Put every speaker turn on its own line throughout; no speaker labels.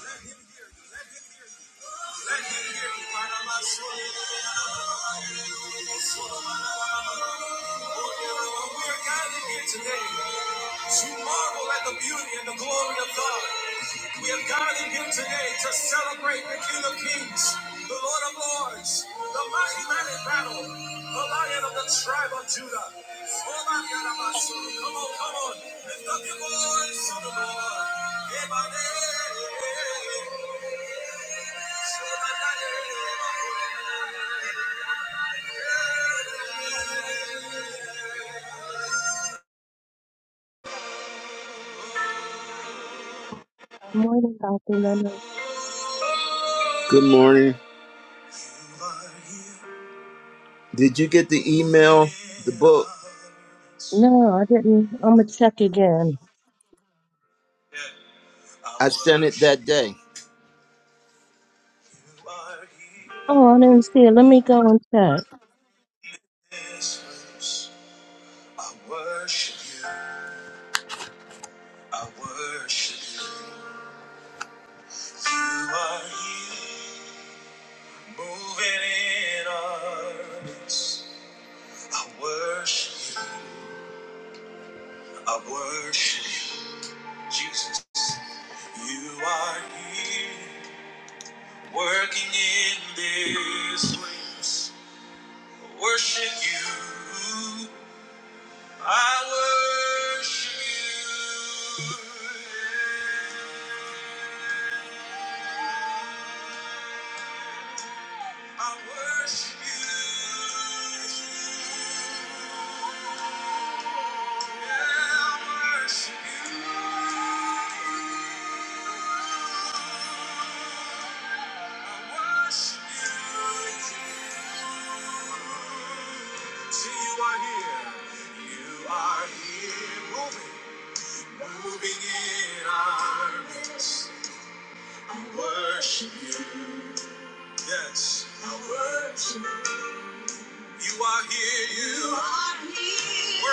We're gathered here today to marvel at the beauty and the glory of God. We have gathered here today to celebrate the King of Kings, the Lord of Lords, the mighty man in battle, the Lion of the tribe of Judah. Oh, my God, my soul. Come on, come on, lift up your voice to the Lord.
Morning, Dr. Leonard.
Good morning. Did you get the email, the book?
No, I didn't. I'm gonna check again.
I sent it that day.
Oh, I didn't see it. Let me go and check.
Jesus, you are here working in this place. I Worship you. I worship you. I worship you. Yeah, I worship you. Yes, I worship you are here, you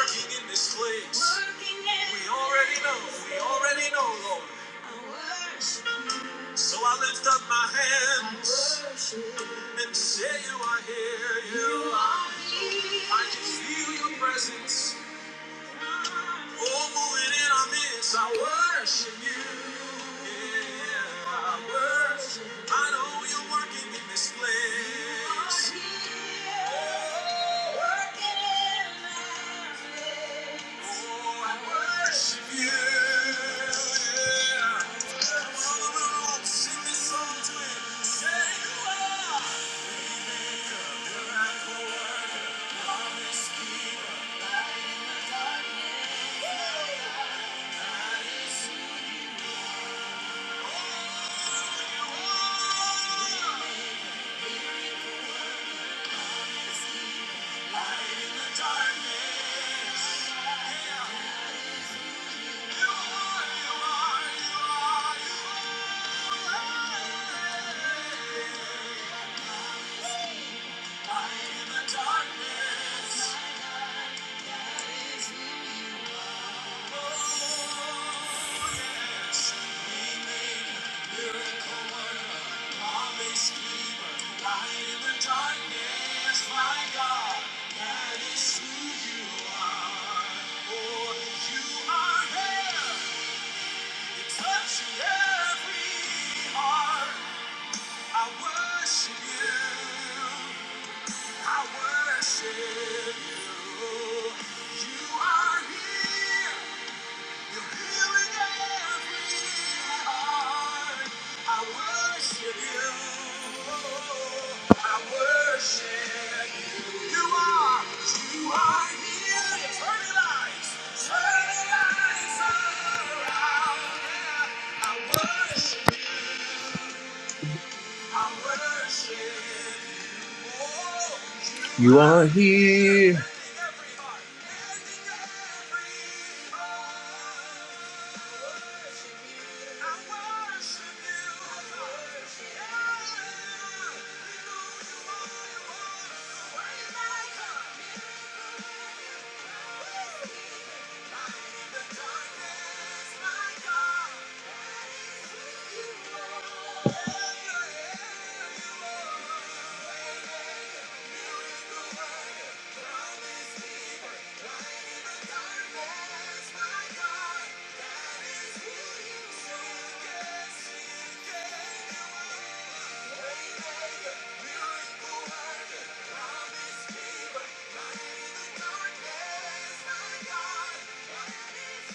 king in this place already know, we already know, Lord. So I lift up my hand and say you are here. You feel your presence. Oh, moving in on this, I worship you. Yeah, I worship. I know you're working in this place. Oh, I worship you. Yeah. Come on, the room, sing this song to him. Say you are. Maker, miracle worker, promise keeper. That is who you are. Darkness, my God, that is who you are. Oh, you are here. Touching every heart, I worship you. I worship you. You are here. You're healing every heart. I worship you. I worship you. You are. You are here. Turn it lights. Turn it lights around. Yeah. I worship. You are here. Thank you. I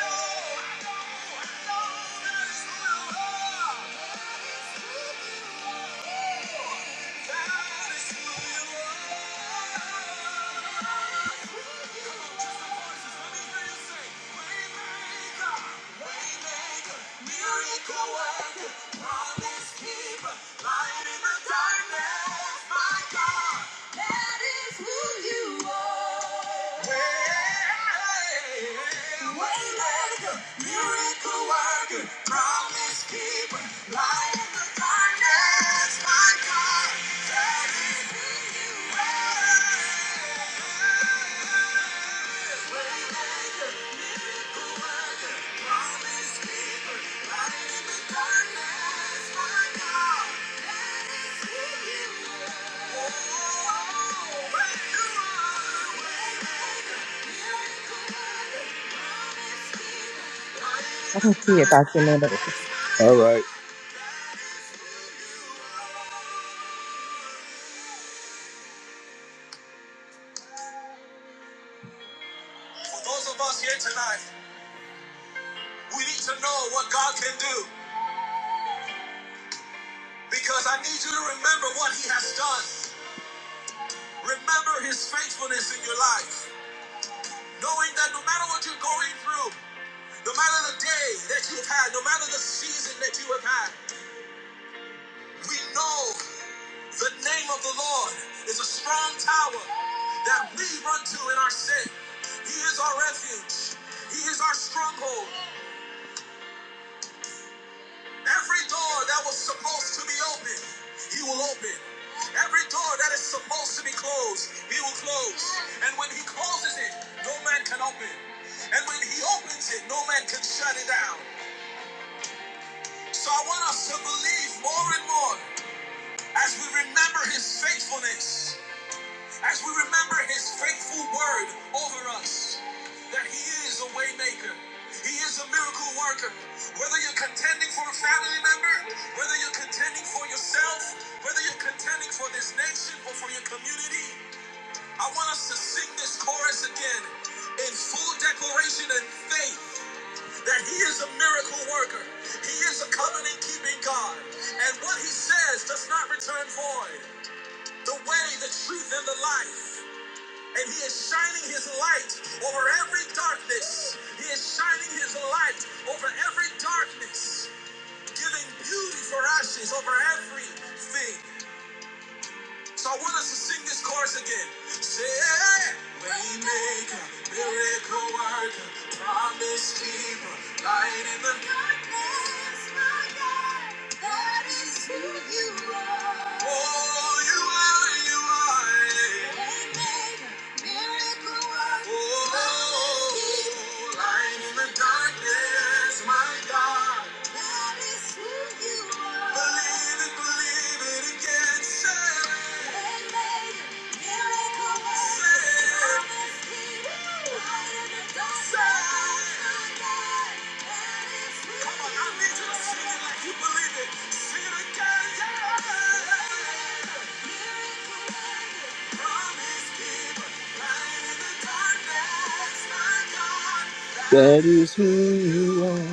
know. Miracle worker, promise keeper, light in the darkness, my God. That is who you are. Well, Waymaker, miracle worker, promise keeper, light in the darkness, my God. That is who you are.
I don't see it, Dr. Leonard.
All right. For those of us here tonight, we need to know what God can do because I need you to remember what He has done. Remember His faithfulness in your life. Knowing that no matter what you're going through, no matter the day that you've had, no matter the season that you have had, we know the name of the Lord is a strong tower that we run to in our sin. He is our refuge. He is our stronghold. Every door that was supposed to be open, He will open. Every door that is supposed to be closed, He will close. And when He closes it, no man can open. And when He opens it, no man can shut it down. So I want us to believe more and more as we remember his faithfulness, as we remember his faithful word over us, that he is a waymaker. He is a miracle worker. Whether you're contending for a family member, whether you're contending for yourself, whether you're contending for this nation or for your community, I want us to sing this chorus again in full declaration and faith that he is a miracle worker. He is a covenant keeping God. And what he says does not return void. The way, the truth, and the life. And he is shining his light over every darkness. He is shining his light over every darkness, giving beauty for ashes over everything. So I want us to sing this chorus again. Say, miracle worker, promise keeper, light in the Oh, you are, you Oh, in the darkness, my God. Didn't believe it again, say. You believe it, see it again, yeah. That is who you are.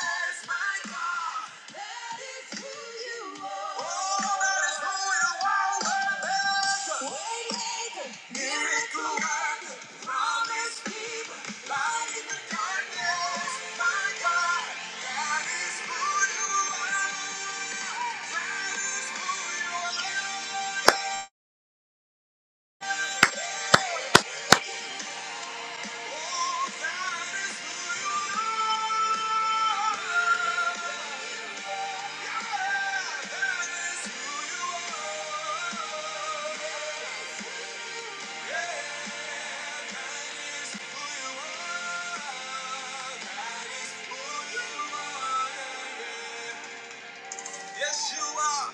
Thank you. Yes, you are.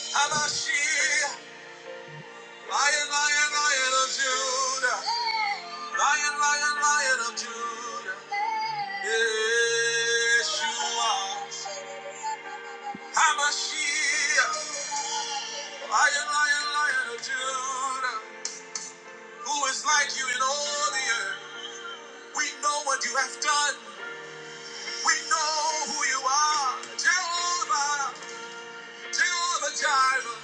Hamashi, Lion, Lion, Lion of Judah. Lion, Lion, Lion of Judah. Yes, you Hamashi, Lion, Lion, Lion of Judah. Who is like you in all the earth? We know what you have done. We know who you are, Jehovah, Jehovah Jireh,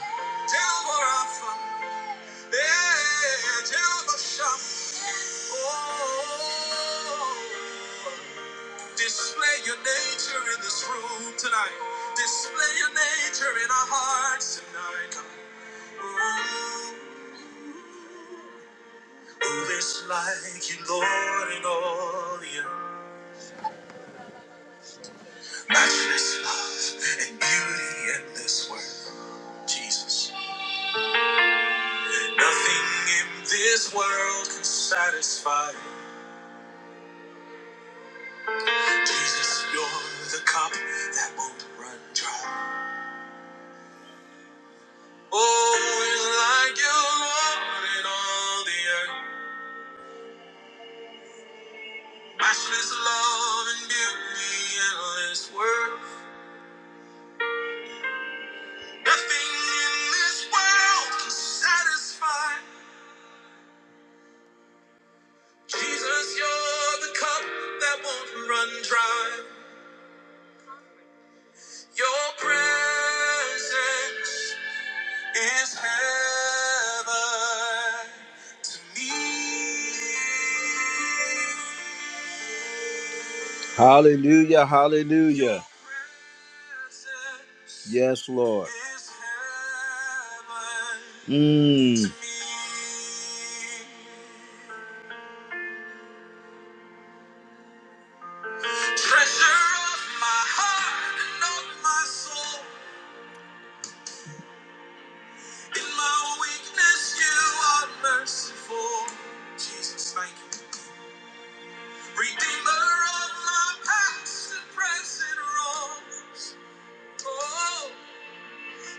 Jehovah Rapha, yeah, Jehovah Shammah. Oh, display your nature in this room tonight. Display your nature in our hearts tonight. Ooh. Who is like you, Lord, in all the earth? Matchless love and beauty in this world, Jesus. Nothing in this world can satisfy. Jesus, you're the cup that won't run dry. Oh, it's like you, Lord, in all the earth. Matchless love and beauty, endless worth. Nothing in this world can satisfy. Jesus, you're the cup that won't run dry. Your presence. is heaven to me. Hallelujah, hallelujah. Yes, Lord. Is Mm. Treasure of my heart and of my soul. In my weakness, you are merciful. Jesus, thank you. Redeemer of my past and present wrongs. Oh,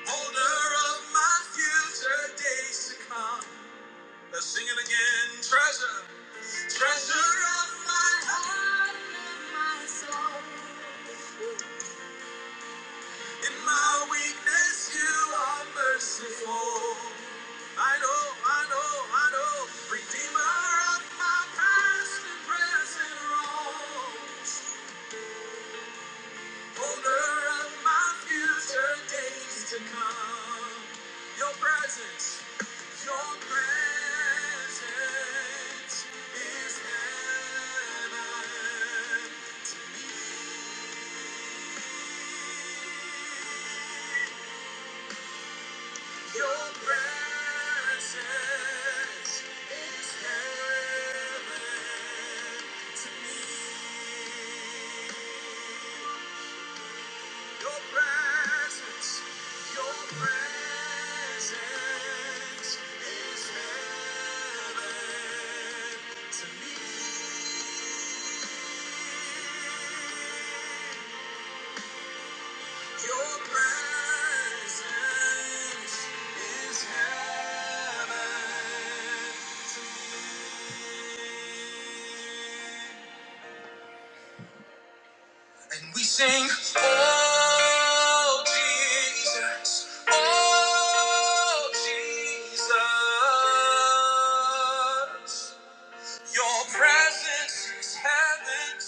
holder of my future days to come. Let's sing it again. Treasure, treasure of my, in my weakness, you are merciful. I know, I know, I know. Redeemer of my past and present wrongs. Holder of my future days to come. Your presence, your presence is heaven to me. Your presence is heaven to me. Your presence, your presence is heaven to me. Your presence is heaven. And we sing, Oh Jesus, Oh Jesus, Your presence is heaven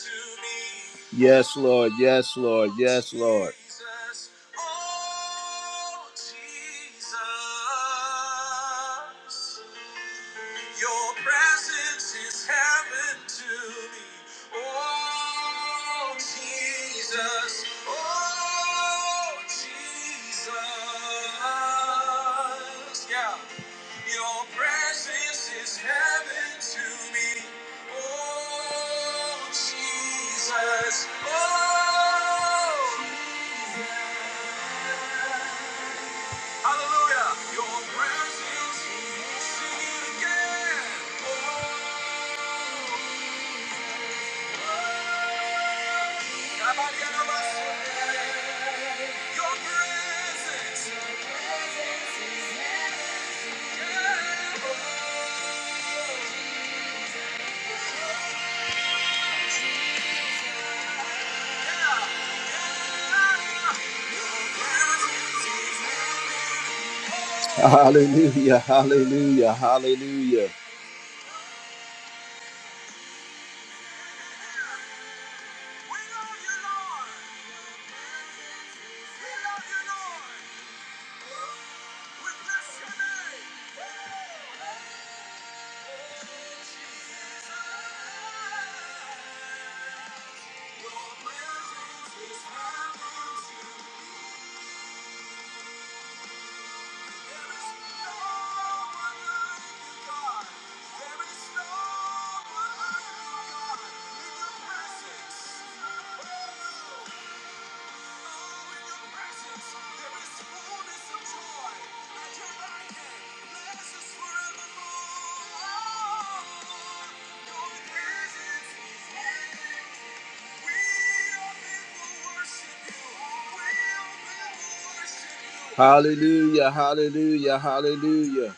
to me. Yes, Lord, yes, Lord, yes, Lord. Jesus, oh, Jesus. Your presence is heaven to me. Oh, Jesus. Oh, Jesus. Yeah. Your presence is heaven to me. Oh, Jesus. Oh, hallelujah. Your presence is sing it again. Oh, Hallelujah, hallelujah, hallelujah. Thank you. Hallelujah, hallelujah, hallelujah.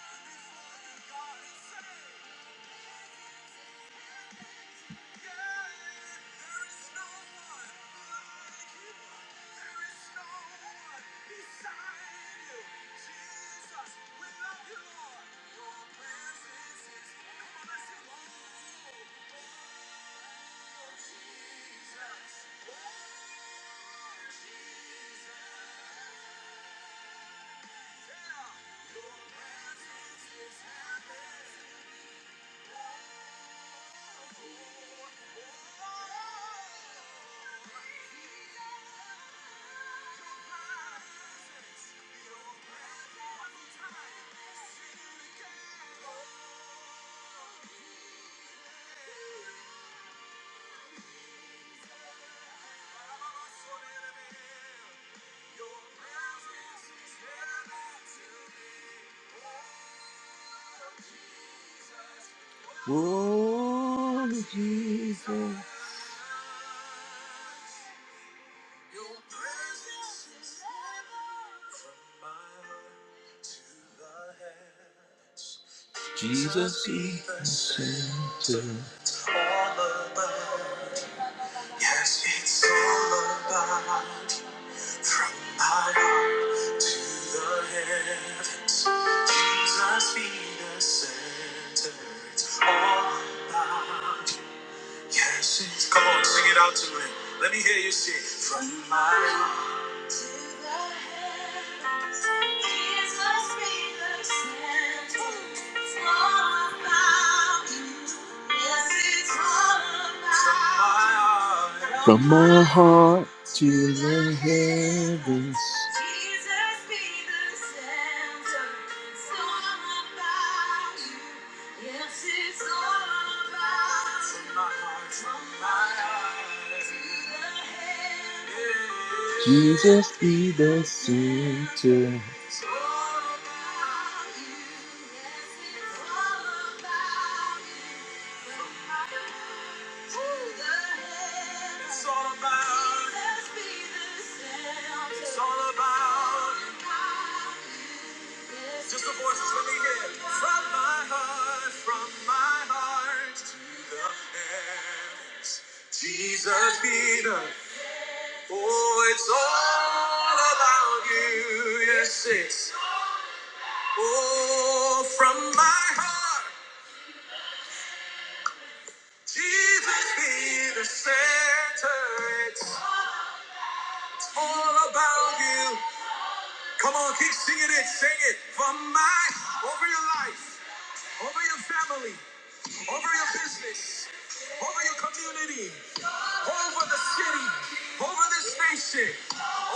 Oh, Jesus. Jesus be the center. Yes, it's all about you. From my heart to the heavens, Jesus be the center. It's all about you. Yes, it's come on, sing it out to me. Let me hear you sing. my heart to be the Jesus be the. Oh, it's all about you. Yes, it's. Oh, from my heart, Jesus be the center. It's all about you. Come on, keep singing it. Sing it from my over your life. over your family, over your business, over your community, over the city, over this nation,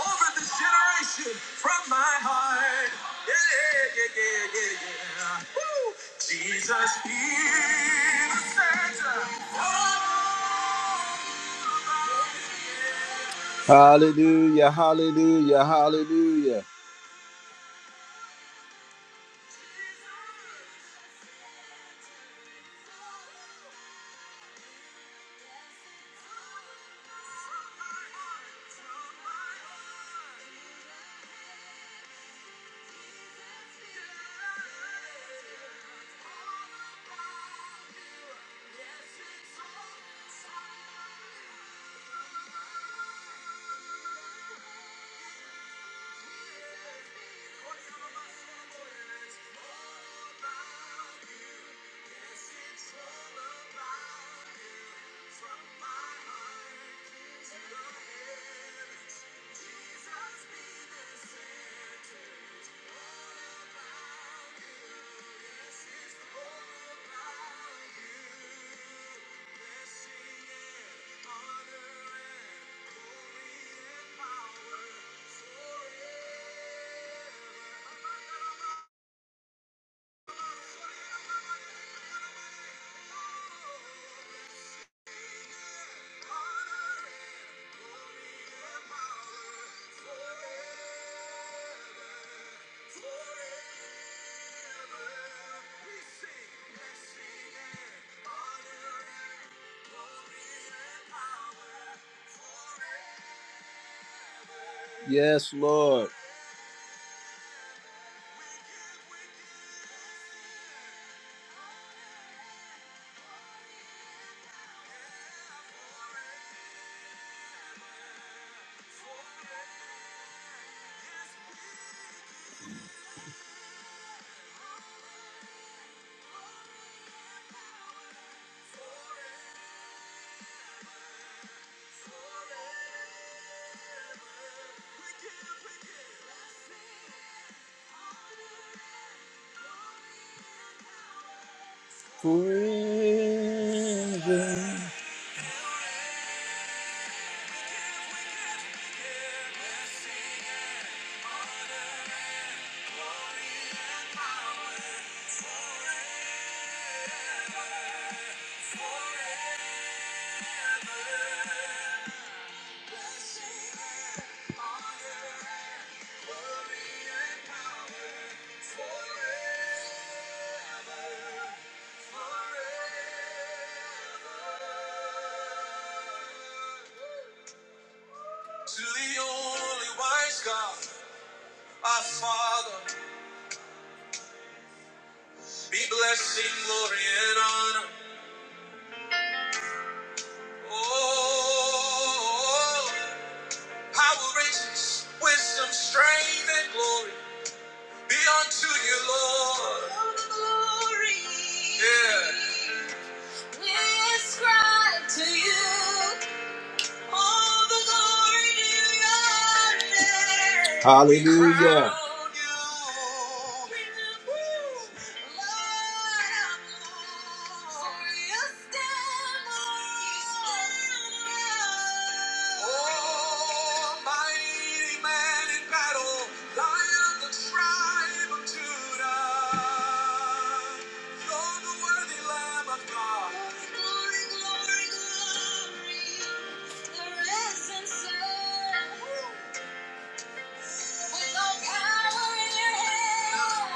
over this generation from my heart. Yeah, yeah, yeah, yeah, yeah. Woo! Jesus be the center. of Hallelujah, hallelujah, hallelujah. Yes, Lord. Forever. To the only wise God, our Father, be blessing, glory, and honor. Oh, power, riches, wisdom, strength, and glory be unto you, Lord. Hallelujah. You're the worthy Lamb of God.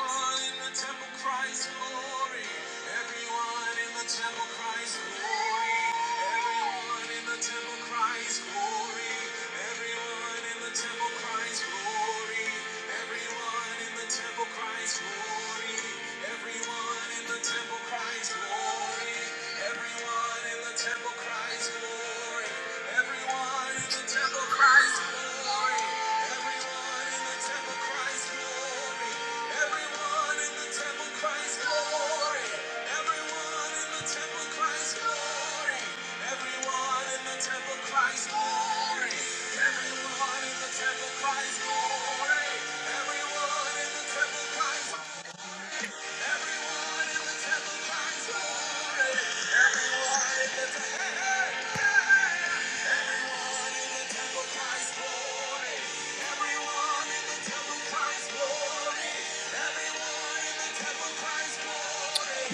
Everyone in the temple cries glory. Everyone Everyone Everyone Everyone Everyone Everyone in in in in in in the the the the the the temple temple temple temple temple temple cries cries cries cries cries cries glory. glory. glory. glory. glory. glory. Everyone in the temple cries glory. Everyone in the temple cries glory. Everyone in the temple cries glory. Everyone in the temple cries glory. Everyone in the temple cries glory. Everyone in the temple cries glory. Everyone in the temple cries. Everyone in the temple cries glory. Everyone in the temple.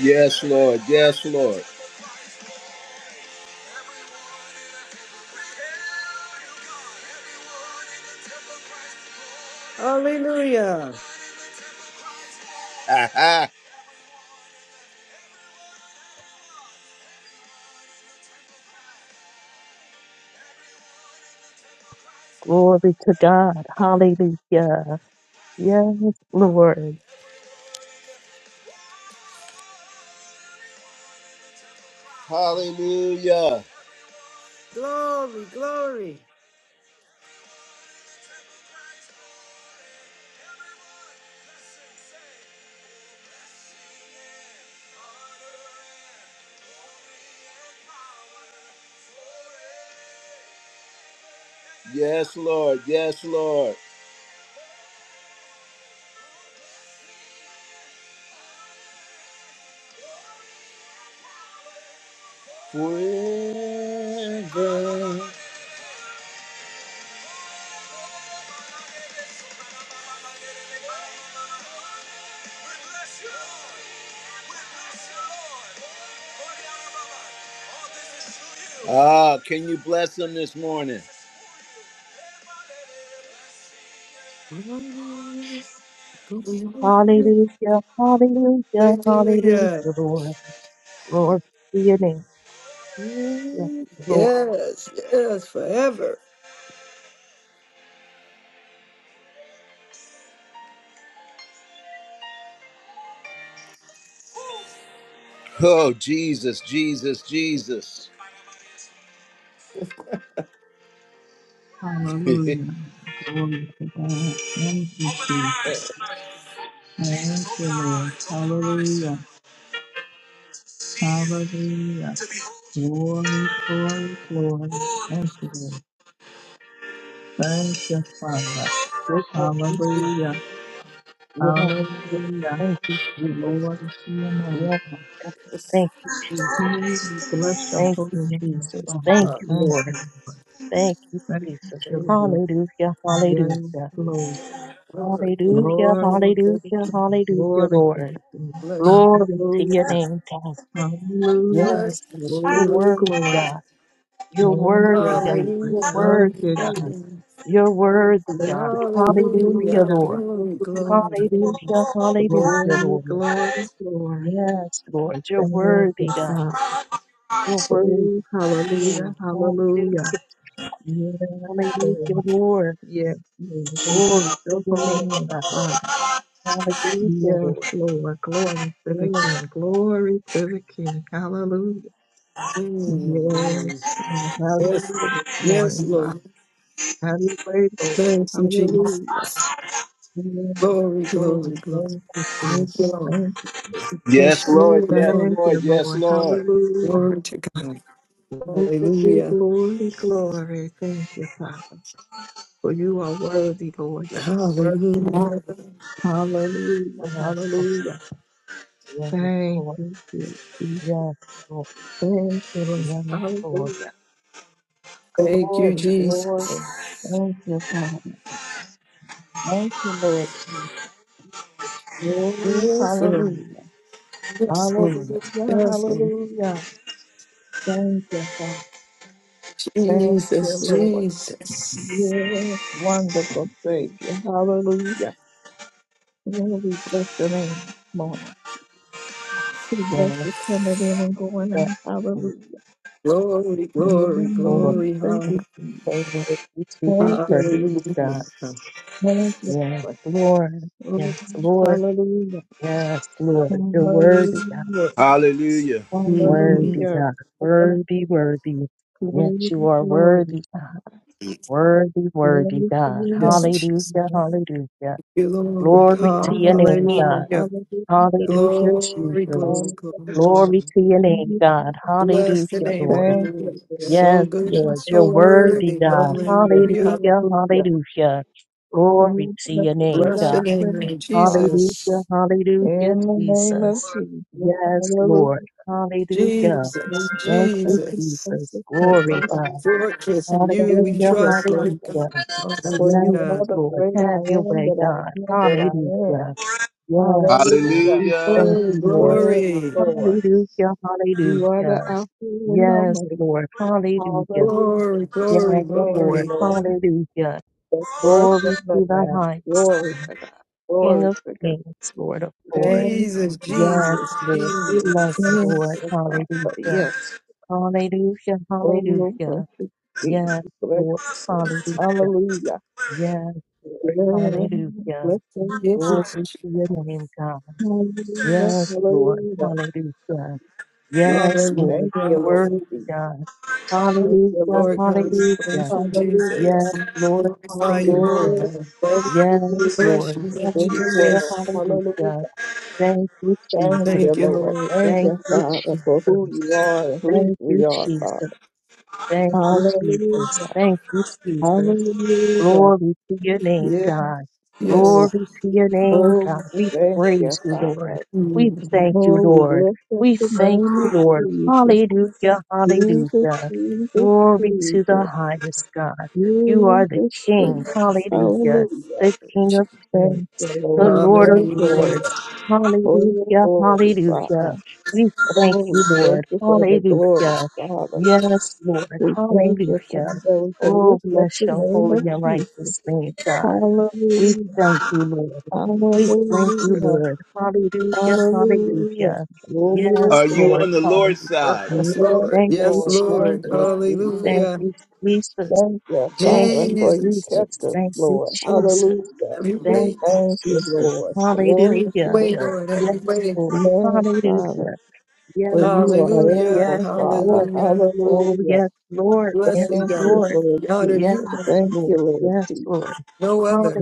Yes, Lord. Yes, Lord.
Hallelujah.
Aha.
Glory to God. Hallelujah. Yes, Lord.
Hallelujah.
Glory, glory.
Yes, Lord. Yes, Lord. Forever. Ah, can you bless them this morning?
Hallelujah. Hallelujah.
Hallelujah.
Hallelujah, Lord. Lord, to your name. Yes, Lord.
Yes, yes, forever.
Oh, Jesus, Jesus, Jesus. Open our eyes
Hallelujah. Glory to God. Thank you, Jesus.
tonight. Jesus,
Thank
open
you,
our
Lord.
eyes. Open our eyes
Hallelujah.
tonight. To see
Hallelujah.
you, to behold
Glory, glory, glory. Thank you, Lord. Thank you, Father.
We thank you,
Hallelujah.
Jesus. Yes, Lord.
Hallelujah.
Thank you, Jesus.
Glory to your name.
Yes,
Father.
God.
Yes.
Thank you, Jesus.
We bless your
Thank
holy
you,
name,
Jesus.
Father.
Thank
Hallelujah.
you,
Thank
Lord.
you, Lord.
Thank you,
Thank
Jesus.
you, Lord.
Hallelujah,
Yes,
hallelujah,
Lord.
Glory,
hallelujah,
glory,
Glory to
glory.
the
hallelujah,
King.
hallelujah,
Glory to
Lord.
the King.
Bless you.
Glory to your
Hallelujah.
name, God.
Hallelujah.
Bless
Yes, Lord. You're
you.
Oh,
worthy,
glory.
God. You're
Thank
worthy,
you,
God.
Lord.
You're
Hallelujah.
worthy,
Thank you,
God.
Jesus.
Hallelujah.
You're worthy,
Thank
God.
you.
Hallelujah,
Hallelujah.
Hallelujah.
Lord.
Glory, glory,
Hallelujah.
glory.
Hallelujah, hallelujah,
Glory,
Lord.
you.
glory,
Lord.
glory.
Yes, Lord. You're
Thank
worthy,
you,
God.
Father.
You're worthy.
Oh, hallelujah.
Mm,
Hallelujah.
Hallelujah,
Yes,
hallelujah,
Lord.
Lord.
Yes, Lord. We bless
Glory to
your
your
holy
name,
name,
God.
Father.
Hallelujah,
Yes,
Lord.
Lord. Glory to the
Yes,
King. Glory to the King. Hallelujah. Yes.
mm, mm.
Lord. How you
Yes,
live
Lord.
this
Yes,
morning, Father?
Lord.
Have your way, Lord.
Thank you, Jesus.
Hallelujah. Amen.
Glory, glory,
Lord,
glory.
thank you, Jesus.
Thank you, Lord.
Thank you. Jesus.
Bless
Yes,
you,
Lord. Yes,
Lord.
Thank
Lord.
you,
Yes,
Lord.
Lord.
Hallelujah.
Glory to God.
Glory,
Hallelujah.
glory, glory. Thank you, Father. For you are worthy, Lord. You are worthy.
Hallelujah.
Hallelujah.
Yes, Lord.
Hallelujah.
Yes,
Thank
Lord.
you, Jesus.
Yes, Lord.
Thank you, Lord.
Yes, Lord.
Hallelujah.
Thank you,
Glory, glory.
Jesus.
Thank you, Father. Thank you, Lord Jesus. Oh,
Yes, Lord.
hallelujah.
Yes, Lord.
Hallelujah.
Yes, Lord.
Hallelujah. Thank you, Father. Thank you,
Jesus,
Lord.
Jesus.
Yes, wonderful Savior. Hallelujah. Lord, we bless your name this morning. We bless
Lord,
you coming in and going out.
that is
Hallelujah.
Glory,
it.
Yes,
glory,
Lord,
glory.
Thank you, Jesus.
so worthy to be
Thank you,
praised,
Jesus.
Hallelujah.
God.
Thank you,
Yes,
Lord.
Lord.
Oh,
Yes, Lord.
Hallelujah.
Yes, Lord. You're worthy, God.
Hallelujah.
Hallelujah.
Worthy,
Mhm.
Hallelujah.
God. Worthy, worthy. Yes,
Glory,
you are
glory, glory
worthy, God. Worthy, worthy,
Glory to
God.
your
Yes,
name.
Jesus.
Hallelujah, hallelujah.
Thank you,
We
Lord.
lift
Glory to
you
your
up,
name, God.
Father.
Hallelujah.
Hallelujah.
Hallelujah,
Glory,
Jesus.
glory,
Hallelujah.
glory,
Glory
glory.
to your name, God.
Bless the
Hallelujah,
name of
Lord.
the
Thank
Lord.
you, Lord.
So
Yes,
good and
Lord.
Thank
You're
so
you.
worthy,
worthy.
God.
Thank you.
Hallelujah.
Hallelujah,
Hallelujah.
hallelujah. Glory
Lead
to
us
your
to be
name,
Bless
thy
the
God.
name
friend,
of
Father.
Hallelujah,
Jesus.
hallelujah,
In the name of
Jesus.
Jesus.
Yes,
Hallelujah.
Lord. Hallelujah.
In
Jesus,
your
Thank you,
precious
Jesus.
and
Jesus.
name.
Glory,
Rock,
God.
Fortress and you we
Thank
Hallelujah,
you,
trust, Lord
Father.
God.
hallelujah.
For you
Yes,
Hallelujah.
are the
Lord.
great I
Have your
am
way,
that
God.
I am that I
Hallelujah.
am.
Yes, Lord.
Hallelujah.
We
Hallelujah.
thank
Oh,
you, Lord.
Yes,
glory,
Lord.
Hallelujah,
You are
hallelujah.
the Alpha and
Yes,
Omega.
Lord, hallelujah.
Hallelujah.
glory, glory,
Yes,
Thank you,
Lord,
glory.
Lord.
hallelujah.
First
Glory
Worship the
to the
Lamb.
highest
Glory
God,
to God.
King
Glory
of
to God.
kings, Lord of lords.
Thank
Jesus,
you, Jesus.
Yes,
Jesus,
Lord, we love you,
Thank
Lord,
Jesus.
you, Father.
hallelujah.
Yes.
Hallelujah,
Oh,
hallelujah.
worship Jesus.
Yes,
Bless
Lord,
your name.
hallelujah.
Hallelujah.
Yes, Lord,
Yeah.
hallelujah.
Bless your beautiful
Glory
Jesus.
to your name, God.
Hallelujah.
Yes, Lord,
Hallelujah.
hallelujah.
Lord,
Yes,
Hallelujah.
Lord,
thank
the
you, Lord
word of
Jesus.
God.
Thank
Thank you,
you,
Hallelujah,
Lord
Lord God,
Jesus.
we
hallelujah.
praise you,
Hallelujah.
Yes,
Jesus. We
Lord,
Glorify you, Lord
hallelujah.
Glory
God.
praise
Yes,
to
We
you
bless
Lord,
you, Lord
in the
hallelujah,
world.
Jesus.
Hallelujah.
hallelujah. Thank you,
Thank
Jesus.
you,
Thank you,
Lord.
Lord.
Thank
Thank
you,
you,
Father, for who
Jesus.
you are and whose
Thank you,
we are,
Jesus.
Father.
Thank you, Jesus.
Hallelujah.
Thank you, Jesus.
Hallelujah.
Glory to your name,
Yes,
God. Glory
Lord.
Yes.
to your name,
Oh,
God.
we
We
thank you,
praise you, Lord.
Father.
We
Mm.
thank you,
Oh, we
Lord.
lift up
We
the
thank
name
you,
of
Lord.
Jesus.
Hallelujah,
Jesus,
hallelujah.
Jesus,
Glory to the
Jesus.
highest God. You are the
Jesus,
King.
Jesus.
Hallelujah.
Hallelujah.
The King of
Thank
kings.
you,
The
Lord.
Lord of
Thank you,
Hallelujah.
lords.
Lord. Oh,
Hallelujah,
glory, Father.
hallelujah. We thank
Oh, we
you,
thank
Lord.
you for the glory,
Hallelujah.
Father.
Yes, Lord.
We thank you, Father,
Hallelujah.
that we can
Oh,
lift up
bless
the
your
name
holy
of
and
Jesus.
righteous name, God. We
Hallelujah,
thank you, Lord. We thank you,
hallelujah,
Lord. Hallelujah,
hallelujah.
hallelujah.
Glory,
Are
Yes,
you
Lord,
on the
glory.
Lord's
hallelujah.
side?
Yes,
Yes,
Lord.
Thank you,
Yes,
Lord. Thank
Lord.
you,
Jesus.
Jesus.
Thank
Hallelujah.
you, Jesus.
Thank you,
Thank
Father,
you,
for you
Jesus,
kept
Jesus.
us,
Jesus.
Thank you,
Lord.
Jesus.
Hallelujah.
Every
Thank
way.
you,
Thank you,
Jesus.
Lord. Glory
Every
to
Hallelujah.
your
way,
name.
Lord. Every
Yes,
way.
Lord.
Yes, Father,
Hallelujah.
for
Yes,
you are
Lord.
Hallelujah.
able,
Yes,
Father.
Lord.
Hallelujah.
Oh,
Hallelujah.
yes, Lord.
Bless
Yes,
you,
Thank
God.
you,
Lord.
Lord
We honor
Yes,
you,
Jesus.
God.
Thank
Lord.
you, Lord
Yes,
Jesus.
Lord.
No other.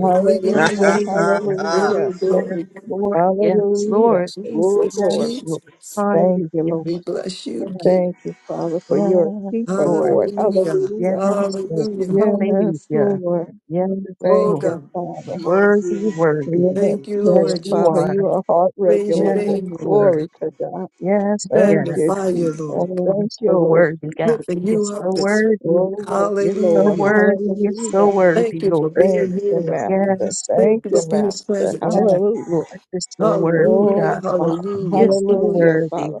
you
Hallelujah.
Hallelujah.
Glory,
hallelujah,
Yes,
glory.
Lord. Yes,
hallelujah.
Lord.
Oh,
Yes,
Jesus,
glory.
Lord.
Jesus,
Thank
Hallelujah.
you,
we
Lord.
bless you,
Yes,
King.
Thank you, Father, for your
yes,
keeper,
Lord.
Lord.
Hallelujah,
Yes,
Hallelujah.
Lord.
hallelujah.
Yes,
Hallelujah.
Lord.
Yes,
Oh
Thank
Lord.
you,
God,
Father.
are,
Worthy,
too.
worthy.
Yes,
thank you,
Yes,
Lord.
Lord
you
Father,
Jesus.
are.
you are a heart
Praise your
Yes,
regulator.
name,
Lord.
Lord.
Glory to God.
Yes,
Thank
yes.
you,
Magnify you,
Jesus.
Lord.
Oh, you're
Thank you,
so
Lord.
worthy,
Jesus.
God.
Lifting
You're
you up
so
this
worthy.
Oh, yes,
You're so
Lord.
Hallelujah.
worthy. You're so
Hallelujah.
Thank
worthy,
you for
Lord.
Thank
being
you,
here, God.
Master.
Yes,
Thank
Thank
you
yes.
you,
for being
Master.
present today.
Yes, Lord,
Hallelujah.
you're so worthy,
Oh,
Hallelujah,
God.
Father.
You're
hallelujah,
so
Hallelujah, Father.
worthy.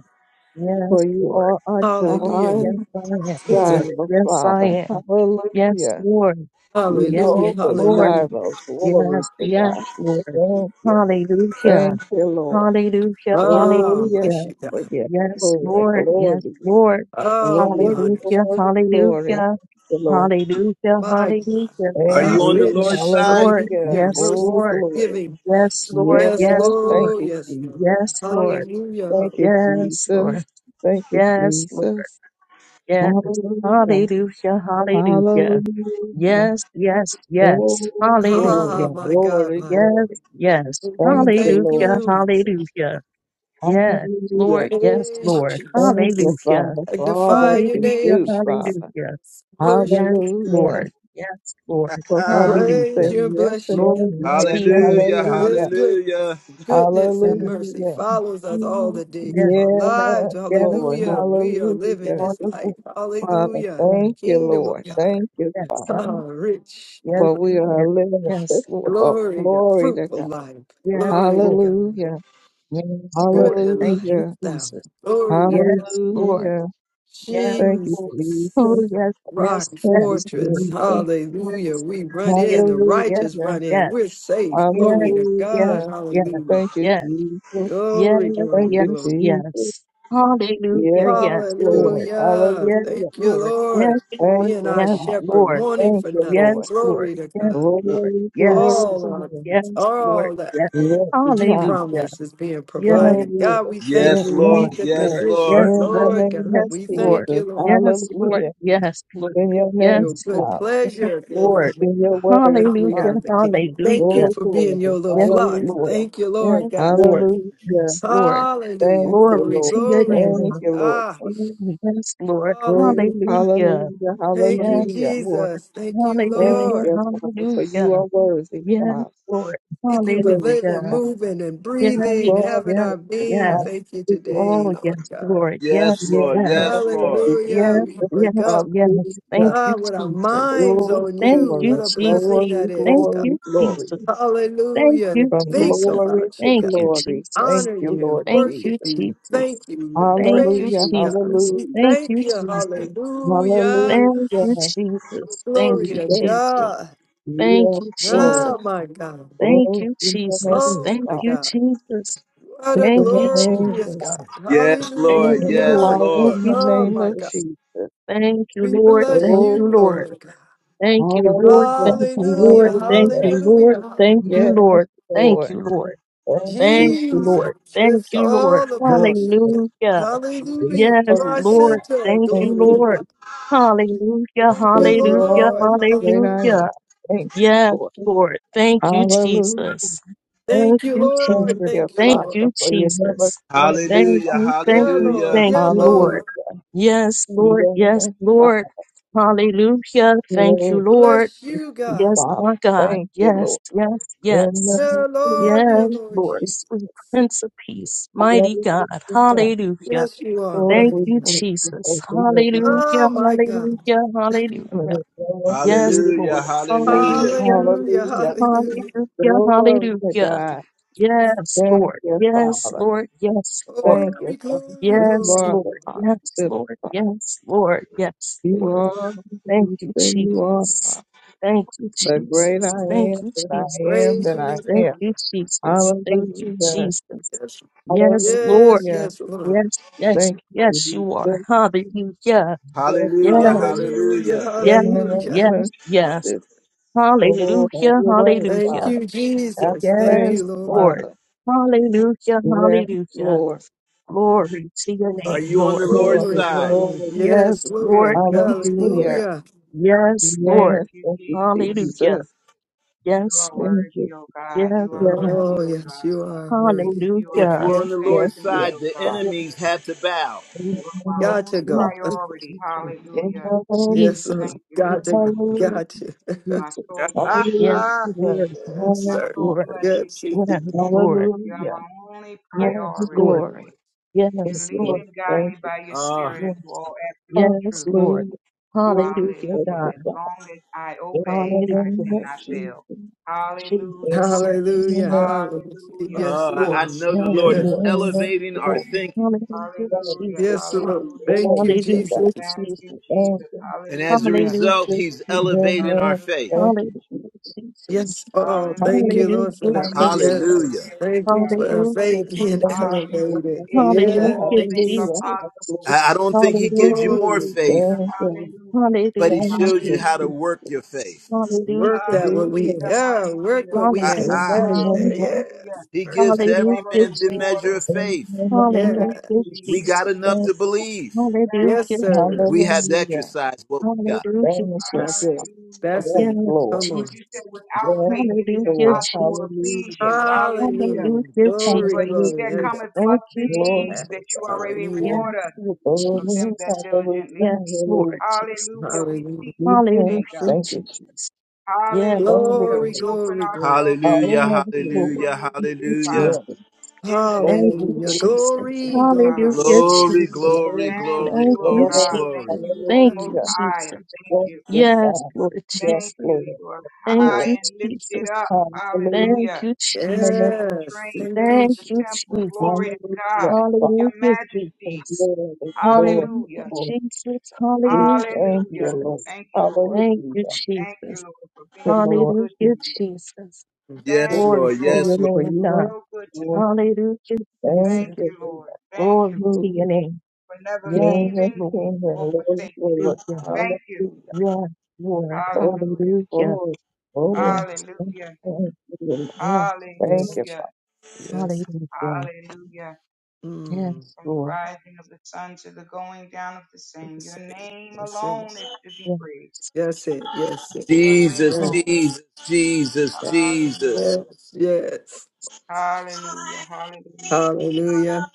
for
Yes,
you
Lord.
are unto
Oh,
hallelujah.
yes,
high
I am,
It's a
Lord.
Jireh,
Yes, I
Father.
am. Yes,
Hallelujah.
Lord. Yes,
hallelujah,
Jehovah
Lord.
hallelujah.
Jireh, glory
Yes,
to
yes,
God.
Lord.
Thank you.
Hallelujah.
Thank you, Lord.
Hallelujah.
Oh,
Oh,
yes,
bless
Hallelujah.
you,
Lord.
God.
Yes,
Yes,
Lord.
Lord. Yes,
Glory,
Lord.
Oh, we honor
glory,
Hallelujah.
glory, glory.
Hallelujah.
Thank you, Lord.
Hallelujah.
you.
Hallelujah.
are
Uh,
Thank
you on the
you.
Lord's
Yes,
rich,
side?
Lord.
Hallelujah.
hallelujah,
Yes,
mercy,
Oh,
Lord.
glory.
giving.
Yes, Lord.
Yes,
Yes,
Yes, Lord.
thank
Lord,
you,
yes, Lord.
Jesus.
Yes, Lord.
Hallelujah,
Thank you,
hallelujah.
Yes, Lord.
Jesus. Thank you,
Yes, Lord.
Jesus.
Yes.
Hallelujah.
Hallelujah. Hallelujah.
Hallelujah.
Yes, yes,
Oh,
yes.
Ah,
glory,
Hallelujah.
my God,
glory,
my God.
Yes,
glory.
yes.
Thank you,
Thank you,
thank
Lord
Hallelujah.
you.
Jesus.
Hallelujah. Yes,
Hallelujah.
Lord. Yes,
Praise you,
Lord.
Thank you,
Jesus.
Hallelujah.
Father, for all
Magnify
that
your
you
Hallelujah.
name,
do,
Jesus.
Father.
Hallelujah.
Worship,
Yes,
Hallelujah.
Lord. Yes, Lord.
For Father, you
praise
say
Hallelujah.
you,
yes
bless
and
you.
Glory to
amen.
your name,
hallelujah,
God.
This
Hallelujah.
good
hallelujah.
goodness
Yes,
and mercy
Hallelujah.
follows us all
yes,
the days
yes,
of our lives.
Yes,
yes,
Lord.
Hallelujah.
Lord.
We are living
Hallelujah.
this life.
Hallelujah.
Father,
Hallelujah. The
thank you,
kingdom of
Lord.
God.
Thank you,
Yes,
Ah,
Father.
rich.
Yes,
For we are a
yes,
living
yes, Lord.
festival.
Glory to God.
Glory to
fruitful
God.
life.
Yes,
Glory to
Lord.
God.
Hallelujah.
Yes,
Good
Lord. Thank
life
you,
Hallelujah.
thou.
Jesus.
Glory to God.
Yes, Lord.
Hallelujah.
Yes,
Thank you,
Lord.
Jesus.
Oh,
Jesus.
yes, yes,
Rock
Thank you,
yes, Lord.
fortress.
Jesus.
Hallelujah.
Yes,
We run
yes,
in. The
yes,
righteous
Hallelujah.
run in.
yes,
We're safe.
yes,
Glory to God.
yes,
Hallelujah.
yes,
Hallelujah.
Thank you,
yes,
Jesus.
yes,
Glory,
Thank
glory,
you,
yes, yes.
glory.
Jesus.
yes. Hallelujah.
Yes,
Yes, Lord.
Lord.
Hallelujah.
Yes,
Hallelujah.
Thank you,
Lord. Yes,
Lord.
Thank
Being
you,
our
Father.
shepherd,
Lord.
wanting
Thank
for
you,
nothing.
Lord.
Yes, Lord.
Glory to
Yes,
God.
Lord.
Glory,
Yes, Lord. Yes,
glory,
All
Lord.
our,
glory.
Yes, Lord.
all that.
Yes.
Yes,
that you
God.
Hallelujah.
promise is being
Yes,
provided.
Glory,
God,
Lord.
yes,
we thank
yes,
Yes,
you. We
Yes,
Lord,
God.
meet the
yes,
Lord.
condition.
Yes,
Lord,
In the
Lord.
Lord
name
God,
of
Yes,
we
Lord.
thank you,
Jesus.
Lord.
Yes,
Hallelujah.
Lord. Yes, Lord.
In your
Your
Yes,
name,
Lord.
good
God.
Yes,
pleasure, glory
Lord.
to
In your word,
God. We
Hallelujah.
God.
are the king. Thank you
Hallelujah.
Oh,
for
glory.
being your little
Yes,
flock.
Hallelujah.
Lord.
Thank you, Lord
Yes,
God.
Lord.
Hallelujah.
Yes, Lord.
Hallelujah.
Thank
Glory
you,
Glory,
Lord.
to your
glory.
name.
Thank you, Lord
Ah,
Oh,
Jesus.
yes, Lord.
hallelujah.
Oh,
Hallelujah.
hallelujah.
Thank
Yes,
you,
Hallelujah.
Lord.
Jesus. Thank you,
Thank
Hallelujah.
Lord.
you, Father, for you
Hallelujah.
are worthy,
Yes,
God.
Lord.
Thank you for
Glory to
living,
Hallelujah.
God.
moving, and
Yes,
breathing,
Glory
having
yes,
our
to
yes.
being.
God.
Thank you today,
Oh,
Lord
yes,
God.
Lord.
yes,
Yes,
Yes,
Lord,
yes,
yes,
thank
Lord,
you,
Hallelujah.
yes,
We
Jesus.
wake
yes,
up.
yes. Thank
Hallelujah.
Ah,
you,
what our
Jesus.
minds
Oh,
on
Thank
you.
you,
What
glory,
a
Jesus.
blessing
glory,
that is,
Thank
God.
you,
glory, glory.
Jesus. Thank
Hallelujah.
you,
To
From
Think
Jesus.
glory
about you,
to
Thank you,
God.
glory.
Jesus.
Thank
Honor
you,
you,
Lord
Thank
Jesus.
worship
you,
you,
Jesus.
thank you, and
Thank you,
praise
Hallelujah.
you, God.
Jesus.
We
Hallelujah.
Thank
thank
you,
you.
Jesus.
Hallelujah.
Thank
Hallelujah.
you, Jesus. Thank
Glory
you,
to
Jesus.
Jesus.
God.
Thank
Yes,
you,
Lord.
Jesus.
Oh, my God.
Thank
Oh,
you,
in the
Jesus.
name of
Oh,
Thank
my
God.
you,
God.
Jesus.
What
It's
a
Thank
in
you,
the name,
glorious
Jesus.
God.
yes,
Thank
Lord,
it's
you,
yes,
Hallelujah.
Lord.
power
Thank
Lord.
in
you,
the
Oh,
name
my
of
Jesus.
God.
Jesus.
Thank you,
We
Lord.
bless
Thank
Oh,
you,
you, Lord.
Lord
glory.
God.
Thank you, Lord.
Hallelujah.
Thank you,
Hallelujah.
Lord. Thank
Hallelujah.
you, Lord.
Hallelujah. Hallelujah.
Thank
Yes,
you, Lord. Thank
Lord.
you, Lord.
Thank you.
Thank you,
Jesus.
Jesus,
Lord. Thank
it's
you, Lord.
all
Glory
about
to
you. God.
Hallelujah.
God.
Hallelujah. You
Yes,
Glory
are
to
Lord.
God.
center.
Thank
Thank
you,
Glory to
you
Lord.
God.
Hallelujah.
Thank
for
you,
you
Hallelujah.
Lord.
all the great I
Hallelujah.
Hallelujah.
am. Thank you
Yes,
Lord.
Lord. Thank you,
Hallelujah.
Jesus. Thank
Thank you,
you,
Thank
Lord.
Jesus.
you,
Thank you,
Thank
Lord.
you,
Father, for you never
Jesus.
slumber.
Thank
Hallelujah,
Father.
you, thank
Yeah,
you,
hallelujah,
Lord.
thank
Yeah,
you,
Hallelujah.
Lord.
Lord.
Yes, Lord. Yes,
Yes, Father.
Lord. Hallelujah. Thank you,
Great
Lord.
Bless you, God.
Yes,
Father.
my God.
Thank you, Lord.
Yes, yes,
Hallelujah.
yes.
Yeah, Lord. Yeah,
Yes,
Lord
Lord.
Jesus.
Sweet Prince of Peace, mighty
Glory
God. Hallelujah.
Yes, you are,
Thank
mighty
you,
God.
Jesus.
Oh,
Hallelujah.
my God.
Hallelujah. Hallelujah. Yes,
hallelujah,
Lord.
hallelujah,
Hallelujah.
Hallelujah. Hallelujah.
Hallelujah,
to
hallelujah.
God.
Yes,
Thank
Lord.
you,
Yes,
Father.
Lord. Yes, Lord.
Thank you,
Glory,
Father,
glory,
for you
Yes,
glory.
are
Lord.
glory.
the
Yes,
hospital.
Lord. Yes, Lord. Yes,
You
Lord.
are who
Thank
you
you,
say you are.
Jesus.
Father.
Thank you,
The great
Jesus.
I
Thank
Thank
you.
am,
you,
that I
Jesus.
am,
Praise
that
your name,
I
Thank
am.
Lord.
you, Jesus. Thank you,
Hallelujah.
Jesus.
Yes,
Yes, Lord.
yes,
Hallelujah.
yes, Lord.
Yes, yes,
Thank
yes,
you
you are. Hallelujah.
for
hallelujah,
Yes,
you.
Hallelujah.
hallelujah.
yes,
Hallelujah.
yes, yes.
It's all have
Hallelujah,
your way,
hallelujah.
Thank
Father.
you,
Have
Jesus.
your
Thank
Yes,
you,
way,
Lord.
Lord.
Father.
Hallelujah,
Yes,
hallelujah.
Lord.
Glory to your
Are
name,
you on the
Lord.
Lord's
Glory,
Glory,
side?
glory.
glory.
Yes,
Yes, Lord.
Lord.
Thank you,
Yes,
Jesus.
Lord.
Hallelujah.
Hallelujah.
Yes, Lord.
Thank
Yes,
you,
thank you,
Jesus.
Hallelujah.
Jesus.
You
Yes,
are
Lord.
Thank you.
worthy, O
Yes,
God. You are
Yes,
yes.
Oh,
worthy, O
yes, you
God.
are
Lord.
worthy.
You are
If
Hallelujah.
we're
yes,
on the
everything
yes,
Lord's
to me,
yes.
side,
O
the
Father,
God.
Yes,
enemies had to bow.
You
yes,
are my
Got to
only
Father.
go.
Jesus,
priority.
Jesus,
In
Hallelujah.
the name
Yes, sir.
Jesus.
Jesus,
Thank you,
Got
Lord
to
Jesus,
go.
God.
Hallelujah.
Got to.
My
Jesus.
soul bless you,
Yes,
Hallelujah.
Jesus.
Thank
Lord.
Yes,
you,
My
Yes,
sir.
soul
Lord.
Jesus.
bless you,
Yes,
Jesus.
indeed.
Yes, Lord.
You are
Hallelujah.
my only
For
Yes,
priority,
Lord.
glory.
Lord. You
Thank
Yes,
you,
lead
Lord.
Lord.
and guide
Thank
me by your
Ah,
spirit
Yes,
into all absolute
you.
yes,
truth.
Lord.
Hallelujah.
Hallelujah,
Hallelujah.
God.
Glory.
As long as I
Thank
obey, I
Hallelujah.
you,
cannot
Jesus.
fail. Hallelujah.
Jesus.
Hallelujah.
Hallelujah,
Hallelujah.
Hallelujah.
Yes,
Uh,
Yes,
Lord.
I I
Lord.
know the
Yes,
Lord
Yes.
is
Lord.
elevating our thinking,
Hallelujah,
Hallelujah.
Yes,
Jesus.
Lord.
Hallelujah.
Thank you,
Hallelujah,
Jesus.
Thank you,
Jesus.
Jesus.
and as a
Hallelujah.
result,
Hallelujah,
He's
Jesus.
elevating our faith.
Hallelujah.
Hallelujah, Jesus.
Yes, oh, thank
Hallelujah.
you,
In
Lord,
you
for
Hallelujah,
that.
there is
hallelujah.
no
Jesus.
Hallelujah.
Yes,
failure,
thank you
God.
for our
Hallelujah,
faith being
Thank
Jesus.
you,
Hallelujah.
elevated.
In
hallelujah,
you all
Hallelujah,
things are
Yes,
hallelujah, hallelujah.
Jesus.
possible,
I, I
God.
don't think He
Hallelujah,
gives you more
glory.
Jesus.
faith,
Hallelujah.
Thank you,
Hallelujah.
but He
Hallelujah, Jesus.
thank
Hallelujah, Jesus.
shows you
you,
how to
Jesus.
Hallelujah.
work your faith.
Work
Hallelujah,
that
Yes,
what we,
Hallelujah.
yeah, work
Hallelujah.
what we
Lord.
have.
Amen,
Aha.
There you there.
Jesus.
amen,
Hallelujah.
Yes,
He
work
gives
that.
to
You
every
Hallelujah,
are a
man the measure
rewarder.
of
Jesus.
faith.
amen.
Thank
Yes,
you,
Hallelujah,
We
Jesus.
Jesus.
got enough to
Thank-
believe.
Hallelujah,
Thank
yes,
you,
sir.
Jesus.
We have to
Jesus.
Hallelujah.
exercise what we got.
Hallelujah,
Thank you.
That's
Jesus.
it.
Hallelujah.
That's
Yes,
it.
Yes,
Lord.
Come
Lord,
on.
you said,
Jesus.
without
Yes,
faith it is
Hallelujah,
Lord.
impossible to
Jesus.
please
Hallelujah.
you. Hallelujah.
Hallelujah.
Hallelujah,
Glory,
But he
Jesus.
glory.
that
Hallelujah.
Yes.
cometh
Thank
must
you,
Lord,
believe that
Jesus.
you are a
Yes,
Hallelujah.
rewarder
Lord
of them
oh,
that
Jesus.
hallelujah,
diligently seek
Yes,
you.
Lord
hallelujah.
Hallelujah.
Jesus.
We
Hallelujah.
seek you today,
Hallelujah,
God.
Thank you, Jesus.
Jesus. Yes,
Thank
Lord
Hallelujah.
Glory,
We
you.
Jesus.
open
glory, glory.
ourselves up to
Hallelujah,
Yes,
Hallelujah.
receive
Lord.
from
hallelujah,
you
Thank you,
today, Father.
Jesus.
hallelujah.
Yes,
In the
Lord,
name
Thank
of
we
you,
Hallelujah.
believe
Jesus.
Jesus.
Thank
in
you,
Glory,
oh
you.
glory,
Hallelujah,
God.
glory.
Glory,
Jesus.
glory,
Glory to
Thank
glory,
Thank
you, oh
you,
glory,
God.
glory.
Thank
Jesus.
glory.
you, oh
Thank
Most
you,
Hallelujah.
High.
Jesus.
Thank
Thank
you.
you,
Yes,
Father.
Lord
Yes,
Thank
Jesus.
you.
Lord,
You are
Thank
high
Lord.
you,
and lifted
Jesus.
up.
Hallelujah.
Hallelujah.
Thank you, Jesus.
and
Hallelujah.
Yes.
train
Thank you,
fills
Thank
the
you,
Jesus.
temple.
Jesus.
Glory to God. Your
Hallelujah,
majesty.
Jesus.
Glory,
Hallelujah,
glory,
Hallelujah.
glory.
Jesus.
We
Hallelujah,
thank you,
Hallelujah.
Lord.
Jesus.
Thank you, Lord.
Hallelujah.
Thank you,
Thank you,
Jesus.
Lord, for
Thank
being
you,
so
Lord.
good to
Hallelujah,
Jesus.
me.
Jesus.
For
Yes,
Thank
Mhm.
Glory
you,
Lord.
to
Lord,
your
Yes, Lord!
for being
name,
you are
God.
so good to
Lord.
me.
Hallelujah,
Thank
Thank
Jesus.
you,
you, Lord. Thank you,
Glory
Lord.
to
Lord,
your
hallelujah.
name.
for never
Yes,
King of
leaving
Lord.
kings and
or
Lord of
forsaking me.
Hallelujah.
lords,
God. Thank you.
hallelujah.
Yes, Lord.
Glory,
Hallelujah.
Hallelujah.
glory, glory.
Yes,
Hallelujah.
Thank you, Lord.
yes,
Thank
Yes.
Lord.
you,
Je-
Hallelujah.
Father.
Yes.
Hallelujah.
Hallelujah.
Mm.
Yes,
from the
Lord.
rising of the sun to the going down of the same.
Yes,
Your
it.
name
Yes,
alone
it.
is to be
Yes,
praised.
Yes, it. Yes, it.
Your name
Jesus,
yes,
alone.
Jesus,
Yes.
Jesus, Jesus.
Hallelujah.
Yes. Yes.
Hallelujah. Hallelujah.
Hallelujah.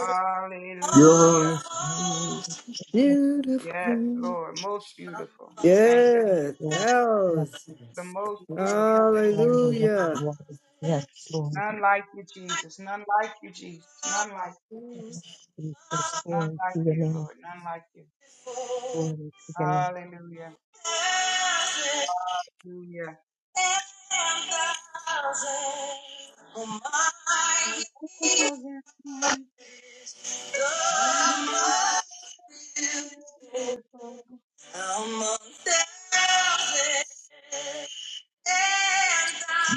Hallelujah.
Your-
yes,
Yes,
Beautiful.
Lord. Most beautiful. Thank you. Lord.
Yeah.
Lord. Yes,
The
Thousands.
most beautiful. Thank you,
Lord.
Lord.
Yes,
Hallelujah.
Lord. Yes, Lord.
None like you, Jesus. None like you, Jesus. None like you.
Mm.
Jesus,
None
glory
like
to your
you,
name.
Lord. None like you.
Glory to your name.
Hallelujah. Hallelujah. Hallelujah,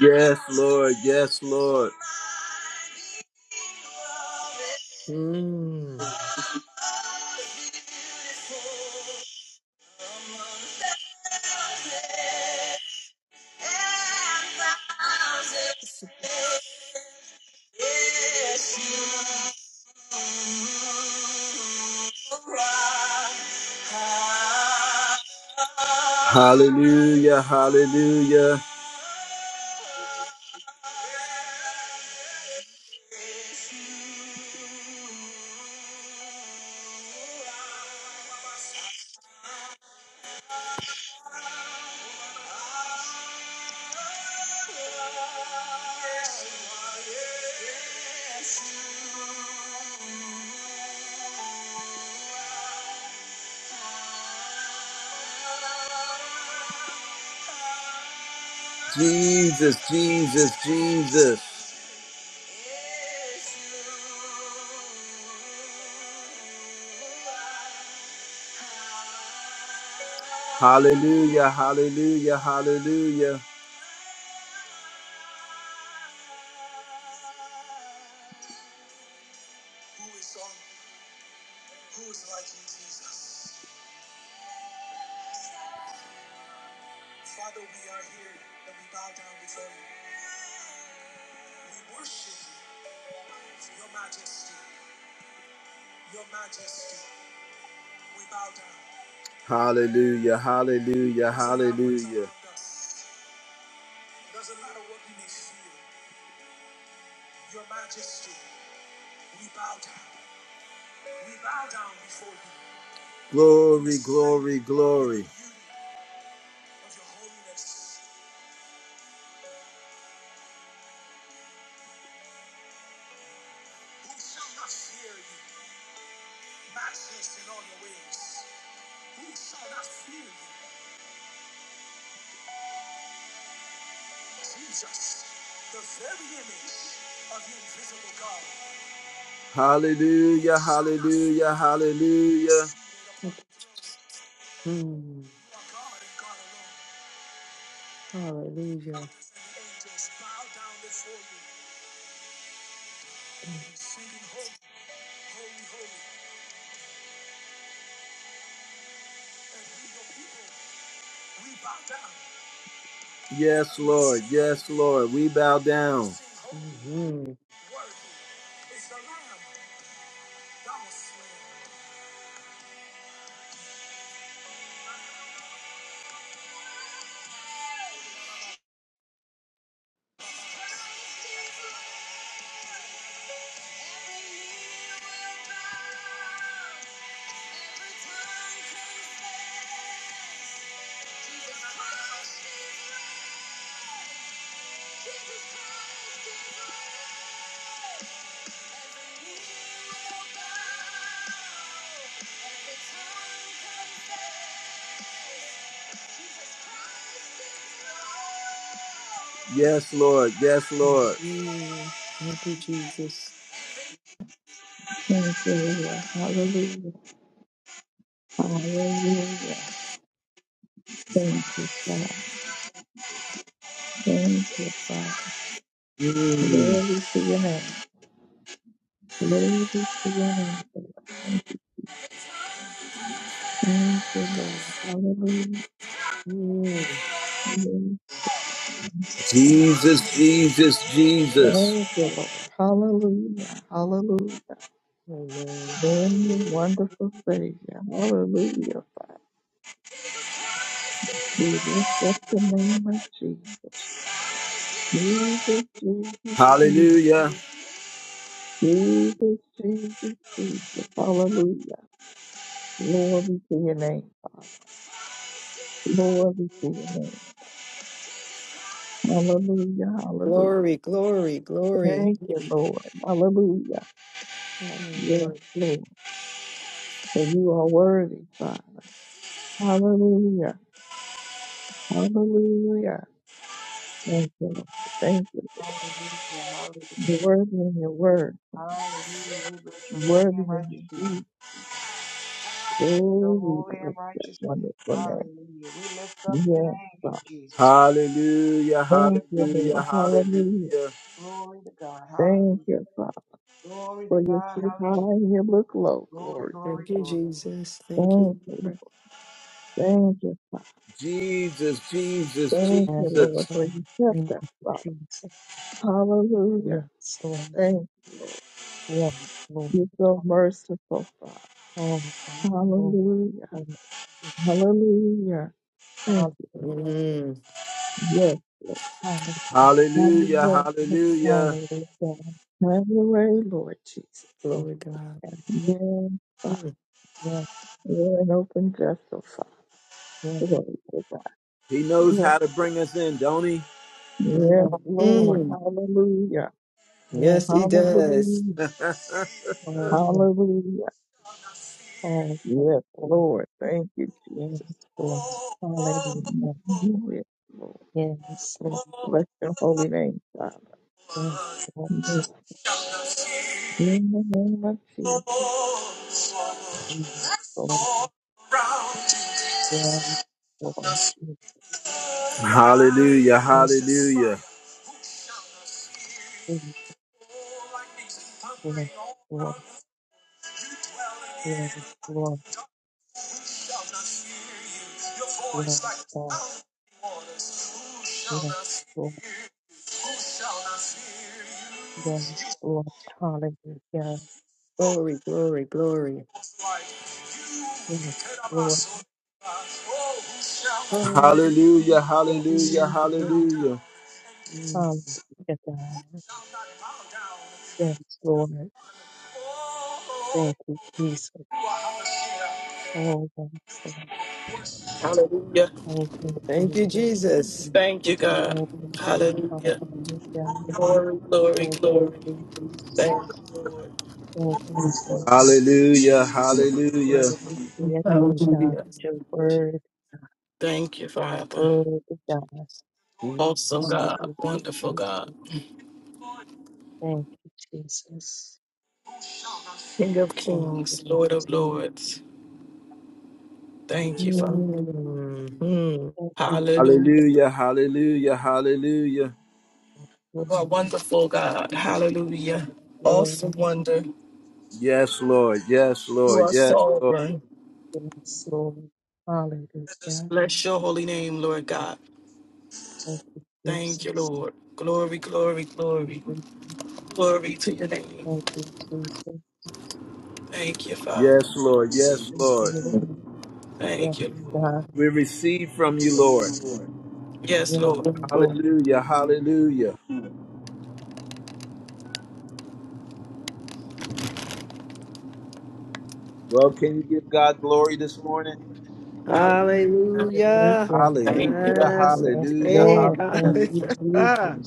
Yes, Lord. Yes, Lord.
Yes.
Hallelujah. Hallelujah. Jesus, Jesus, Jesus. Hallelujah, hallelujah, hallelujah. Who is on? Who is like you, Jesus? Father, we are here and we bow down before you. We worship you, your majesty, your majesty. We bow down. Hallelujah, hallelujah, hallelujah. Doesn't matter what you may feel, your majesty, we bow down. We bow down before you. Glory, glory, glory. Of your holiness, who shall not fear you? Matchless in all your ways. Who shall not fear you? Jesus, the very image of the invisible God. Hallelujah, hallelujah, hallelujah.
Mm. Hallelujah.
Yes, Lord, yes, Lord, we bow down.
Mhm.
Yes, Lord. Yes, Lord.
Mhm. Thank you, Jesus.
Thank you, Lord. Hallelujah. Hallelujah. Thank you, Father. Thank you, Father.
Mm.
Glory to your name. Glory to your name, Lord. Thank you. Thank you, Lord. Hallelujah.
Mm.
Hallelujah.
Jesus, Jesus, Jesus.
Thank you, Lord. Hallelujah. Hallelujah.
Amen.
Holy, wonderful Savior. Hallelujah. We lift up the name of Jesus. Jesus, Jesus, Jesus.
Hallelujah.
Jesus, Jesus, Jesus. Hallelujah. Glory to your name, Father. Glory to your name. Hallelujah. Hallelujah.
Glory, glory, glory.
Thank you, Lord. Hallelujah.
Amen,
Yes,
Lord.
Lord. For you are worthy, Father. Hallelujah. Hallelujah. Thank you, Lord. Thank you.
hallelujah,
You're
hallelujah.
worthy in your word.
We bless your holy
Worthy
and
in
righteous
your
name.
deed.
We bless your
Oh, we
holy and
bless that
righteous name.
wonderful
Hallelujah. We lift up the
name.
name
Yes.
of Jesus.
Hallelujah.
We
Thank
lift
you,
up the
Hallelujah.
Lord.
name of Jesus.
Hallelujah.
Hallelujah.
Glory to God.
Thank
Hallelujah.
you, Father,
Glory to
for your
God.
sit high
Hallelujah.
and you look low,
Glory,
glory.
glory,
Thank you,
glory.
Jesus. Thank you,
Thank you, Lord.
Lord.
Thank you, Father.
Jesus, Jesus,
Thank you,
And
Lord,
Jesus.
for
Lord,
you kept
thank
us,
you,
Father.
Jesus.
Hallelujah.
Yes, Lord.
Thank you, Lord.
Yes, Lord.
You're so merciful, Father.
Oh, God. Oh,
Hallelujah.
God.
Hallelujah. Thank you.
Hallelujah.
Mm.
Yes, Lord.
Hallelujah.
Have your
Hallelujah.
way. Lord.
Hallelujah.
Hallelujah.
Have your way, Lord Jesus.
Yes,
Glory, God.
Yes, Father.
Mm.
yes,
You're an open vessel, Father.
yes, yes,
Glory to
He knows
God.
how to bring us in, don't he?
Mm.
Yes,
Lord.
Lord.
Mm.
Hallelujah.
Yes,
Yes, He
Lord.
does.
Hallelujah.
Oh, yes.
Hallelujah.
Oh,
Yes,
yes.
Lord. Thank you,
Yes,
Jesus.
Lord. Hallelujah.
Yes, Lord.
Yes, Lord.
Bless your holy name, Father.
Yes, Lord.
Yes, in the name of Jesus.
Yes, Lord. Yes, Lord. Yes, Lord.
Hallelujah, hallelujah.
Yes, Lord. Lord.
You dwell again in
Lord.
light
Lord.
and dark. Who shall not fear you? Your voice like the sound of many waters. Who shall
Lord.
not
Lord. Yes, Lord.
fear you? Who shall not fear you?
Yes,
You
Lord. Hallelujah. Yes,
spoke
Glory,
that there
glory,
might
glory.
was light. You, you could have
Lord.
also. Oh, who shall not fear? Hallelujah,
Yes,
hallelujah,
Lord.
hallelujah.
Hallelujah, God. Yes, Lord. Thank you, Jesus. Oh, yes, Lord.
Hallelujah.
Thank you,
Thank
Jesus.
you,
Thank
Jesus.
Thank you, God.
you, Lord.
Hallelujah.
Hallelujah.
Glory, glory,
Thank you,
glory.
Jesus.
Thank you, Lord.
Thank you, Jesus.
Hallelujah, hallelujah.
Lord, We to your name, God.
Hallelujah.
Your word,
Thank you, Father.
glory to God.
Awesome
Jesus.
On the
God.
gift of
Wonderful God.
Jesus. Thank you, Jesus.
King of
Thank you,
kings, Lord
Jesus.
of lords.
Thank
Thank you,
you, Lord.
Father.
Mhm.
Thank you, Jesus.
Hallelujah.
Hallelujah, hallelujah, hallelujah.
Glory,
You are wonderful, God. Hallelujah.
glory,
Awesome wonder.
Yes, Lord. Yes,
You
Lord.
are
Yes, Lord.
sovereign.
yes, Lord. Hallelujah.
Bless your holy name, Lord God.
Thank you,
Thank you,
Jesus.
Lord. Glory, glory, glory.
We
Glory to your name.
Thank you, Jesus. Thank
Thank you, Father.
Yes, Lord. Yes,
you,
Lord.
Lord. Yes,
Thank you, Lord.
God.
We receive from you, Lord.
Yes,
Yes,
Lord.
Lord.
Hallelujah. Hallelujah. Well, can you give God glory this morning?
Hallelujah.
Hallelujah.
Hallelujah.
Hallelujah.
Thank you, Lord.
Yes.
Yes,
Hallelujah.
Hey,
Lord.
God.
Thank
Hallelujah.
you, Jesus.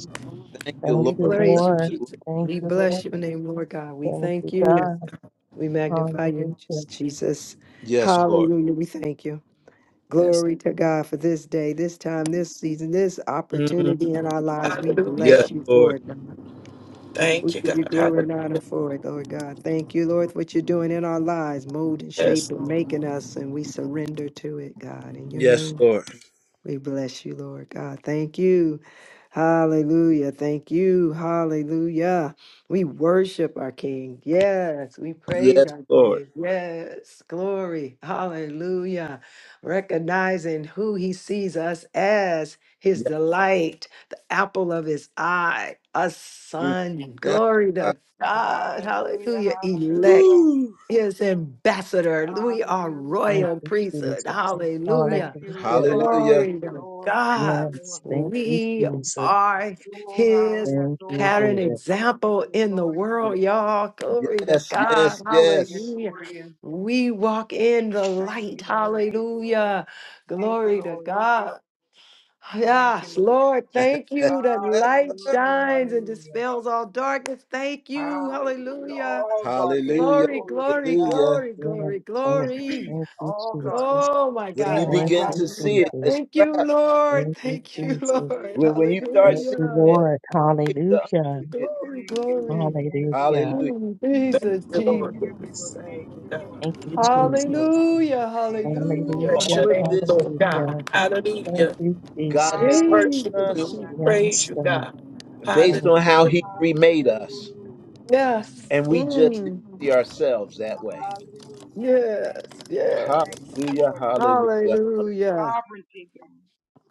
Thank you,
Thank
we
you,
Lord. Thank
praise you,
Lord.
you, Lord.
Jesus.
Thank
We
you,
bless
Lord.
your name, Lord God. We
Thank
thank
you,
Yes,
you.
God.
We magnify you,
Hallelujah.
Jesus.
Yes, Lord.
Hallelujah. We thank you.
yes.
Glory to God for this day, this time, this season, this
Mm.
opportunity in our lives. We
Yes,
Hallelujah.
bless you
Lord.
for it, God. We
Thank you,
give you
God.
glory and honor
Hallelujah.
for it, Lord God. Thank you, Lord, for what you're doing in our lives, molding,
Yes,
shaping,
Lord.
making us, and we surrender to it, God. In your
Yes,
name.
Lord.
We bless you, Lord God. Thank you. Hallelujah. Thank you. Hallelujah. We worship our King. Yes. We praise
Yes,
our
Lord.
King. Yes. Glory. Hallelujah. Recognizing who he sees us as his
Yeah.
delight, the apple of his eye, a
Mm.
son.
Yeah.
Glory
Ah,
to God.
Hallelujah,
Hallelujah. Elect
hallelujah,
Woo.
his ambassador. We are
Thank
hallelujah.
royal
you,
priesthood.
Jesus.
Hallelujah.
Thank you,
Hallelujah.
Lord. Thank
Hallelujah.
Glory
you,
to
Lord. Thank you,
God.
Yes.
Lord.
Thank you,
We
Jesus.
are
Oh, how we
his
Thank
adore
you,
you.
pattern
We
Lord.
adore you.
example
We
in the
adore you.
world, y'all. Glory to
Yes,
God.
yes,
Hallelujah. We
yes.
Hallelujah.
adore you.
We walk in the
Thank
light.
you, Lord.
Hallelujah.
Thank you,
Glory to
Lord.
God.
Thank you,
Yes,
Lord.
Lord, thank you. that light
Hallelujah.
shines and
Hallelujah.
dispels all darkness. Thank you.
Hallelujah.
Hallelujah.
All darkness,
Hallelujah.
Glory,
glory to
glory,
God.
Hallelujah.
glory,
Yes,
glory,
Lord.
glory.
Thank you,
All
Jesus.
darkness
Oh my
When you
God,
fell.
my
Thank
begin
God.
you,
to see it,
Hallelujah.
Jesus.
it's a
Thank you,
wrap.
Lord.
Thank you,
Thank you,
Thank you,
Jesus.
Lord.
Jesus.
When, when you
Thank you.
start
Thank
seeing
you,
Hallelujah.
it,
Lord.
it's the
Hallelujah.
unsee it.
Glory,
Thank you,
glory.
Lord. Thank you, Lord.
Hallelujah.
Hallelujah.
Mm,
Thank
Jesus,
you,
Thank
Lord.
you,
Yes.
Lord.
Jesus.
Thank
Thank
you,
you, Lord.
God.
Thank you,
Hallelujah.
Mm-mm.
Jesus.
Hallelujah,
Thank you,
hallelujah.
Lord.
Bless
Hallelujah.
your
All of
name,
this
Lord God.
Hallelujah. Thank
Hallelujah.
you,
God has
Jesus.
Worship
given
Jesus,
you.
us
We
Hallelujah.
Jesus.
Yes,
Praise you,
God.
God.
based
Thank
on
you,
how
Hallelujah.
He remade us.
Hallelujah.
Yes.
And we just didn't
Mm,
see ourselves that way.
Hallelujah. Thank you,
yes,
Lord.
yes.
Thank you,
Hallelujah.
Lord. Thank you, Lord,
Hallelujah.
for your
Hallelujah.
sovereignty, God.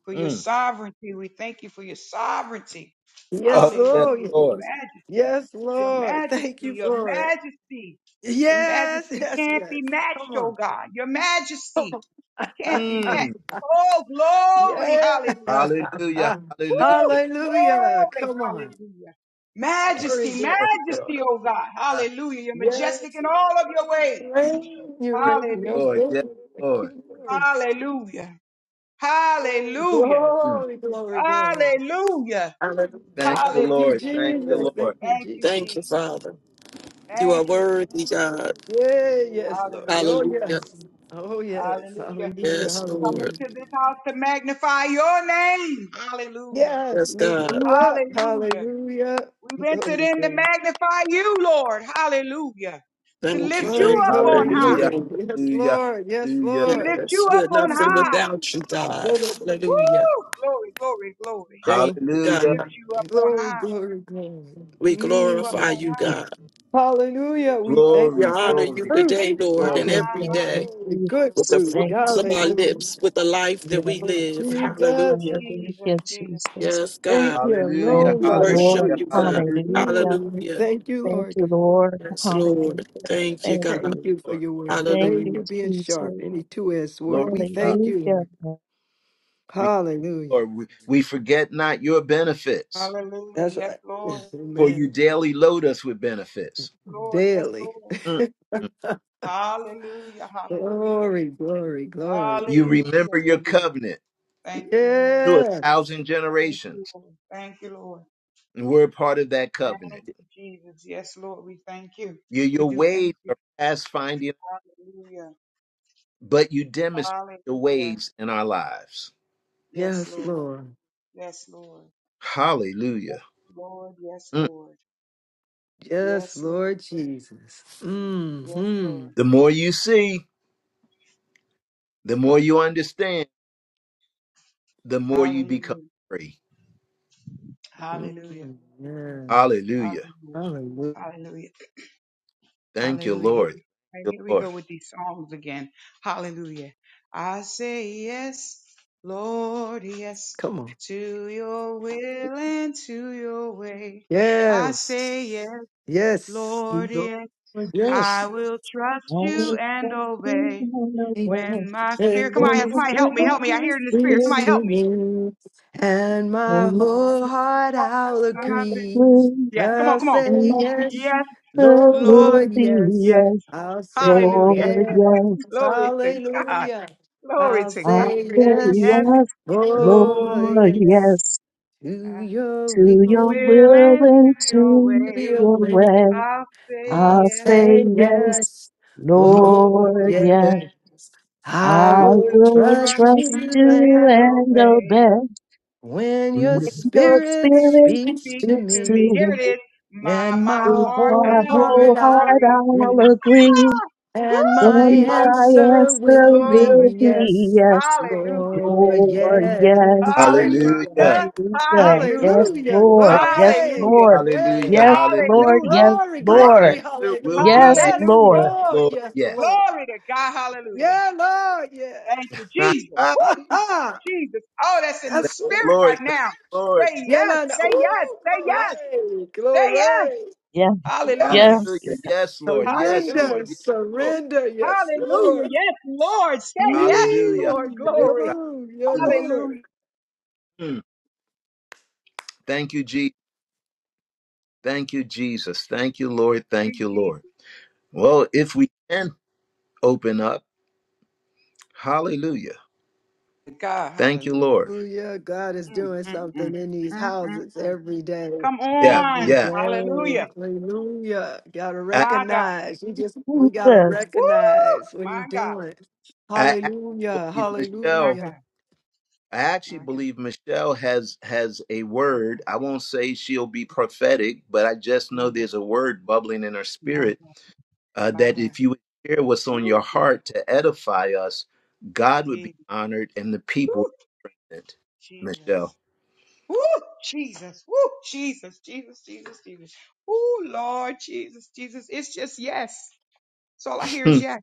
For your
Mm.
sovereignty. We thank you for your sovereignty.
Yes,
Oh, yes,
Hallelujah.
Lord.
Your
Lord.
majesty.
Yes,
Your
Lord. Thank
majesty.
you
Your
for it.
majesty. Your
Yes,
majesty
yes,
can't
yes.
be matched,
Come
oh
on.
God. Your
come
majesty can't be matched.
on!
Mm.
Oh, glory.
yes.
Hallelujah.
Hallelujah. Hallelujah.
Woo!
Hallelujah.
Glory.
Come on.
Hallelujah.
Glory,
Majesty,
glory, glory.
majesty, oh God. Hallelujah. You're majestic
Yes.
in
You
all of your ways.
Reign, you
yes,
reign. Your
Lord.
Hallelujah.
Yes,
food. Thank
Lord.
you, Lord.
Hallelujah. Hallelujah.
Mm.
Glory, glory, glory, glory.
Hallelujah.
Hallelujah.
Thank you,
Thank you,
Thank
Lord.
Hallelujah.
you,
Thank you,
Jesus.
Lord.
Lord.
Thank you,
Thank
Jesus.
you,
Thank you,
Jesus.
Father. You are
Thank you, Jesus.
worthy, God.
Yeah, yes, Lord. Oh,
Hallelujah.
yes.
Hallelujah.
Oh, yes.
Hallelujah.
Hallelujah.
Yes,
We come
Hallelujah.
Lord.
into this house to magnify your name. Hallelujah.
Yes,
Yes,
lift
God.
you up.
Hallelujah.
Hallelujah.
We've entered
Glory,
in to
glory.
magnify you, Lord. Hallelujah. To
Thank you.
lift you
Thank
Glory,
you.
up on
glory,
Thank you,
high.
Hallelujah.
glory.
Lord.
Yes,
Hallelujah.
Lord. Yes,
Hallelujah.
We
Lord.
lift
Yes,
you
we're
up on
nothing
high.
without you, God.
Glory,
Hallelujah.
Woo! Glory, glory, glory.
Thank you,
Hallelujah.
Lift
God.
you up on high.
glory, glory.
We
We lift you up
Mm.
glorify
on
you,
high.
God.
We
Hallelujah.
lift
We
you up
thank
We
on
Glory,
you for
honor
the
high.
you
glory,
fruit.
today,
glory,
My,
Lord, and
my,
glory.
Jesus.
every
Thank
my,
you,
day
Oh, the good
with
Jesus.
the
fruit.
Thank
my,
fruits
you,
my,
of our
my.
Jesus.
Hallelujah.
lips, with the life that
Yes,
we
Oh,
live.
Lord.
Jesus.
Hallelujah.
Jesus,
Hallelujah,
Jesus,
Jesus.
Jesus,
Yes,
Thank
God.
you
Jesus,
Hallelujah.
Thank
alone
you,
We
by the
Hallelujah.
Lord.
worship
Jesus.
you,
fruits.
God.
Hallelujah.
Hallelujah.
Mm.
Hallelujah.
Thank you,
Thank
Lord
you,
God.
Lord.
Yes,
Hallelujah.
Lord. Thank you,
Thank
God.
Thank
you.
you for
Lord.
your word.
Thank
Thank
you,
you
Hallelujah.
being sharp.
Jesus.
Any two edged
Glory
sword.
to
We
God.
thank you,
Hallelujah.
Lord.
We,
Hallelujah.
Lord, we, we forget not your benefits,
Hallelujah.
That's
Yes,
right. Yes.
Lord.
for you
Amen.
daily load us with benefits.
Lord, yes,
Daily.
Lord.
Mm.
Hallelujah, hallelujah,
Glory, glory, glory.
You remember
hallelujah.
your covenant
Thank you, Lord.
to a
Yes.
thousand
Thank you,
generations,
Lord. Thank you, Lord.
and we're part of that
Thank
covenant.
you, Jesus. Yes, Lord, we thank you.
Your,
We
your
do thank
ways
you.
are past finding,
Hallelujah.
but you demonstrate your
Hallelujah.
ways in our lives.
Yes,
Yes,
Lord.
Lord.
Yes, Lord. Yes,
Hallelujah.
Lord. Yes, Lord.
Yes,
Yes, Lord.
Lord Jesus.
Yes,
Mm-hmm.
Lord.
The more you see, the more you understand, the more you become
Hallelujah.
free.
Hallelujah.
Mm, yes.
Hallelujah.
Hallelujah.
Hallelujah.
Hallelujah.
Thank you,
Hallelujah. Here,
Lord.
right,
Thank you,
here we
Lord.
go with these songs again. Hallelujah. I say yes, Lord, yes,
Come on.
to your will and to your way. I say yes,
Yes. Yes.
Lord, yes.
Lord, yes.
I
Yes.
will trust you
Oh,
and
thank
obey
you,
And
Lord.
when my spirit. Come on,
Thank
yeah,
Endless
somebody help me,
love
help me. I hear
you,
it in the spirit.
reach
Somebody
Lord.
to
help me.
me, and
Oh,
my
my
whole heart
God.
I'll
Oh,
I've been-
agree.
my
Yes, come on,
I'll
come on.
say yes,
Yes.
God.
Lord,
Lord,
Worthy
yes.
yes.
of
I'll say
Hallelujah.
yes,
Lord,
Glory to God.
hallelujah.
Glory
I'll
to
I
God.
say
say
Say
yes,
yes,
yes, Lord,
oh
Lord, yes.
yes,
yes,
to
I
your
to your
will,
will
will
enter
and
your
to
to
way.
your
your
way.
way.
I'll say
I'll
I'll
yes,
say
say
yes,
yes,
Lord,
oh
Lord,
Lord,
yes.
yes.
yes.
I
I
I
will
will
will
trust
trust you
trust
you
you
and
and
and
obey
obey.
obey
when your
yes.
when
When
your
the
spirit
Spirit
spirit
speaks
speaks
to
speaks
to
to
me,
me.
me.
There it is. My,
and
my
With
my
heart,
my
whole
I
heart
whole
will
I'll
heart
agree.
I'll
agree,
agree,
Ah!
and my
Woo,
and
Jesus,
my
answer
answer
will be
Lord,
will
yes.
be
yes,
yes,
Hallelujah.
Lord,
Lord, yes.
yes.
Hallelujah.
Hallelujah.
Hallelujah,
Hallelujah.
Hallelujah.
Yes,
hallelujah,
Lord.
Hall-
Yes,
glory,
Hallelujah.
Lord.
Hallelujah.
glory,
Yes,
Hallelujah.
Lord.
Hallelujah.
Yes,
glory,
My
glory,
Lord.
answer will
hallelujah.
be
Yes,
yes,
Yes,
Hallelujah.
Lord.
Lord,
Lord,
yes,
yes.
Lord.
Glory to God. Hallelujah.
Yeah, Lord,
Thank you, Jesus. Woo!
yes.
Jesus. Oh, that's in
Yes,
the
Lord.
spirit right
Lord, thank
now.
you, Lord.
Say yes.
Yelanda.
Say yes.
Ooh,
Say yes.
glory,
Say yes.
glory.
Yes,
Hallelujah.
yes, yes.
Hallelujah.
Yes.
Yes, Lord. Yes, Lord.
Surrender,
Hallelujah.
Yes, Lord.
surrender. Yes,
Hallelujah.
Lord.
Yes, Lord. Say yes,
Hallelujah.
Yee.
Lord. Glory.
Hallelujah.
Yellow, yeah,
Hallelujah.
Lord.
Hallelujah.
Mm. Thank you, Jesus. Thank you, Jesus. Thank you, Lord. Thank you,
Jesus.
Lord. Well, if we can open up, hallelujah.
God.
Thank you,
Hallelujah.
Lord.
Oh, yeah, God is
Mm,
doing
mm, mm.
something in these
Mm, mm,
houses
mm.
every day.
Come
Yeah,
Every
on.
yeah.
day.
Hallelujah.
Hallelujah. Gotta
I,
My God.
recognize. We just we gotta
Jesus.
Woo!
recognize what he's
My God.
doing.
I
Hallelujah.
actually believe
My
Michelle.
Hallelujah.
God.
I actually
My God.
believe Michelle has has a
My
word.
God.
I won't say she'll be prophetic, but I just
My
know
God.
there's a word bubbling in her
My
spirit
God.
uh,
My
that
God.
if you would share what's on
Woo!
your heart to edify us, God would
Jesus.
be honored and the
Woo!
people. wouldn't. Michelle,
Jesus. Woo! Jesus. Woo! Jesus. Jesus. Jesus. Jesus. Woo! Lord Jesus. Jesus. It's just yes. So all I hear is
Mm,
yes.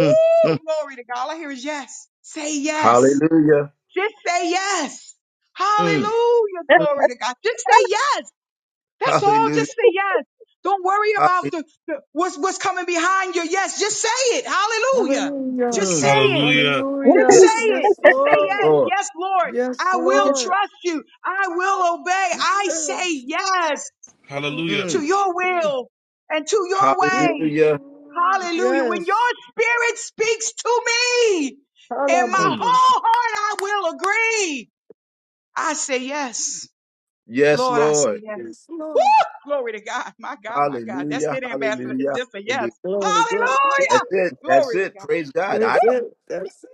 mm, mm.
Glory to God. All I hear is yes. Say yes.
hallelujah.
Just say yes.
Mm,
Hallelujah.
Yes,
mm.
Glory to God. Just say yes. That's all.
Hallelujah.
Just say yes. Don't worry
Hallelujah.
about the, the what's what's coming behind your yes. Just say it. Hallelujah. Just
Hallelujah.
say
Mm.
it.
Hallelujah.
Just
Hallelujah.
say
yes.
Yes,
it. Just say
Yes,
Lord.
yes.
Lord.
Yes, Lord.
Yes,
I will
Yes.
Lord.
trust you. I will obey. I say
Yes.
yes
Hallelujah.
Mm,
to
Mm,
your
mm,
will and to your way.
Hallelujah.
mm.
Hallelujah. When
Yes.
your spirit speaks to me and my
mm.
Halabokos.
whole heart, I will agree. I say yes.
Yes,
Lord, I say
Lord.
yes.
Yes,
Woo!
Lord.
Glory to God. My God, my God. That's
Hallelujah.
it, Ambassador. It's
Hallelujah.
just a yes.
Hallelujah.
Glory, glory.
Hallelujah.
That's it. That's
Glory to
it.
God.
Praise God. I
That's
Woo!
it. That's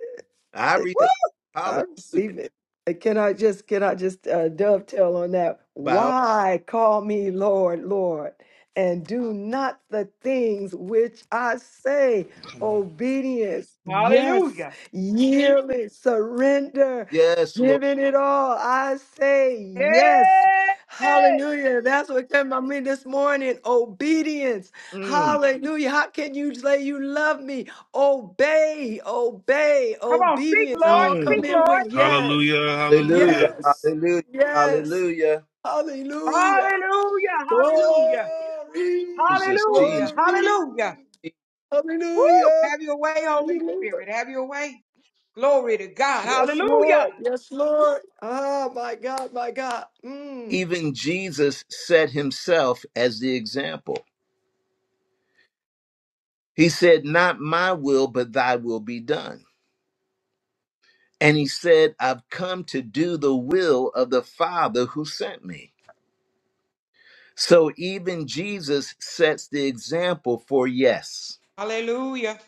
I
it.
read
Woo!
I
hallelujah.
receive it. And Can I just can I just uh, dovetail on that?
Bow.
Why call me Lord, Lord, and do not the things which I say?
Come on.
Obedience, yes,
Hallelujah.
yielding, surrender,
Yes, Lord.
giving it all. I say yes.
Yeah.
Hallelujah. That's what came to me this morning. Obedience.
Mm,
Hallelujah. How can you say you love me Obey, obey,
Come on. Speak,
obedience.
Lord.
All come
mm,
Speak,
in
Lord.
with yes,
Hallelujah.
Hallelujah.
Hallelujah.
yes,
Hallelujah.
yes.
Hallelujah.
Hallelujah.
Hallelujah. Hallelujah.
Glory,
Jesus, Jesus.
Hallelujah.
glory.
Hallelujah. Woo!
Hallelujah.
Have your way,
You
Holy
Lord.
Spirit. Have your way. Glory to God.
Yes,
Hallelujah.
Lord. Yes, Lord. Ah, my God, my God. Mm.
Even Jesus set himself as the example. He said, Not my will, but thy will be done. And he said, I've come to do the will of the Father who sent me. So even Jesus sets the example for yes.
Hallelujah.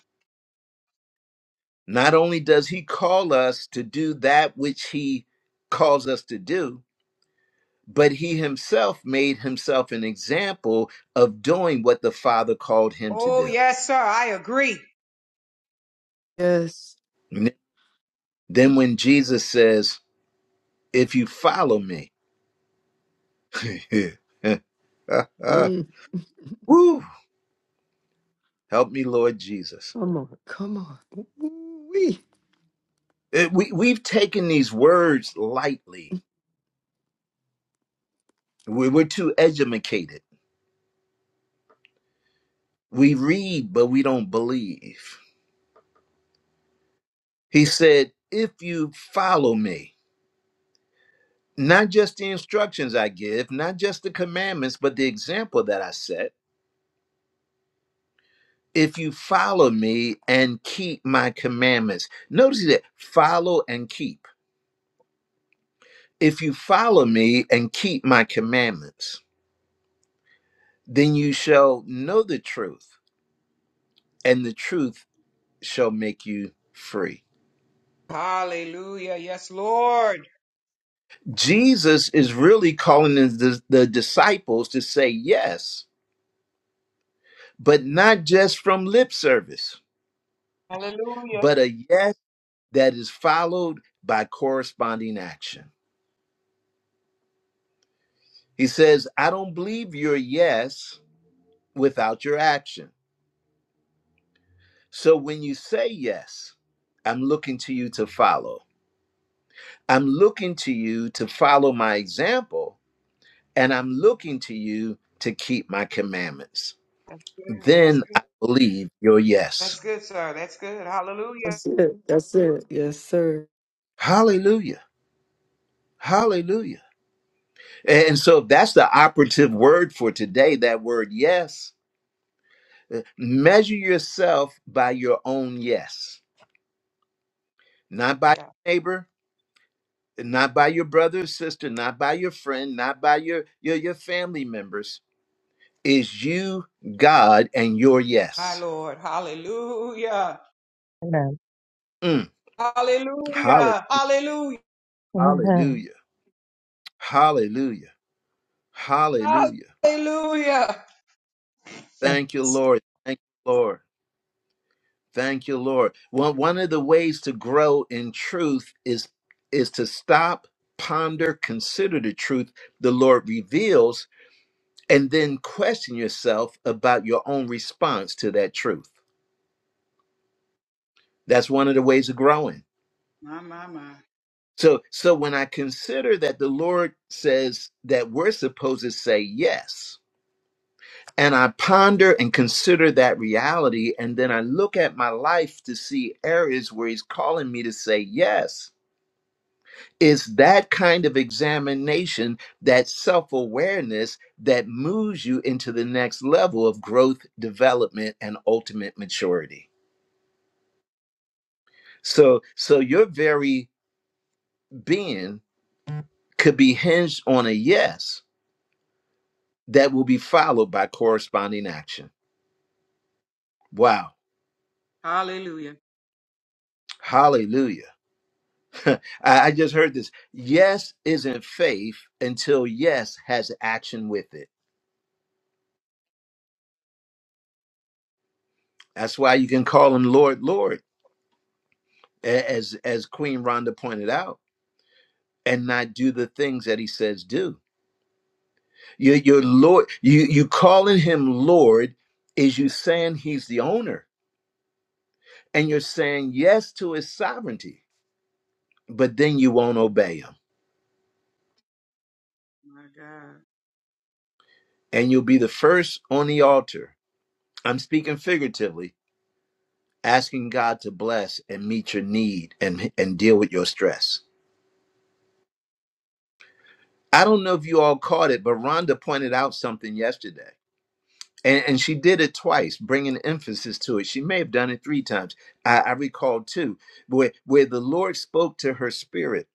Not only does he call us to do that which he calls us to do, but he himself made himself an example of doing what the Father called him to
Oh,
do.
yes, sir. I agree.
Yes.
N- Then when Jesus says, If you follow me,
Mm.
woo, help me, Lord Jesus
Come on, come on. Ooh-wee.
Uh, we we've taken these words lightly. We, we're too edumacated. We read, but we don't believe. He said, "If you follow me, not just the instructions I give, not just the commandments, but the example that I set." If you follow me and keep my commandments, notice that follow and keep. If you follow me and keep my commandments, then you shall know the truth, and the truth shall make you free
Hallelujah. Yes, Lord.
Jesus is really calling the, the, disciples to say yes, but not just from lip service,
Hallelujah.
but a yes that is followed by corresponding action. He says, I don't believe your yes without your action. So when you say yes, I'm looking to you to follow. I'm looking to you to follow my example, and I'm looking to you to keep my commandments.
That's good. That's
Then
good.
I believe your yes.
That's good, sir. That's good. Hallelujah.
That's it. That's it. Yes, sir.
Hallelujah. Hallelujah. And so that's the operative word for today, that word yes. Uh, Measure yourself by your own yes, not by your neighbor, not by your brother or sister, not by your friend, not by your, your, your family members. Is you, God, and your
My
yes.
Lord. Hallelujah.
Amen.
Mm. Hallelujah.
Hallelujah. Hallelujah.
Amen.
Hallelujah. Hallelujah. Hallelujah.
Hallelujah.
Yes.
Thank you, Lord. Thank you, Lord. Thank you, Lord. One one of the ways to grow in truth is is to stop, ponder, consider the truth the Lord reveals, and then question yourself about your own response to that truth. That's one of the ways of growing.
My, my, my.
So so when I consider that the Lord says that we're supposed to say yes, and I ponder and consider that reality, and then I look at my life to see areas where He's calling me to say yes It's that kind of examination, that self awareness that moves you into the next level of growth, development, and ultimate maturity. So, so your very being could be hinged on a yes that will be followed by corresponding action. Wow.
Hallelujah.
Hallelujah. I, I just heard this. Yes isn't faith until yes has action with it. That's why you can call him Lord, Lord, a- as as Queen Rhonda pointed out and not do the things that he says do. Your, your Lord, you you calling him Lord is you saying he's the owner, and you're saying yes to his sovereignty, but then you won't obey him,
My God.
and you'll be the first on the altar. I'm speaking figuratively, asking God to bless and meet your need and and deal with your stress. I don't know if you all caught it, but Rhonda pointed out something yesterday And, and she did it twice, bringing emphasis to it. She may have done it three times. I, I recall two, where, where the Lord spoke to her spirit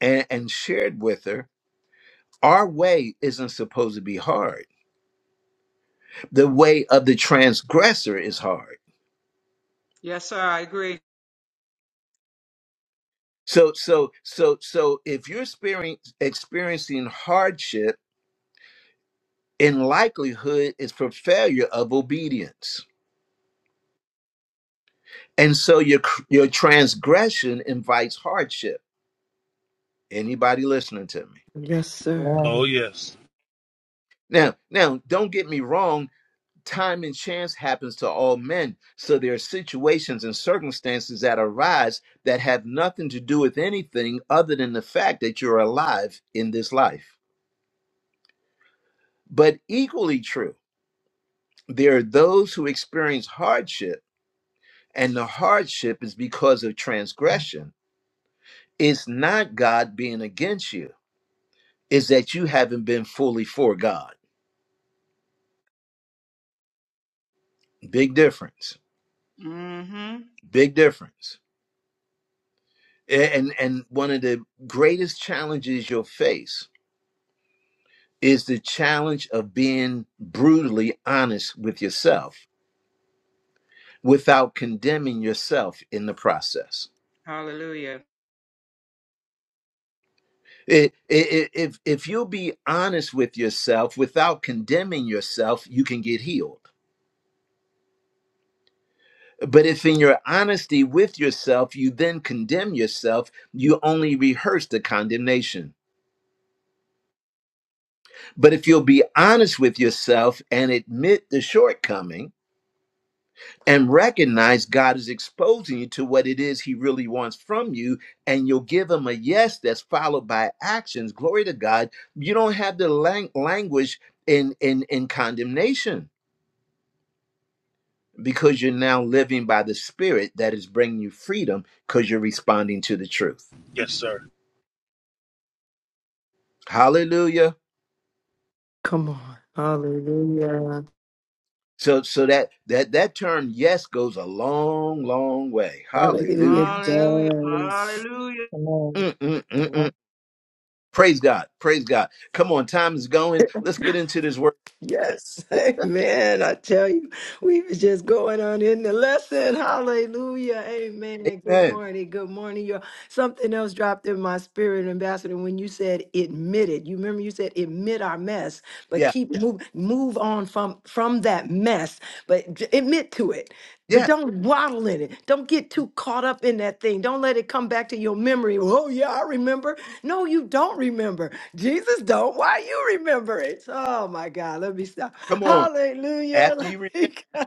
and, and shared with her our way isn't supposed to be hard. The way of the transgressor is hard.
Yes, sir. I agree.
So, so, so, so if you're experience, experiencing hardship, in likelihood, it's for failure of obedience. And so your, your transgression invites hardship. Anybody listening to me?
Yes, sir.
Oh,
Amen.
yes.
Now, now, don't get me wrong. Time and chance happens to all men. So there are situations and circumstances that arise that have nothing to do with anything other than the fact that you're alive in this life. But equally true, there are those who experience hardship, and the hardship is because of transgression. It's not God being against you, it's that you haven't been fully for God. Big difference.
Mm-hmm.
Big difference. and and one of the greatest challenges you'll face is the challenge of being brutally honest with yourself without condemning yourself in the process
Hallelujah.
it, it, if if you'll be honest with yourself without condemning yourself you can get healed but if in your honesty with yourself you then condemn yourself you only rehearse the condemnation but if you'll be honest with yourself and admit the shortcoming and recognize God is exposing you to what it is He really wants from you, and you'll give Him a yes that's followed by actions. Glory to God. You don't have the lang- language in, in, in condemnation because you're now living by the Spirit that is bringing you freedom because you're responding to the truth.
Yes, sir.
Hallelujah.
Come on. Hallelujah.
So, so that that that term yes goes a long, long way.
Hallelujah
Hallelujah.
it
Hallelujah.
does.
Hallelujah.
Mm, mm, mm, mm.
Amen.
Praise God. Praise God. Come on, time is going. Let's get into this word.
Yes. Amen. I tell you, we was just going on in the lesson. Hallelujah. Amen. Good
Amen.
morning. Good morning. Y'all. Something else dropped in my spirit, Ambassador, when you said admit it. You remember you said admit our mess, but
Yeah.
keep Yeah. move move on from from that mess, but j- admit to it. But
Yeah.
don't waddle in it. Don't get too caught up in that thing. Don't let it come back to your memory. Oh yeah, I remember. No, you don't remember. Jesus don't. Why you remember it? Oh my God. Let me stop.
Come on.
Hallelujah.
After
Let
you repent.
me go.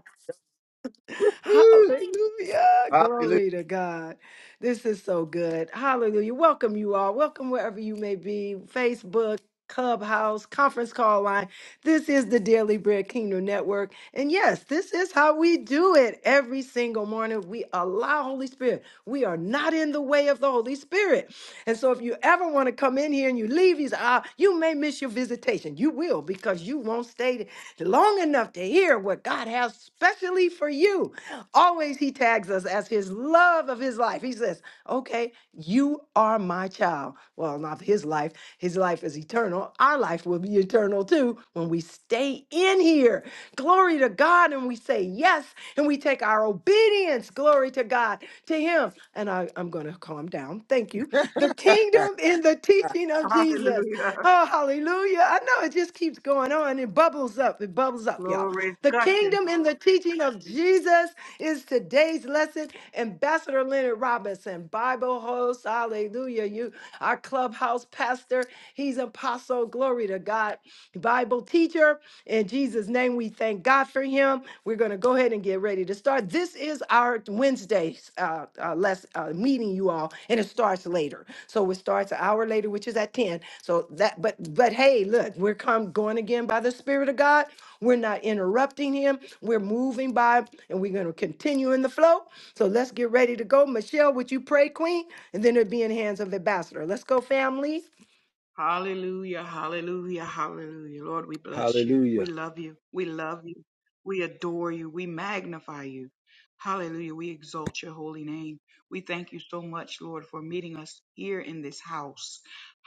Woo.
Hallelujah.
Hallelujah.
Glory to God. This is so good. Hallelujah. Welcome you all. Welcome wherever you may be. Facebook. Clubhouse, conference call line. This is the Daily Bread Kingdom Network. And yes, this is how we do it every single morning. We allow Holy Spirit. We are not in the way of the Holy Spirit. And so if you ever want to come in here and you leave, you say, ah, you may miss your visitation. You will because you won't stay long enough to hear what God has specially for you. Always he tags us as his love of his life. He says, okay, you are my child. Well, not his life. His life is eternal. Our life will be eternal too when we stay in here here. Glory to God. And we say yes. And we take our obedience, glory to God, to Him. And I, I'm going to calm down. Thank you. The kingdom in the teaching of Jesus.
Hallelujah.
Oh, hallelujah. I know it just keeps going on. It bubbles up. It bubbles up, y'all.
Glory
The
gushing
kingdom in the teaching of Jesus is today's lesson. Ambassador Leonard Robinson, Bible host. Hallelujah. You, our clubhouse pastor. He's apostle. Glory to God. Bible teacher. In Jesus' name, we thank God for him. We're going to go ahead and get ready to start. This is our Wednesday's uh, uh, less, uh, meeting, you all, and it starts later. So it starts an hour later, which is at 10. So that, but, but hey, look, we're come going again by the Spirit of God. We're not interrupting him. We're moving by and we're going to continue in the flow. So let's get ready to go. Michelle, would you pray, Queen? And then it'll be in hands of Ambassador. Let's go, family.
Hallelujah, hallelujah, hallelujah. Lord, we bless you. We
Hallelujah.
love you. We love you. We adore you. We magnify you. Hallelujah. We exalt your holy name. We thank you so much, Lord, for meeting us here in this house.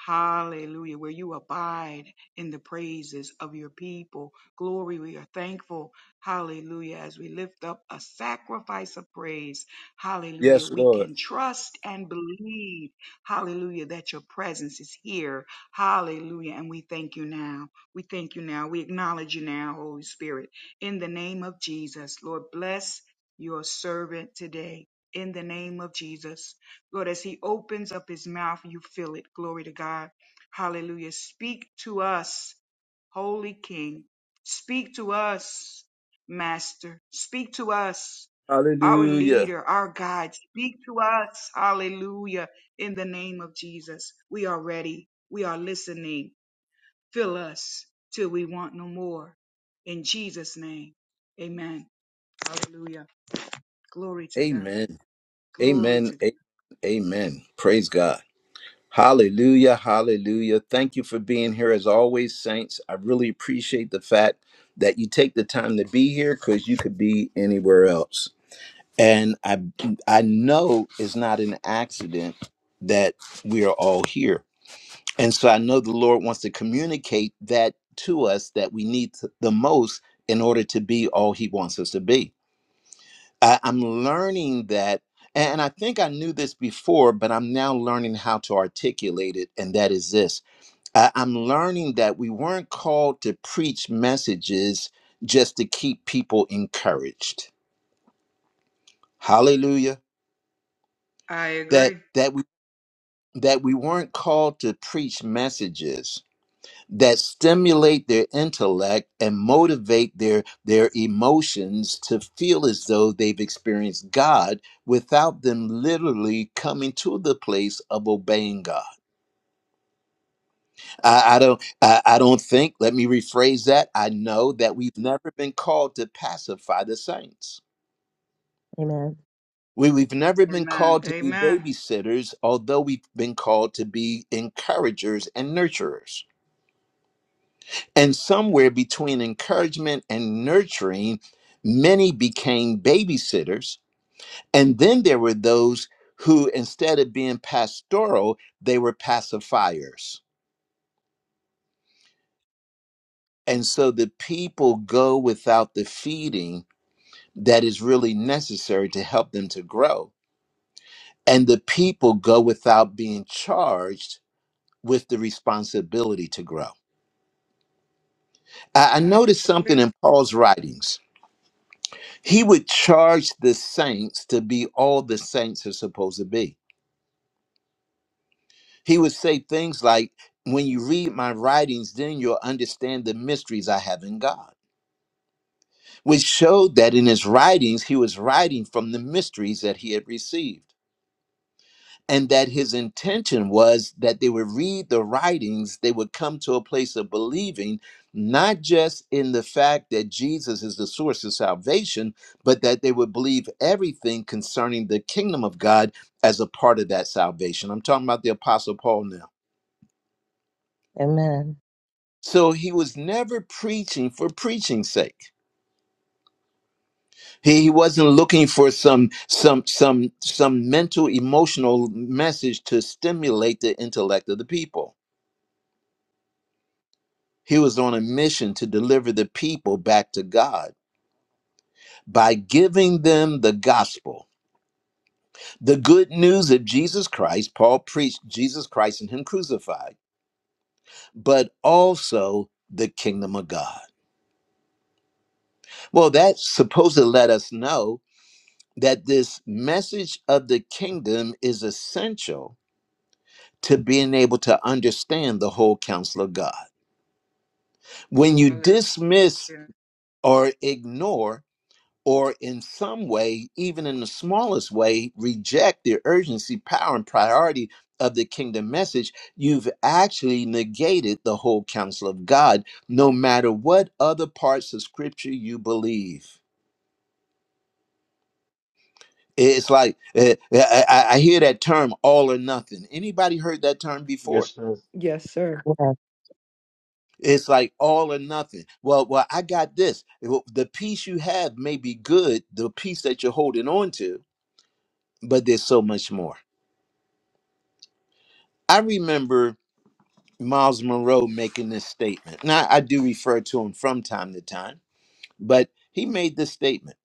Hallelujah. Where you abide in the praises of your people. Glory, we are thankful. Hallelujah. As we lift up a sacrifice of praise. Hallelujah.
Yes,
We
Lord.
can trust and believe. Hallelujah. That your presence is here Hallelujah. And we thank you now. We thank you now. We acknowledge you now, Holy Spirit. In the name of Jesus, Lord, bless your servant today. In the name of Jesus. Lord, as he opens up his mouth, you fill it. Glory to God. Hallelujah. Speak to us, Holy King. Speak to us, Master. Speak to us, our
Hallelujah.
leader, our guide. Speak to us. Hallelujah in the name of Jesus. We are ready. We are listening. Fill us till we want no more. In Jesus' name. Amen. Hallelujah. Glory to God.
Amen.
Glory
Amen.
to God.
A- Amen. Praise God. Hallelujah. Hallelujah. Thank you for being here as always, saints. I really appreciate the fact that you take the time to be here because you could be anywhere else. And I I know it's not an accident that we are all here. And so I know the Lord wants to communicate that to us that we need to- the most in order to be all He wants us to be. I, I'm learning that, and I think I knew this before, but I'm now learning how to articulate it, and that is this I, I'm learning that we weren't called to preach messages just to keep people encouraged. Hallelujah.
I
That
agree.
that we that we weren't called to preach messages that stimulate their intellect and motivate their their emotions to feel as though they've experienced God without them literally coming to the place of obeying God. I, I don't I, I don't think, let me rephrase that. I know that we've never been called to pacify the saints.
Amen.
We, we've never been
Amen.
called to be
Amen.
babysitters, although we've been called to be encouragers and nurturers And somewhere between encouragement and nurturing, many became babysitters. And then there were those who, instead of being pastoral, they were pacifiers. And so the people go without the feeding that is really necessary to help them to grow. And the people go without being charged with the responsibility to grow. I I
I
noticed something
agree.
in Paul's writings He would charge the saints to be all the saints are supposed to be. He would say things like, When you read my writings, then you'll understand the mysteries I have in God, which showed that in his writings, he was writing from the mysteries that he had received. and that his intention was that they would read the writings, they would come to a place of believing, not just in the fact that Jesus is the source of salvation, but that they would believe everything concerning the kingdom of God as a part of that salvation. I'm talking about the Apostle Paul now.
Amen.
So he was never preaching for preaching's sake. He, he wasn't looking for some some some some mental emotional message to stimulate the intellect of the people He was on a mission to deliver the people back to God by giving them the gospel. The good news of Jesus Christ, Paul preached Jesus Christ and Him crucified, but also the kingdom of God. Well, that's supposed to let us know that this message of the kingdom is essential to being able to understand the whole counsel of God. When you
Hallelujah.
dismiss or ignore or in some way, even in the smallest way, reject the urgency, power, and priority of the kingdom message, you've actually negated the whole counsel of God, no matter what other parts of scripture you believe. It's like eh, eh, I I- I hear that term all or nothing. Anybody heard that term before?
Yes, sir.
Yes, sir.
Yes.
It's like all or nothing. Well, well, I got this. Well, The peace you have may be good, the peace that you're holding on to, but there's so much more. I remember Miles Monroe making this statement. Now, I do refer to him from time to time, but he made this statement.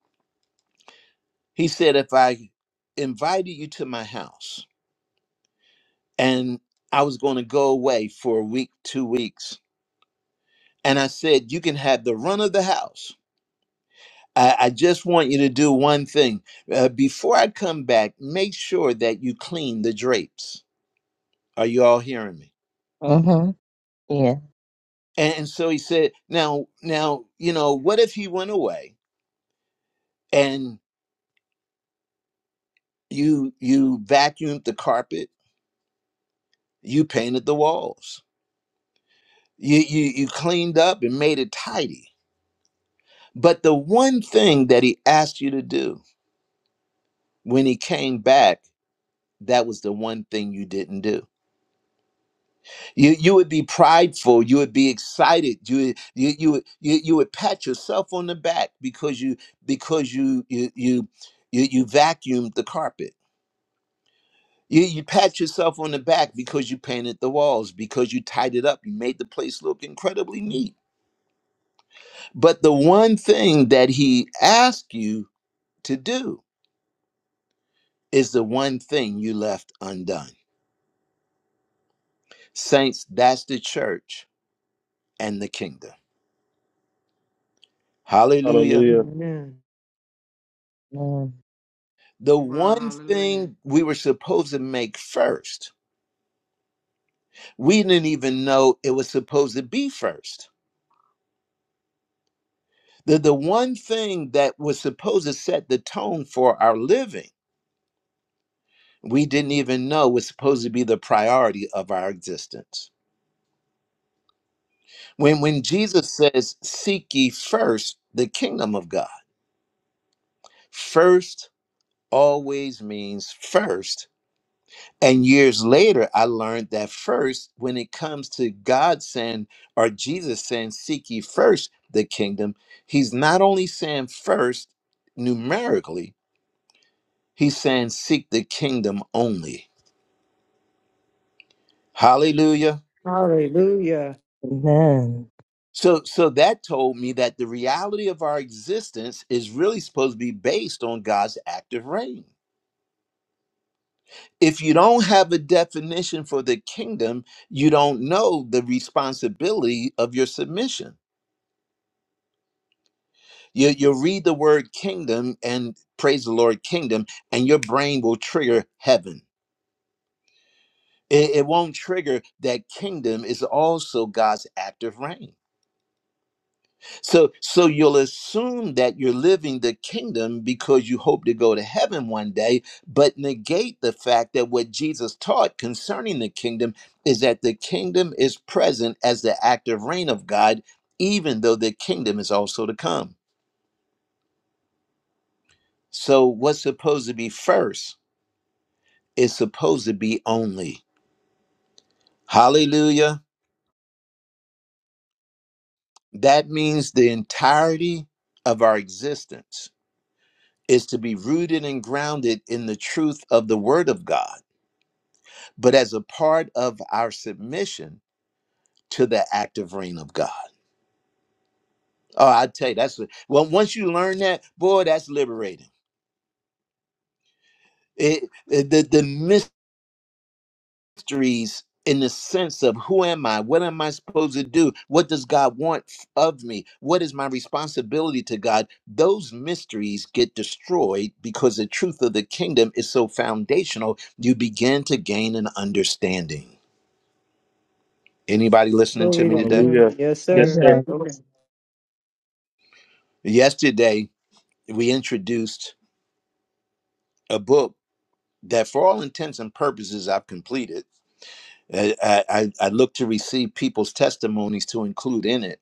He said, If I invited you to my house and I was going to go away for a week, two weeks, and I said, You can have the run of the house. I, I just want you to do one thing. Uh, before I come back, make sure that you clean the drapes. Are you all hearing me?
Mm-hmm. Yeah.
And, and so he said, Now, now, you know, what if he went away? and." you you vacuumed the carpet you painted the walls you you you cleaned up and made it tidy but the one thing that he asked you to do when he came back that was the one thing you didn't do you you would be prideful you would be excited you you you would- you, you would pat yourself on the back because you because you you you you, you vacuumed the carpet You, you pat yourself on the back because you painted the walls, because you tied it up, you made the place look incredibly neat. But the one thing that he asked you to do is the one thing you left undone. Saints, that's the church and the kingdom. Hallelujah.
Hallelujah.
Amen.
Amen.
The
Wow.
one
Hallelujah.
thing we were supposed to make first, we didn't even know it was supposed to be first. The, the one thing that was supposed to set the tone for our living we didn't even know was supposed to be the priority of our existence. When when Jesus says, "Seek ye first the kingdom of God," first always means first. And years later, I learned that first, when it comes to God saying or Jesus saying, "Seek ye first the kingdom," He's not only saying first numerically, He's saying, "Seek the kingdom only." Hallelujah.
Hallelujah.
Amen.
So so that told me that the reality of our existence is really supposed to be based on God's active reign. If you don't have a definition for the kingdom, you don't know the responsibility of your submission. You you'll read the word kingdom and praise the Lord kingdom and your brain will trigger heaven. It, it won't trigger that kingdom is also God's active reign. So so you'll assume that you're living the kingdom because you hope to go to heaven one day, but negate the fact that what Jesus taught concerning the kingdom is that the kingdom is present as the active reign of God, even though the kingdom is also to come. So what's supposed to be first is supposed to be only. Hallelujah. That means the entirety of our existence is to be rooted and grounded in the truth of the word of God but as a part of our submission to the active reign of God. Oh, I tell you, that's well. Once you learn that, boy, that's liberating. It, it- the the mysteries in the sense of who am I? What am I supposed to do? What does God want of me? What is my responsibility to God? Those mysteries get destroyed because the truth of the kingdom is so foundational. You begin to gain an understanding. Anybody listening to
Glory
me
to
today?
God.
Hallelujah.
Yes,
Oh,
Yes,
sir.
sir.
yes.
Okay.
Yesterday we introduced a book that, for all intents and purposes, I've completed. I, I, I look to receive people's testimonies to include in it,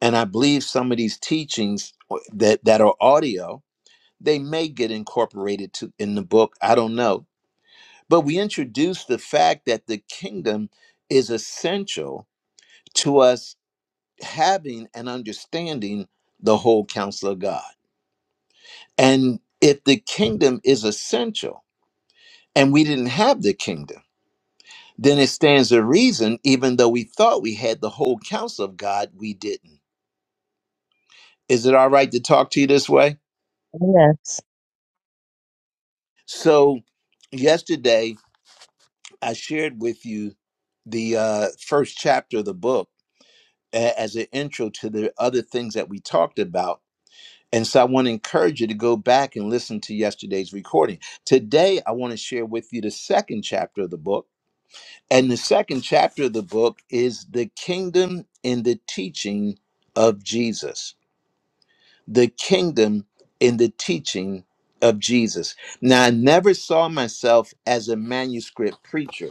and I believe some of these teachings uh, that that are audio they may get incorporated to in the book. I don't know, but we introduce the fact that the kingdom is essential to us having and understanding the whole counsel of God, and if the kingdom is essential, and we didn't have the kingdom. then it stands to reason, even though we thought we had the whole counsel of God, we didn't. Is it all right to talk to you this way?
Oh, yes.
So, yesterday I shared with you the uh, first chapter of the book a- as an intro to the other things that we talked about. And so I want to encourage you to go back and listen to yesterday's recording. Today, I want to share with you the second chapter of the book. And the second chapter of the book is the kingdom in the teaching of Jesus the kingdom in the teaching of Jesus. Now, I never saw myself as a manuscript preacher.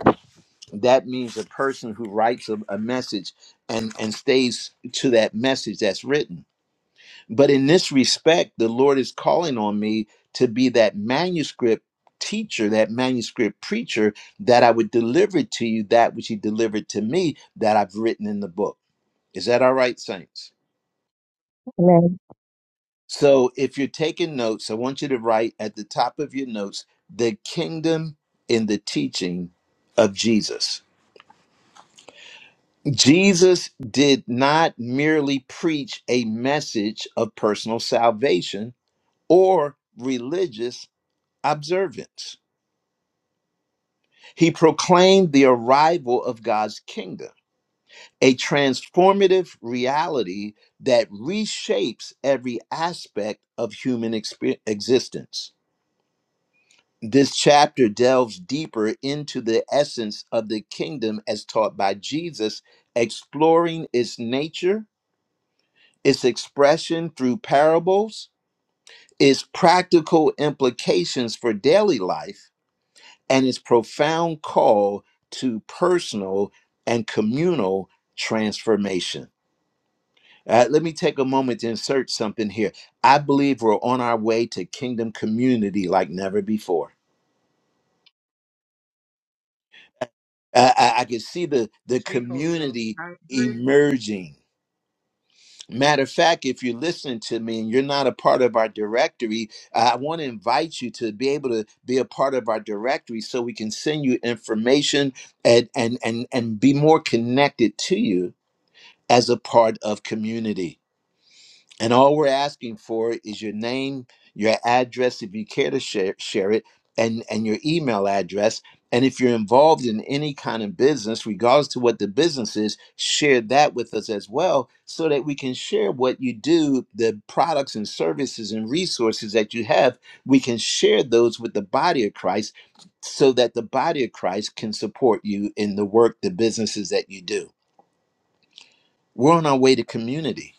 That means a person who writes a, a message and, and stays to that message that's written. But in this respect, the Lord is calling on me to be that manuscript teacher, that manuscript preacher, that I would deliver to you that which He delivered to me that I've written in the book. Is that all right, Saints?
Amen.
So if you're taking notes, I want you to write at the top of your notes the kingdom in the teaching of Jesus. Jesus did not merely preach a message of personal salvation or religious observance. He proclaimed the arrival of God's kingdom, a transformative reality that reshapes every aspect of human expe- existence. This chapter delves deeper into the essence of the kingdom as taught by Jesus, exploring its nature, its expression through parables, its practical implications for daily life, and its profound call to personal and communal transformation. Uh, let me take a moment to insert something here. I believe we're on our way to kingdom community like never before. I, I, I could see the the
Speak, Holy Ghost.
community
I agree.
emerging. Matter of fact, if you're listening to me and you're not a part of our directory, I want to invite you to be able to be a part of our directory so we can send you information and and and, and be more connected to you as a part of community. And all we're asking for is your name, your address, if you care to share, share it, and, and your email address. And if you're involved in any kind of business, regardless to what the business is, share that with us as well so that we can share what you do, the products and services and resources that you have. We can share those with the body of Christ so that the body of Christ can support you in the work, the businesses that you do. We're on our way to community.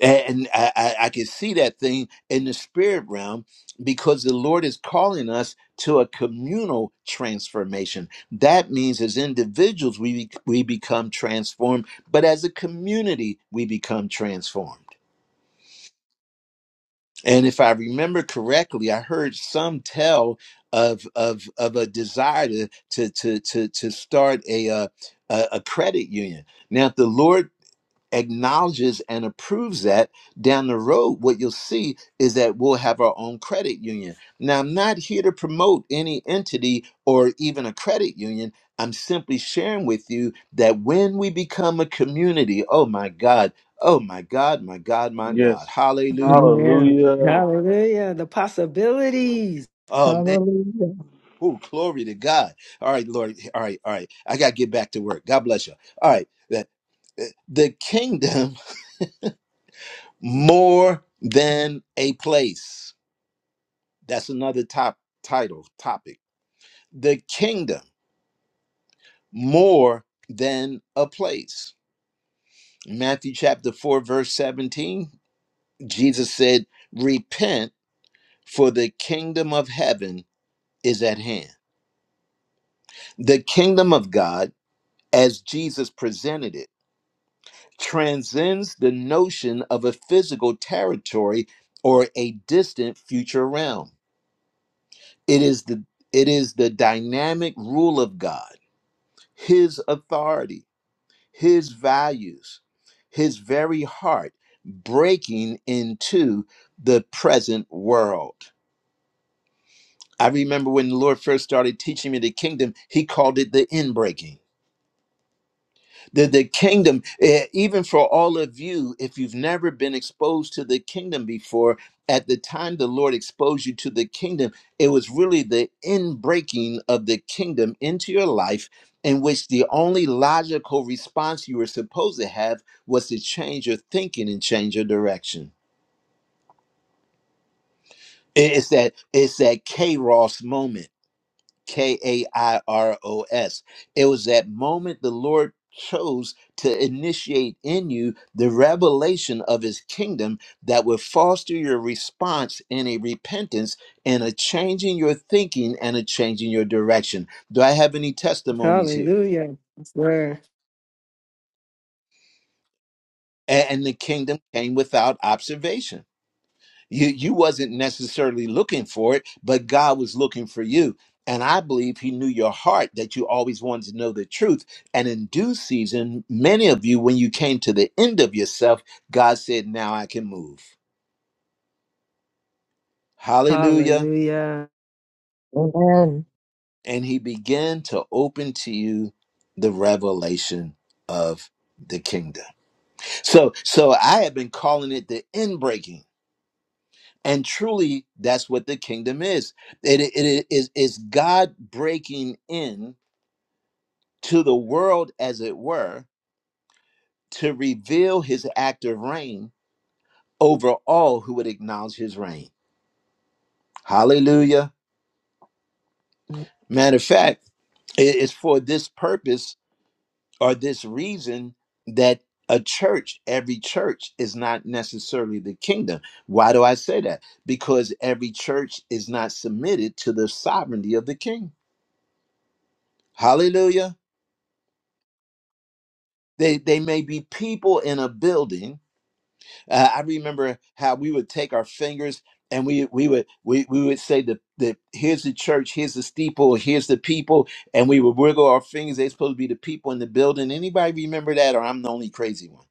And I, I, I can see that thing in the spirit realm because the Lord is calling us to a communal transformation. That means as individuals, we, bec- we become transformed, but as a community, we become transformed. And if I remember correctly, I heard some tell of of of a desire to to to to, to start a, uh, a a credit union. Now, if the Lord acknowledges and approves that down the road what you'll see is that we'll have our own credit union now i'm not here to promote any entity or even a credit union i'm simply sharing with you that when we become a community oh my god oh my god my god my god
Yes.
hallelujah
Amen.
Hallelujah.
Hallelujah. The possibilities.
oh man
Hallelujah.
Oh, glory to God. All right, Lord. All right, all right. I got to get back to work. God bless you. All right. The eh, the kingdom more than a place. That's another top title topic. The kingdom more than a place. Matthew chapter 4 verse 17, Jesus said, "Repent for the kingdom of heaven is at hand." The kingdom of God as Jesus presented it transcends the notion of a physical territory or a distant future realm. It is the it is the dynamic rule of God, his authority his values, his very heart breaking into the present world. I remember when the Lord first started teaching me the kingdom, he called it the inbreaking. the, the kingdom eh, even for all of you if you've never been exposed to the kingdom before at the time the lord exposed you to the kingdom it was really the inbreaking of the kingdom into your life in which the only logical response you were supposed to have was to change your thinking and change your direction It- it's that it's that kairos moment K A I R O S. It was that moment the Lord chose to initiate in you the revelation of his kingdom that would foster your response in a repentance and a change in your thinking and a change in your direction. Do I have any testimonies here?
Hallelujah. Yes, sir.
A- And the kingdom came without observation You you wasn't necessarily looking for it, but God was looking for you. And I believe he knew your heart that you always wanted to know the truth. And in due season, many of you, when you came to the end of yourself, God said, Now I can move. Hallelujah.
Hallelujah.
Amen.
And he began to open to you the revelation of the kingdom. So so I have been calling it the end breaking And truly, that's what the kingdom is. It, it it is is God breaking in to the world, as it were, to reveal His active reign over all who would acknowledge His reign. Hallelujah! Matter of fact, it is for this purpose or this reason that a church, every church, is not necessarily the kingdom. Why do I say that? Because every church is not submitted to the sovereignty of the King. Hallelujah! They, they may be people in a building. Uh, I remember how we would take our fingers and we we would we, we would say the, the here's the church, here's the steeple, here's the people, and we would wiggle our fingers. They're supposed to be the people in the building. Anybody remember that? Or I'm the only crazy one.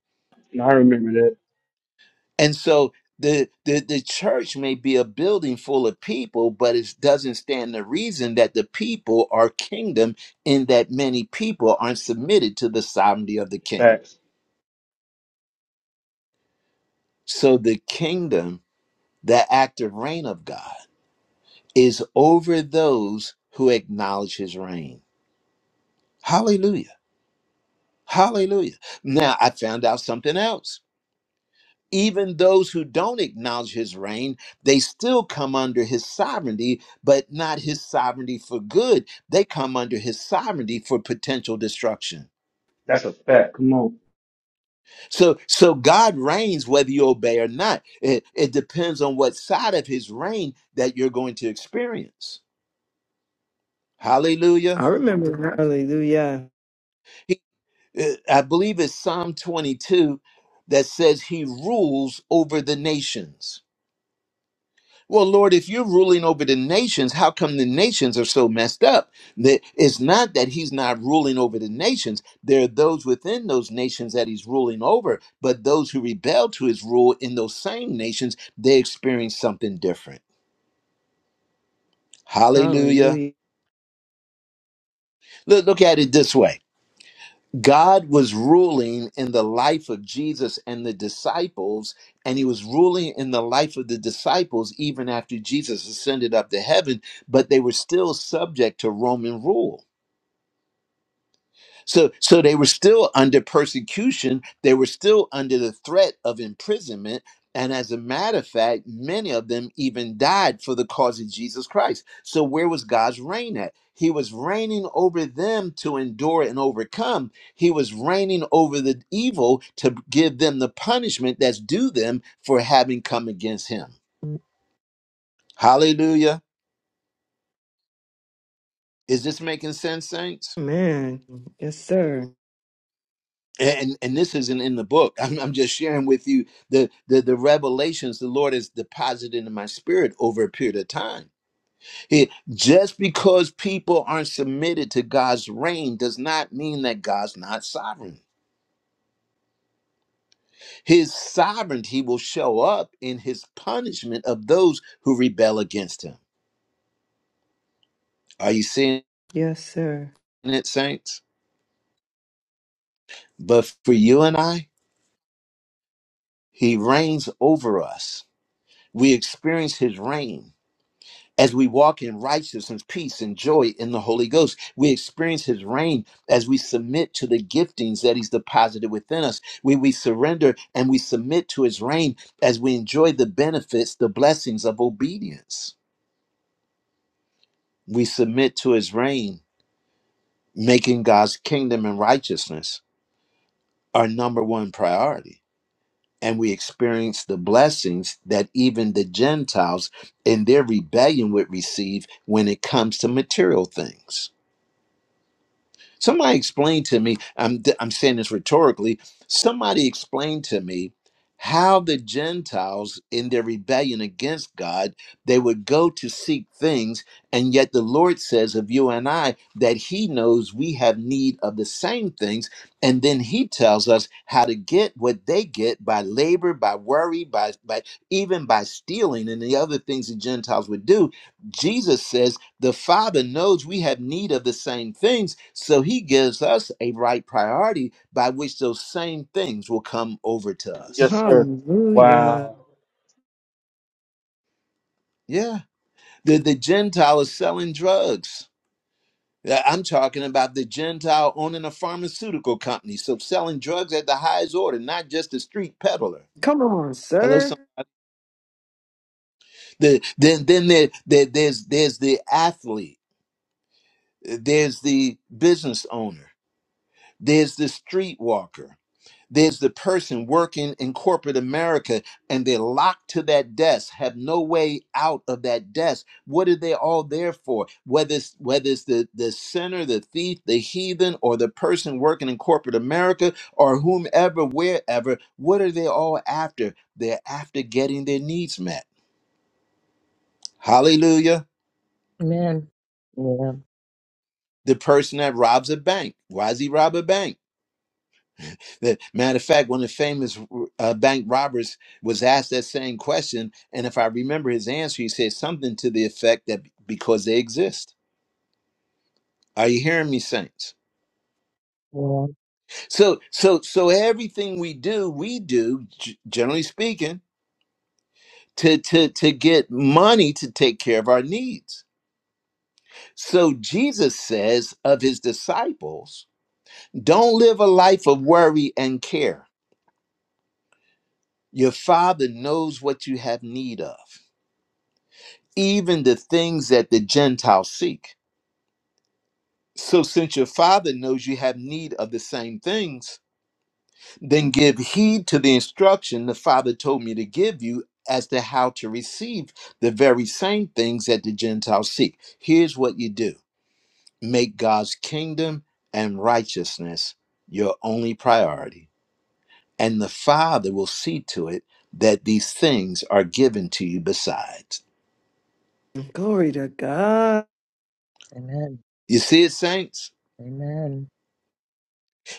And I remember that.
And so the the, the church may be a building full of people, but it doesn't stand the reason that the people are kingdom in that many people aren't submitted to the sovereignty of the king.
Facts.
So the kingdom The active reign of God is over those who acknowledge his reign. Hallelujah. Hallelujah. Now, I found out something else. Even those who don't acknowledge his reign, they still come under his sovereignty, but not his sovereignty for good. They come under his sovereignty for potential destruction.
That's a fact. Come on.
So, so God reigns whether you obey or not. It, it depends on what side of his reign that you're going to experience.
I
Hallelujah.
remember. that. Hallelujah.
uh, I believe it's Psalm 22 that says he rules over the nations. Well, Lord, if you're ruling over the nations, how come the nations are so messed up? That it's not that he's not ruling over the nations. There are those within those nations that he's ruling over, but those who rebel to his rule in those same nations, they experience something different. Hallelujah.
Hallelujah.
Look, look at it this way. God was ruling in the life of Jesus and the disciples, and he was ruling in the life of the disciples even after Jesus ascended up to heaven, but they were still subject to Roman rule. So, so they were still under persecution. They were still under the threat of imprisonment. And as a matter of fact, many of them even died for the cause of Jesus Christ. So, where was God's reign at? He was reigning over them to endure and overcome. He was reigning over the evil to give them the punishment that's due them for having come against him. Hallelujah. Is this making sense, saints?
Man. Yes, sir.
and and this isn't in the book i'm, I'm just sharing with you the, the the revelations the lord has deposited in my spirit over a period of time He- just because people aren't submitted to god's reign does not mean that god's not sovereign his sovereignty will show up in his punishment of those who rebel against him are you seeing
Yes, sir.
it saints but for you and i he reigns over us we experience his reign As we walk in righteousness, peace, and joy in the Holy Ghost, we experience His reign as we submit to the giftings that He's deposited within us. We, we surrender and we submit to His reign as we enjoy the benefits, the blessings of obedience. We submit to His reign, making God's kingdom and righteousness our number one priority. And we experience the blessings that even the Gentiles in their rebellion would receive when it comes to material things. Somebody explained to me, I'm, I'm saying this rhetorically, somebody explained to me how the Gentiles in their rebellion against God, they would go to seek things, and yet the Lord says of you and I that He knows we have need of the same things, and then He tells us how to get what they get by labor, by worry, by, by even by stealing and the other things the Gentiles would do. Jesus says the Father knows we have need of the same things, so He gives us a right priority by which those same things will come over to
Yes,
us.
sir.
Hallelujah.
Wow.
Yeah. The, the Gentile is selling drugs. Yeah, I'm talking about the Gentile owning a pharmaceutical company, so selling drugs at the highest order, not just a street peddler.
Come on,
Hello, some
sir.
the, then then there, there there's there's the athlete, there's the business owner, there's the street walker There's the person working in corporate America and they're locked to that desk, have no way out of that desk. What are they all there for? Whether it's whether it's the, the sinner, the thief, the heathen, or the person working in corporate America or whomever, wherever, what are they all after? They're after getting their needs met. Hallelujah.
Amen. Yeah.
The person that robs a bank. Why does he rob a bank? That matter of fact, one of the famous uh, bank robbers was asked that same question, and if I remember his answer, he said something to the effect that because they exist. Are you hearing me, saints?
Yeah.
So, so, so everything we do, we do, g- generally speaking, to to to get money to take care of our needs. So Jesus says of his disciples, "Don't live a life of worry and care. Your Father knows what you have need of." even the things that the Gentiles seek. So, since your father knows you have need of the same things, then give heed to the instruction the father told me to give you as to how to receive the very same things that the Gentiles seek. Here's what you do make God's kingdom and righteousness your only priority, and the father will see to it that these things are given to you besides.
Glory to God.
Amen.
You see it, saints?
Amen.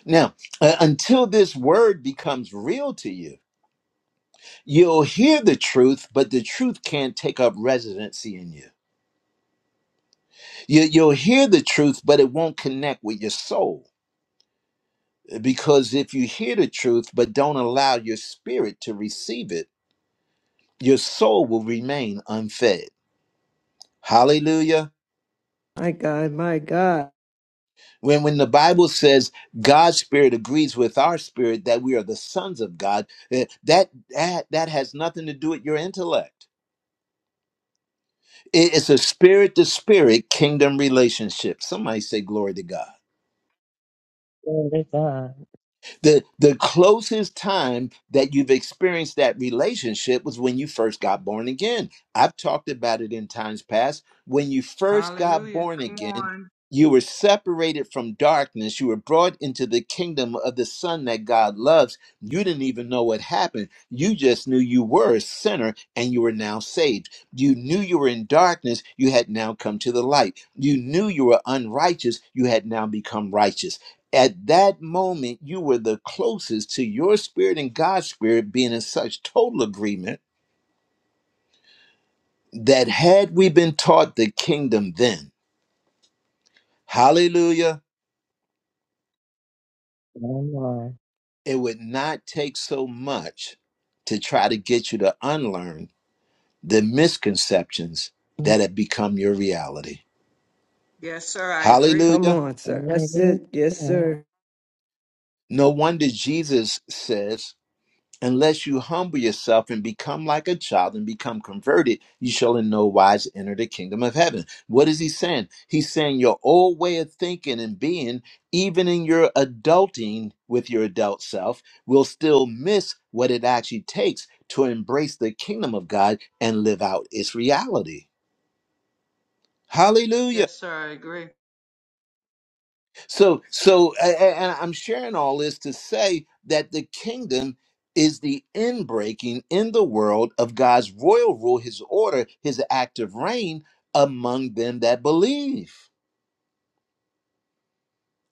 Now, uh, until this word becomes real to you, you'll hear the truth, but the truth can't take up residency in you. you. You'll hear the truth, but it won't connect with your soul. uh, Because if you hear the truth, but don't allow your spirit to receive it, your soul will remain unfed. Hallelujah.
My God, my God.
When, when the Bible says God's spirit agrees with our spirit that we are the sons of God, eh, that, that, that has nothing to do with your intellect It's a spirit to spirit kingdom relationship. Somebody say glory to God.
Glory to God.
The the closest time that you've experienced that relationship was when you first got born again. I've talked about it in times past. When you first got
Hallelujah.
born
Come
again,
on.
you were separated from darkness. You were brought into the kingdom of the Son that God loves. You didn't even know what happened. You just knew you were a sinner and you were now saved. You knew you were in darkness. You had now come to the light. You knew you were unrighteous. You had now become righteous at that moment you were the closest to your spirit and God's spirit being in such total agreement that had we been taught the kingdom then, hallelujah,
Amen.
it would not take so much to try to get you to unlearn the misconceptions that have become your reality.
Yes, sir. I agree.
Come
Hallelujah.
on, sir. That's
Hallelujah.
it. Yes, sir.
No wonder Jesus says Unless you humble yourself and become like a child and become converted, you shall in no wise enter the kingdom of heaven. What is he saying? He's saying your old way of thinking and being, even in your adulting with your adult self, will still miss what it actually takes to embrace the kingdom of God and live out its reality. Hallelujah.
Yes, sir. I agree.
So, so, a- a- and I'm sharing all this to say that the kingdom is the inbreaking in the world of God's royal rule, His order, His active reign among them that believe.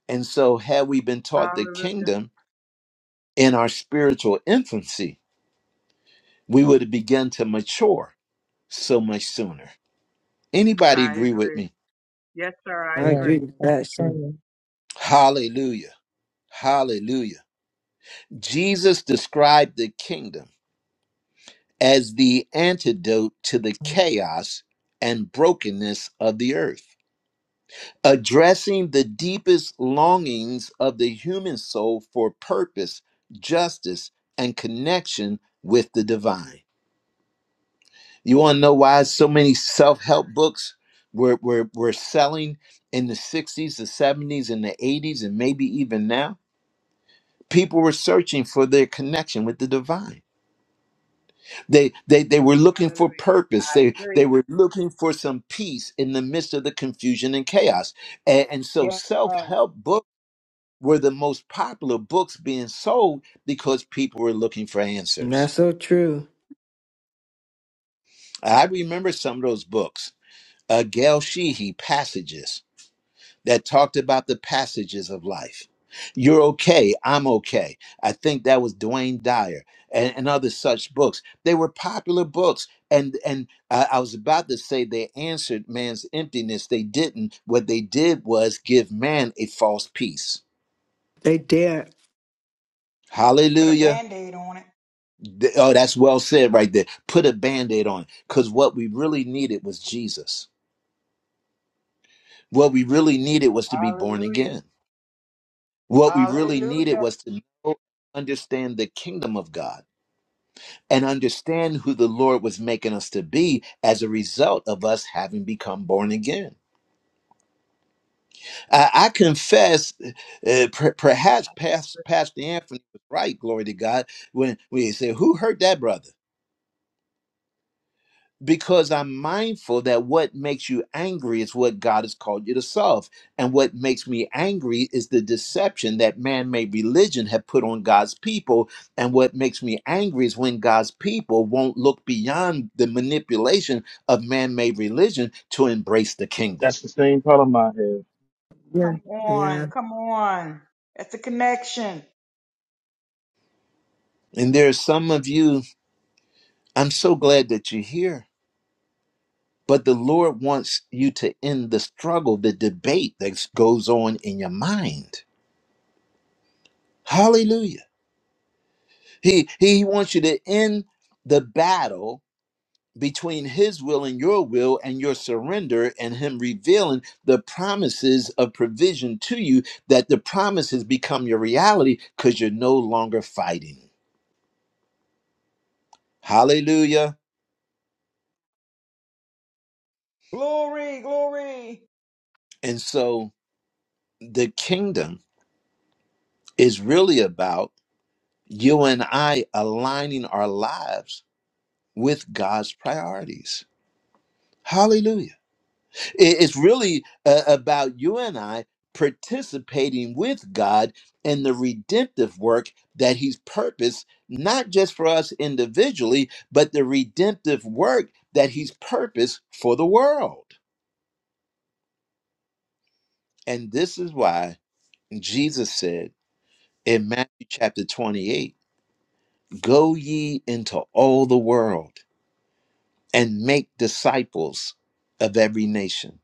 And so, had we been taught the
Hallelujah.
kingdom in our spiritual infancy, we would have begun to mature so much sooner. Anybody
I
agree with
agree.
me?
Yes, sir. I
I
Yeah,
agree
agree.
with
that's
that. sir.
true.
Hallelujah! Hallelujah! Jesus described the kingdom as the antidote to the chaos and brokenness of the earth, addressing the deepest longings of the human soul for purpose, justice, and connection with the divine. You want to know why so many self help books were, were, were selling in the 60s, the 70s, and the 80s, and maybe even now? People were searching for their connection with the divine They, they, they were looking for
Hallelujah.
purpose.
I
They,
agree.
they were looking for some peace in the midst of the confusion and chaos. And, and so
Yeah.
self help books were the most popular books being sold because people were looking for
And
answers.
That's so true.
I remember some of those books. Uh, Gail Sheehy, Passages. that talked about the passages of life. You're okay. I'm okay. I think that was Dwayne Dyer and, and other such books. They were popular books, and and I, I was about to say they answered man's emptiness. They didn't. What they did was give man a false peace.
They dare.
Put a
Hallelujah.
band-aid on it.
Th- Oh, that's well said right there. Put a band aid on because what we really needed was Jesus. What we really needed was to be born
Hallelujah.
again What we really needed
Hallelujah.
was to know, understand the kingdom of God and understand who the Lord was making us to be as a result of us having become born again. I, I confess, uh, per- perhaps past, Pastor Anthony was right, glory to God, when, when he said, Who hurt that brother? because I'm mindful that what makes you angry is what God has called you to solve. And what makes me angry is the deception that man made religion have put on God's people. And what makes me angry is when God's people won't look beyond the manipulation of man made religion to embrace the kingdom.
That's the same problem I have.
Yeah.
Come
Yeah.
on. Come on. That's the connection.
And there are some of you, I'm so glad that you're here. But the Lord wants you to end the struggle, the debate that goes on in your mind. Hallelujah. He he wants you to end the battle between his will and your will and your surrender and him revealing the promises of provision to you that the promises become your reality cuz you're no longer fighting. Hallelujah.
Glory, glory.
And so the kingdom is really about you and I aligning our lives with God's priorities. Hallelujah. I- It's really uh, about you and I participating with God in the redemptive work that He's purposed, not just for us individually, but the redemptive work that He's purposed for the world. And this is why Jesus said in Matthew chapter 28 Go ye into all the world and make disciples of every nation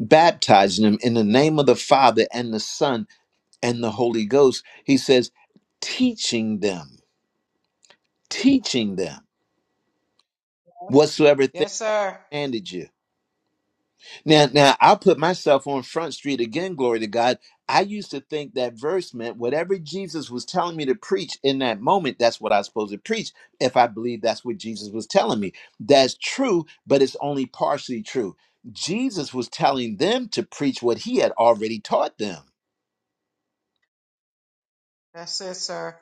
baptizing them in the name of the Father and the Son and the Holy Ghost, he says, teaching them, teaching them whatsoever thing
Yes, sir.
commanded you. Now, now I'll put myself on Front Street again, glory to God. I used to think that verse meant whatever Jesus was telling me to preach in that moment, that's what I was supposed to preach, if I believe that's what Jesus was telling me. That's true, but it's only partially true. Jesus was telling them to preach what he had already taught them.
That's it, sir.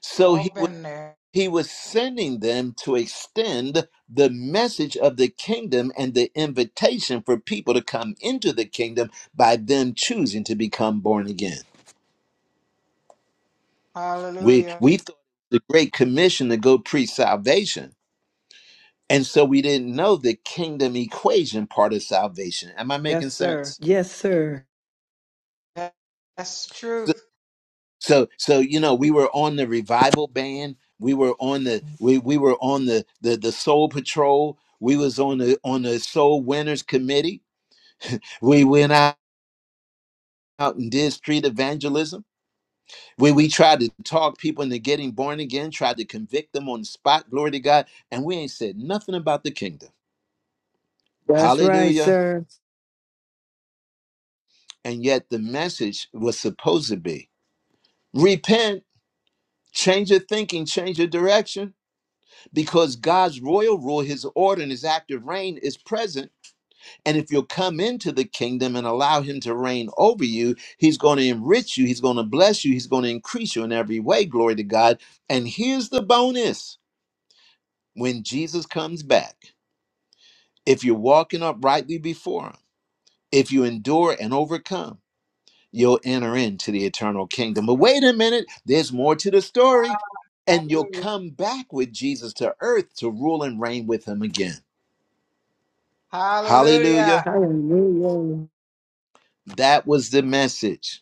So he
All
was
been there.
He was sending them to extend the message of the kingdom and the invitation for people to come into the kingdom by them choosing to become born again. We
Hallelujah.
we thought the great commission to go preach salvation, and so we didn't know the kingdom equation part of salvation. Am I making
Yes, sir.
sense?
Yes, sir.
That- That's the
So
truth.
so, so you know, we were on the revival band. We were on the we we were on the the, the soul patrol. We was on the on the soul winners committee We went out and did street evangelism, where we tried to talk people into getting born again, tried to convict them on the spot, glory to God, and we ain't said nothing about the kingdom.
That's right,
Hallelujah.
sir.
And yet the message was supposed to be repent, change your thinking, change your direction, because God's royal rule, his order, and his active reign is present And if you'll come into the kingdom and allow him to reign over you, he's going to enrich you, he's going to bless you, he's going to increase you in every way. Glory to God. And here's the bonus when Jesus comes back, if you're walking uprightly before him, if you endure and overcome, you'll enter into the eternal kingdom. But wait a minute, there's more to the story. And you'll
Hallelujah.
come back with Jesus to earth to rule and reign with him again. Hallelujah.
Hallelujah.
Hallelujah.
That was the message.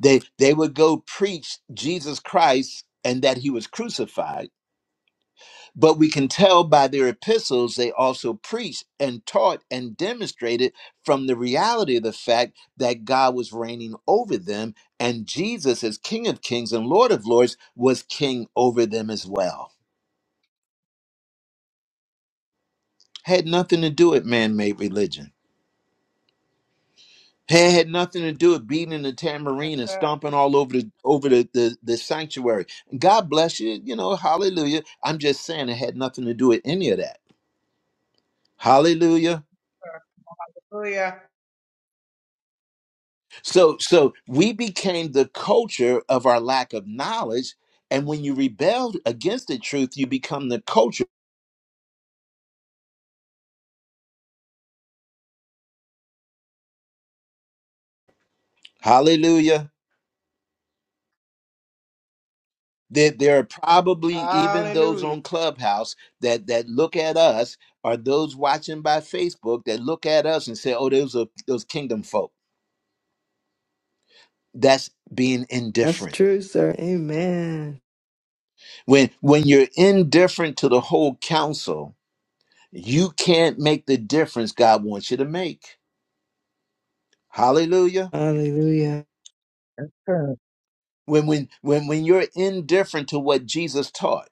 They they would go preach Jesus Christ and that he was crucified, but we can tell by their epistles they also preached and taught and demonstrated from the reality of the fact that God was reigning over them and Jesus as King of Kings and Lord of Lords was king over them as well. Had nothing to do with man-made religion. Had, had nothing to do with beating the tambourine and stomping all over the over the, the the sanctuary. God bless you. You know, hallelujah. I'm just saying it had nothing to do with any of that. Hallelujah.
Hallelujah.
So so we became the culture of our lack of knowledge. And when you rebel against the truth, you become the culture. Hallelujah. That there there are probably even those
Hallelujah.
on Clubhouse that that look at us, or those watching by Facebook that look at us and say, "Oh, those are those kingdom folk." that's being
That's
indifferent
true, sir. Amen.
when when you're indifferent to the whole counsel you can't make the difference god wants you to make hallelujah
Hallelujah.
True.
when when when when you're indifferent to what jesus taught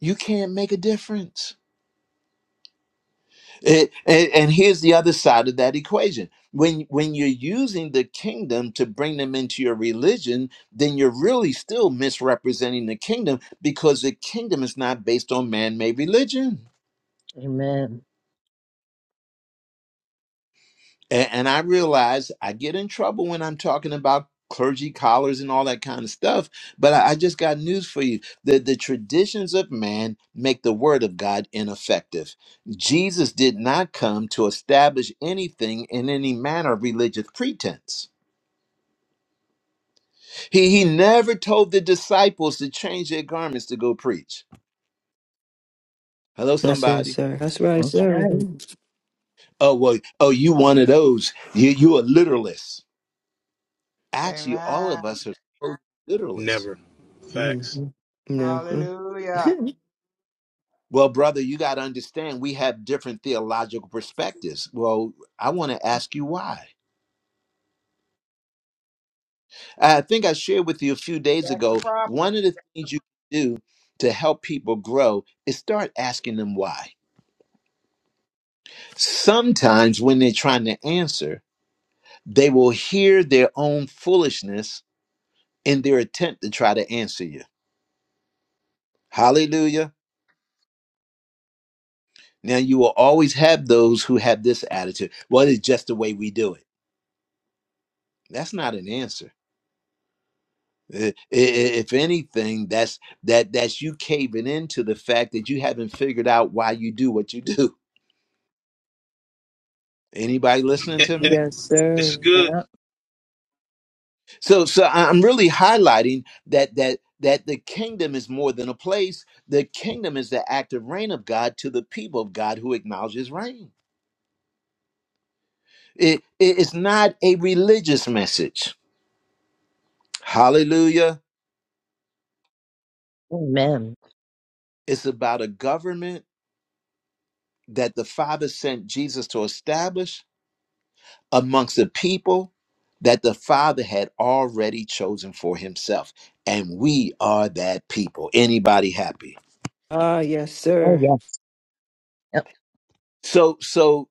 you can't make a difference It- and, and here's the other side of that equation when when you're using the kingdom to bring them into your religion then you're really still misrepresenting the kingdom because the kingdom is not based on man-made religion
Amen.
And, and I realize I get in trouble when I'm talking about clergy collars and all that kind of stuff. But I, I just got news for you. The, the traditions of man make the word of God ineffective. Jesus did not come to establish anything in any manner of religious pretense. He, he never told the disciples to change their garments to go preach. Hello,
That's it,
somebody.
sir. That's right,
That's
sir.
right.
Oh, well, oh, you one of those. You, you a literalist. Actually, all
Amen.
of us are so literalists.
Never. Facts.
Mhm. No.
Hallelujah.
Well, brother, you got to understand we have different theological perspectives. Well, I want to ask you why. I think I shared with you a few days
That's the
ago
problem.
one of the things you can do to help people grow is start asking them why. Sometimes when they're trying to answer, they will hear their own foolishness in their attempt to try to answer you. Hallelujah. Now, you will always have those who have this attitude. Well, it's just the way we do it. That's not an answer I- i- if anything that's that that's you caving into the fact that you haven't figured out why you do what you do anybody listening to me
yes,
This is
sir.
good.
Yeah.
so so I- i'm really highlighting that that that the kingdom is more than a place the kingdom is the active reign of god to the people of god who acknowledge his reign it, it- it's not a religious message hallelujah
Amen.
it's about a government that the father sent jesus to establish amongst the people that the Father had already chosen for himself. And we are that people. Anybody happy?
Ah, yes,
Oh,
sir.
yes. Yep.
So so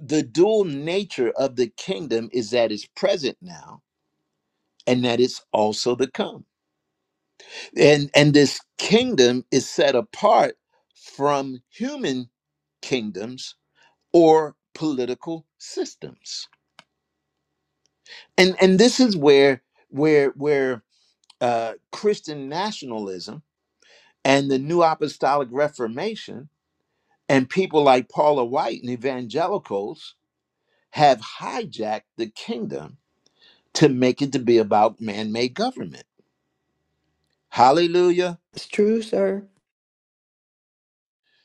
the dual nature of the kingdom is that it's present now and that it's also to come. And and this kingdom is set apart from human kingdoms or political systems. And and this is where where where uh Christian nationalism and the New Apostolic Reformation and people like Paula White and evangelicals have hijacked the kingdom to make it to be about man-made government. Hallelujah.
It's true, sir.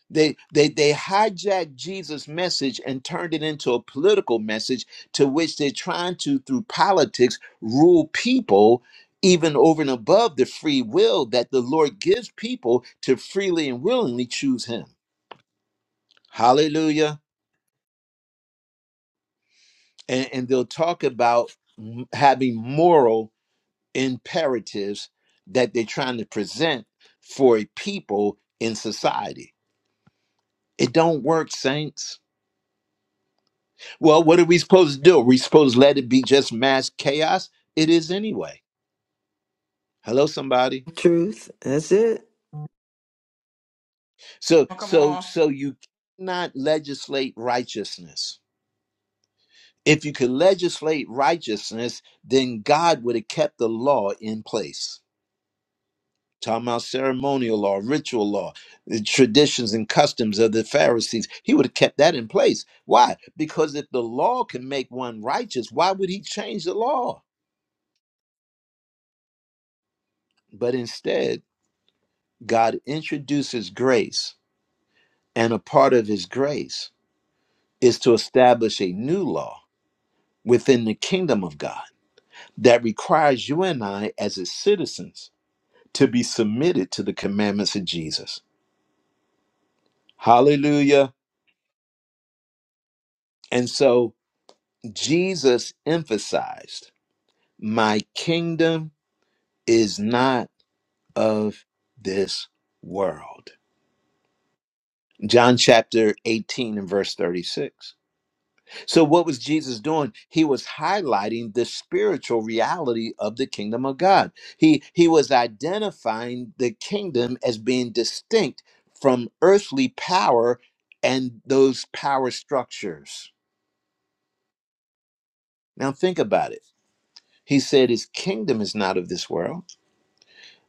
They, they they hijacked Jesus' message and turned it into a political message to which they're trying to, through politics, rule people even over and above the free will that the Lord gives people to freely and willingly choose him. Hallelujah. and, and they'll talk about m- having moral imperatives that they're trying to present for a people in society. It don't work, saints. Well, what are we supposed to do? Are we supposed to let it be just mass chaos? It is anyway. Hello, somebody.
Truth. That's it.
So,
Come
so,
on.
so you cannot legislate righteousness. If you could legislate righteousness, then God would have kept the law in place talking about ceremonial law, ritual law, the traditions and customs of the Pharisees. He would have kept that in place. Why? Because if the law can make one righteous, why would he change the law? But instead, God introduces grace, and a part of his grace is to establish a new law within the kingdom of God that requires you and I, as his citizens, to be submitted to the commandments of Jesus. Hallelujah. And so, Jesus emphasized, My kingdom is not of this world. John chapter 18 and verse 36. So, what was Jesus doing? He was highlighting the spiritual reality of the kingdom of God. He, he was identifying the kingdom as being distinct from earthly power and those power structures. Now, think about it. He said, His kingdom is not of this world.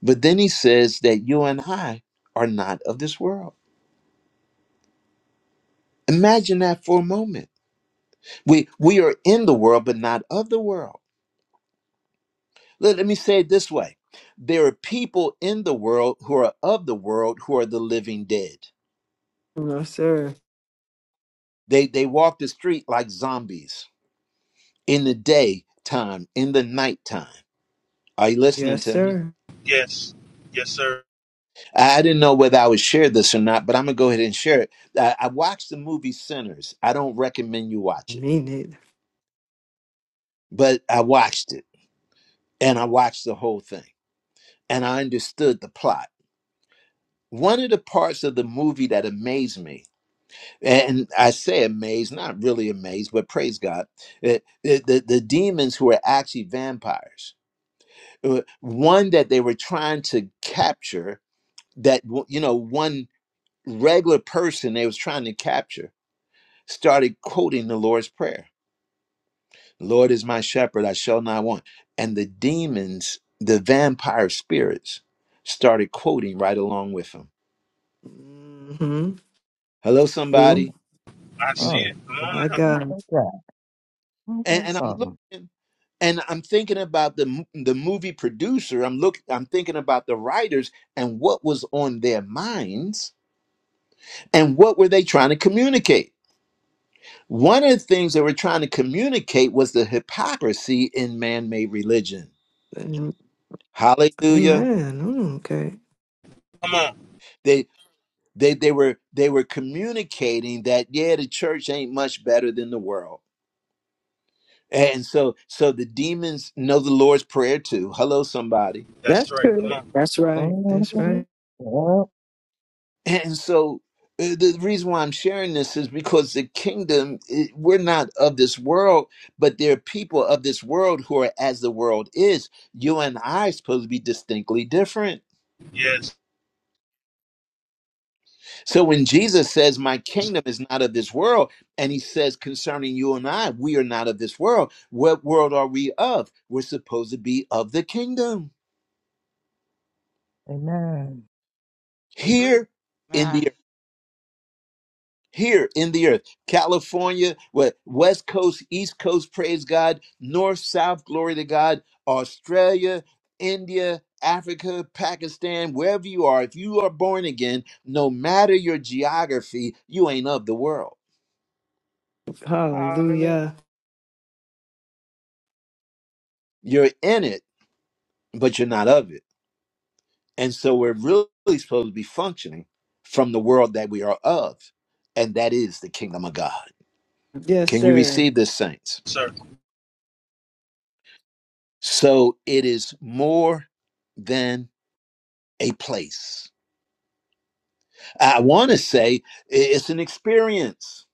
But then he says that you and I are not of this world. Imagine that for a moment. We we are in the world, but not of the world. Let, let me say it this way. There are people in the world who are of the world who are the living dead.
No, sir.
They they walk the street like zombies in the daytime, in the nighttime. Are you listening
Yes,
to me?
sir.
Yes. Yes, sir.
I I didn't know whether I would share this or not, but I'm gonna go ahead and share it. I, I watched the movie Sinners. I don't recommend you watch it,
Me neither.
but I watched it and I watched the whole thing and I understood the plot. One of the parts of the movie that amazed me, and I say amazed, not really amazed, but praise God, eh, eh, the, the demons who are actually vampires, eh, one that they were trying to capture, that, w- you know, one regular person they was trying to capture started quoting the Lord's Prayer. Lord is my shepherd, I shall not want. And the demons, the vampire spirits, started quoting right along with him.
Mm-hmm.
Hello,
Oh.
See?
somebody.
I see it.
Oh.
Come
My
on now.
That's
God.
good. Yeah. Ain't
And,
that
and I'm
something?
looking and I'm thinking about the, mo- the movie producer. I'm look, I'm thinking about the writers and what was on their minds and what were they trying to communicate. One of the things they were trying to communicate was the hypocrisy in man-made religion.
Amen.
Hallelujah
Mm, Okay.
Come on.
They they were they were communicating that yeah, the church ain't much better than the world. And so so the demons know the Lord's prayer too. Hello somebody.
That's
That's right. Come
true.
on.
That's right. That's right.
Mm-hmm. Yep.
And so uh, the reason why I'm sharing this is because the kingdom it, we're not of this world, but there are people of this world who are as the world is. You and I are supposed to be distinctly different.
Yes,
So when Jesus says, My kingdom is not of this world, and he says concerning you and I, we are not of this world, what world are we of? We're supposed to be of the kingdom
Amen.
I agree.
here in the
Amen.
earth. Here in the earth, California, what West Coast, East Coast, praise God, North, South, glory to God, Australia, India, Africa, Pakistan, wherever you are, if you are born again, no matter your geography, you ain't of the world.
Hallelujah.
Hallelujah.
You're in it, but you're not of it. And so we're really supposed to be functioning from the world that we are of, and that is the kingdom of God.
Yes,
Can you
sir.
receive this, saints?
sir.
So it is more than a place. I want to say i- it's an experience.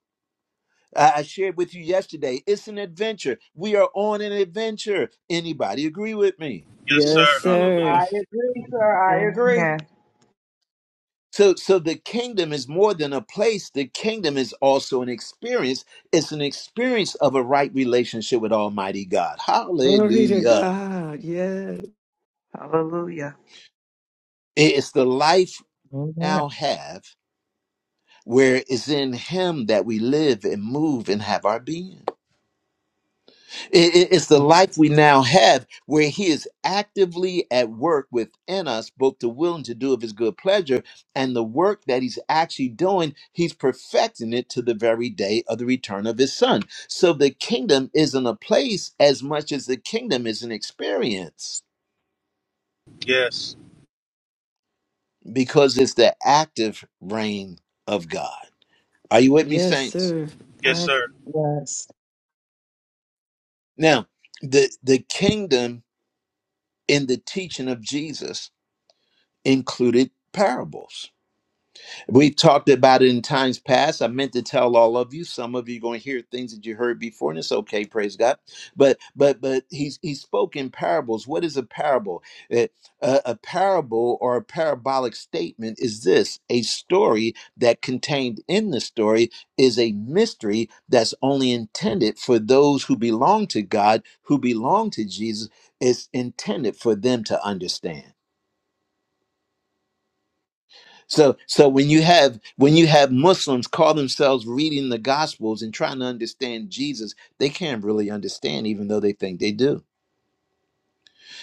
I I shared with you yesterday, it's an adventure. We are on an adventure. Anybody agree with me?
Yes,
Yes,
sir.
Mm.
sir.
I
Hallelujah.
agree, sir. I agree.
Amen.
So, so the kingdom is more than a place. The kingdom is also an experience. It's an experience of a right relationship with Almighty God.
Glory to
Hallelujah.
God. Yes.
Hallelujah.
It's the life we
Amen.
now have where it's in Him that we live and move and have our being. It- it- It's the life we now have where He is actively at work within us, both the will and to do of His good pleasure, and the work that He's actually doing, He's perfecting it to the very day of the return of His Son. So the kingdom isn't a place as much as the kingdom is an experience
Yes.
because it's the active reign of God. Are you with me,
Yes,
saints?
sir.
Yes,
I-
sir.
Yes.
Now, the, the kingdom in the teaching of Jesus included parables We talked about it in times past. I meant to tell all of you. Some of you are going to hear things that you heard before, and it's okay. Praise God. But but but he's he spoke in parables. What is a parable? Eh, A, a parable or a parabolic statement is this: a story that contained in the story is a mystery that's only intended for those who belong to God, who belong to Jesus. It's intended for them to understand. So so when you have when you have Muslims call themselves reading the gospels and trying to understand Jesus, they can't really understand even though they think they do.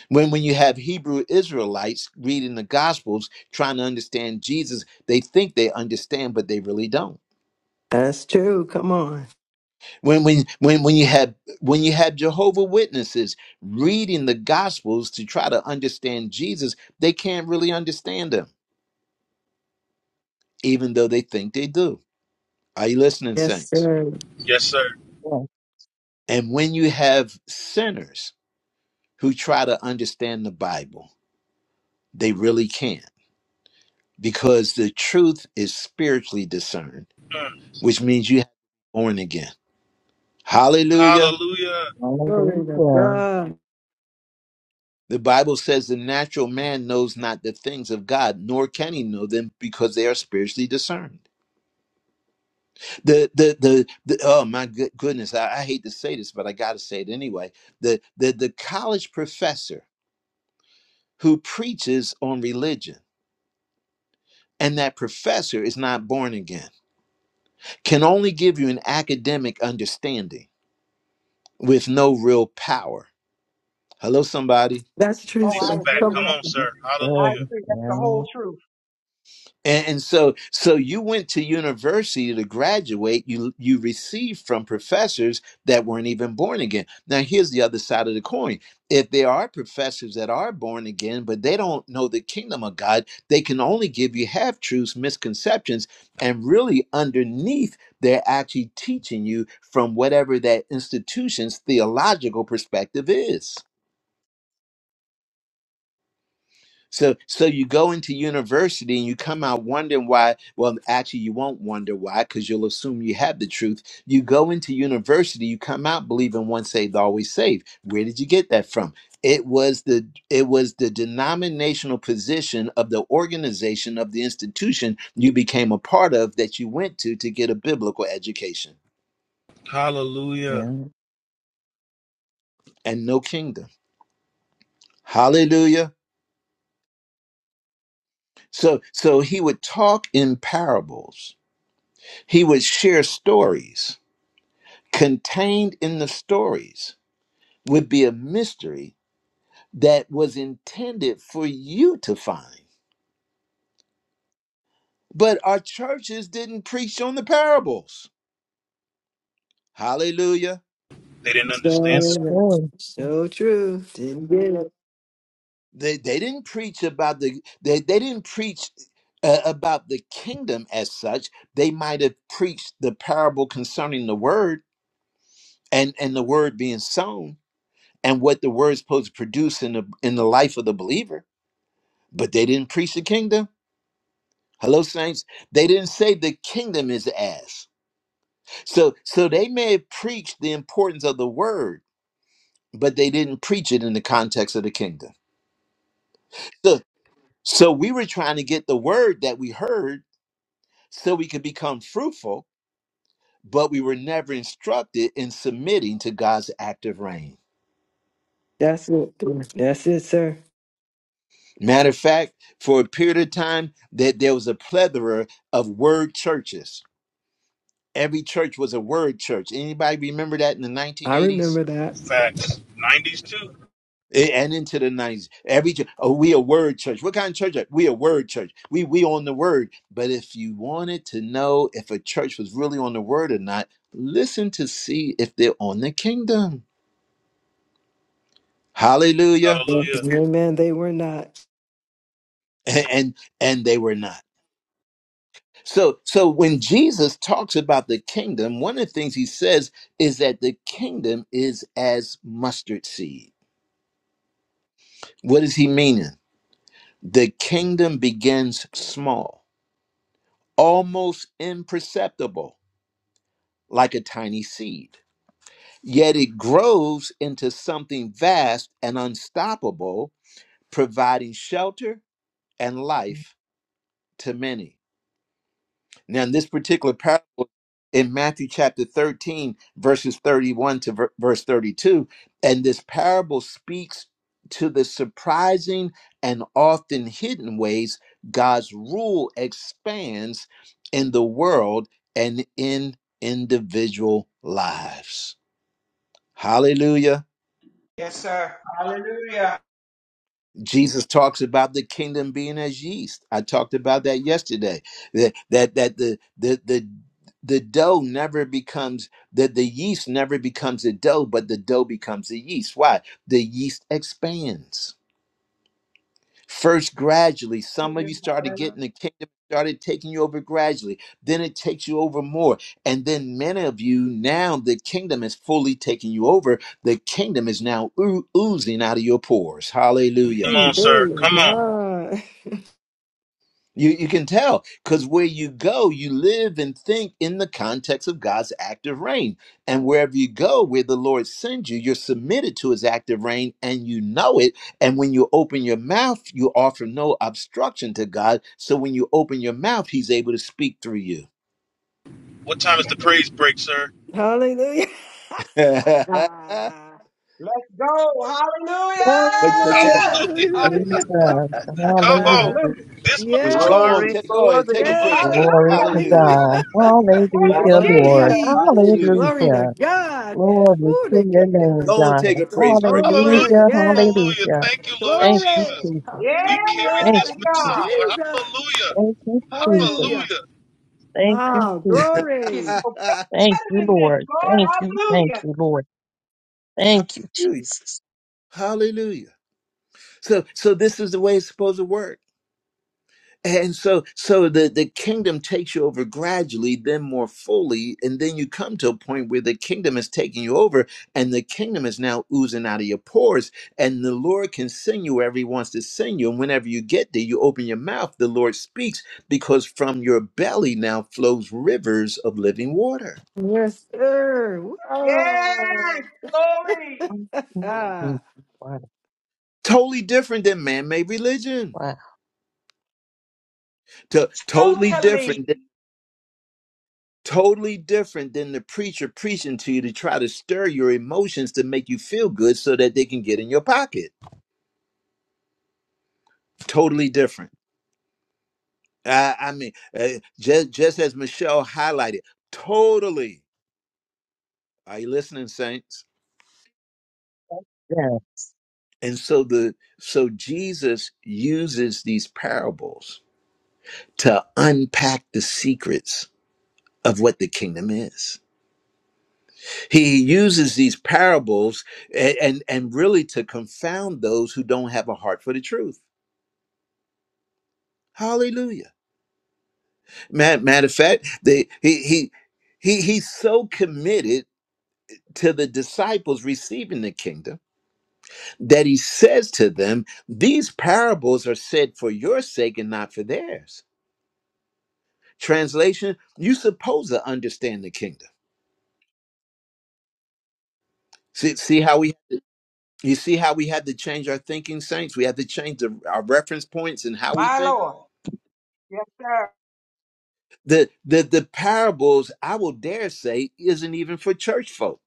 When when you have Hebrew Israelites reading the gospels trying to understand Jesus, they think they understand but they really don't.
that's true. Come on.
When when when when you have when you have Jehovah Witnesses reading the gospels to try to understand Jesus, they can't really understand them even though they think they do. Are you listening
Yes,
saints?
sir.
Yes, sir.
Yes.
And when you have sinners who try to understand the Bible, they really can't because the truth is spiritually discerned,
Mm.
which means you have to be born again. Hallelujah.
Hallelujah.
Glory to
Hallelujah.
God.
The Bible says the natural man knows not the things of God, nor can he know them because they are spiritually discerned. The the the, the oh my good, goodness, I, I hate to say this, but I gotta say it anyway. The the the college professor who preaches on religion and that professor is not born again can only give you an academic understanding with no real power. Hello, somebody.
That's true,
Oh,
These
I
sir.
are facts.
agree.
Come
Come
on.
on, sir.
I
Hallelujah.
Good.
agree. That's the
Yeah.
whole truth.
and, and so so you went to university to graduate you you received from professors that weren't even born again now here's the other side of the coin if there are professors that are born again but they don't know the kingdom of god they can only give you half truths misconceptions and really underneath they're actually teaching you from whatever that institution's theological perspective is So so you go into university and you come out wondering why. Well, actually, you won't wonder why because you'll assume you have the truth. You go into university, you come out believing once saved, always saved. Where did you get that from? It was the it was the denominational position of the organization of the institution you became a part of that you went to to get a biblical education
Hallelujah.
Yeah.
and no kingdom. Hallelujah. So so he would talk in parables. He would share stories contained in the stories would be a mystery that was intended for you to find. But our churches didn't preach on the parables. Hallelujah.
They didn't understand
That's
the
So,
true.
so true. Didn't get it.
They, they didn't preach about the they, they didn't preach uh, about the kingdom as such. They might have preached the parable concerning the word and and the word being sown and what the word is supposed to produce in the in the life of the believer, but they didn't preach the kingdom Hello, saints. They didn't say the kingdom is as. So, so they may have preached the importance of the word, but they didn't preach it in the context of the kingdom. So, so we were trying to get the word that we heard so we could become fruitful, but we were never instructed in submitting to God's active reign.
That's it. That's it, sir.
Matter of fact, for a period of time, that there was a plethora of word churches. Every church was a word church. Anybody remember that in the
I
1980s?
remember that.
facts. 90s, too.
A- and into the nineties, Every ch- oh, we a word church. What kind of church? are- We a word church. We we on the word. But if you wanted to know if a church was really on the word or not, listen to see if they're on the kingdom. Hallelujah.
Yes,
Hallelujah.
Amen. They were not.
And and, and they were not. So so when Jesus talks about the kingdom, one of the things he says is that the kingdom is as mustard seed. What is he meaning? The kingdom begins small, almost imperceptible like a tiny seed. Yet it grows into something vast and unstoppable, providing shelter and life to many. Now, in this particular parable in Matthew chapter 13, verses 31 to ver- verse 32, and this parable speaks to the surprising and often hidden ways God's rule expands in the world and in individual lives. Hallelujah.
Yes, sir. Hallelujah.
Jesus talks about the kingdom being as yeast. I talked about that yesterday. That that that the the the the dough never becomes that the yeast never becomes a dough, but the dough becomes the yeast. Why? The yeast expands. First, gradually, some of you started
Hallelujah.
getting the kingdom started taking you over gradually. Then it takes you over more. And then many of you now the kingdom is fully taking you over. The kingdom is now oo- oozing out of your pores. Hallelujah.
Come on, sir.
Glory to
Come on.
God.
You you can tell because where you go, you live and think in the context of God's active reign. And wherever you go, where the Lord sends you, you're submitted to his active reign and you know it. And when you open your mouth, you offer no obstruction to God. So when you open your mouth, he's able to speak through you.
What time is the praise break, sir?
Hallelujah.
but
Hallelujah.
Let's go. Hallelujah.
but you
Hallelujah.
Hallelujah.
Jesus.
Hallelujah.
Come
Hallelujah.
Uh,
Hallelujah.
on. This much
go
yes,
on,
truth.
Glory,
Hallelujah.
take go ahead, take a
glory.
yes.
praise break.
Hallelujah.
Glory
Hallelujah.
to
Hallelujah.
Hallelujah.
God.
Thank you,
Yes,
Hallelujah, Lord.
Jesus.
Hallelujah.
indeed.
Hallelujah.
Glory
Hallelujah.
to God.
Glory
Ooh, the
to your
kingdom that
name,
Go on,
God.
take a
takes us
praise break.
Hallelujah.
over.
Praise
Hallelujah,
Yes.
Hallelujah.
hallelujah.
Thank you, Lord
Thank you,
Glory.
Jesus.
Jesus.
We carried
Hallelujah.
Thank
Yes,
this
you,
Thank you,
vessel,
Jesus.
God.
Lord.
Jesus.
Thank you, Jesus.
Hallelujah.
Hallelujah.
Hallelujah.
Thank you,
Ah,
God.
Jesus.
It's
glory.
no
Thank
better
you,
than this,
Lord.
Lord.
Thank you, thank
Hallelujah.
you, Lord. Thank you,
Hallelujah.
Jesus.
Hallelujah. So so this is the way it's supposed to work. And so so the, the kingdom takes you over gradually, then more fully, and then you come to a point where the kingdom is taking you over and the kingdom is now oozing out of your pores. And the Lord can send you wherever he wants to send you. And whenever you get there, you open your mouth, the Lord speaks, because from your belly now flows rivers of living water.
Yes, sir.
Yes,
Oh,
glory.
Mm-hmm.
ah.
Wow,
Totally different than man-made religion.
wow.
To- totally
Totally.
different totally different than the preacher preaching to you to try to stir your emotions to make you feel good so that they can get in your pocket. Totally different. I, I mean, uh, just, just as Michelle highlighted, totally. Are you listening, saints?
Yeah.
And so the so Jesus uses these parables to unpack the secrets of what the kingdom is. He uses these parables and, and, and really to confound those who don't have a heart for the truth. Hallelujah. Matter, matter of fact, they, he he he he's so committed to the disciples receiving the kingdom that he says to them, "These parables are said for your sake and not for theirs." Translation: You supposed to understand the kingdom. See, see how we you see how we had to change our thinking, saints. We had to change the, our reference points and how we
My
think.
Lord. Yes, sir.
The the the parables, I will dare say, isn't even for church folk.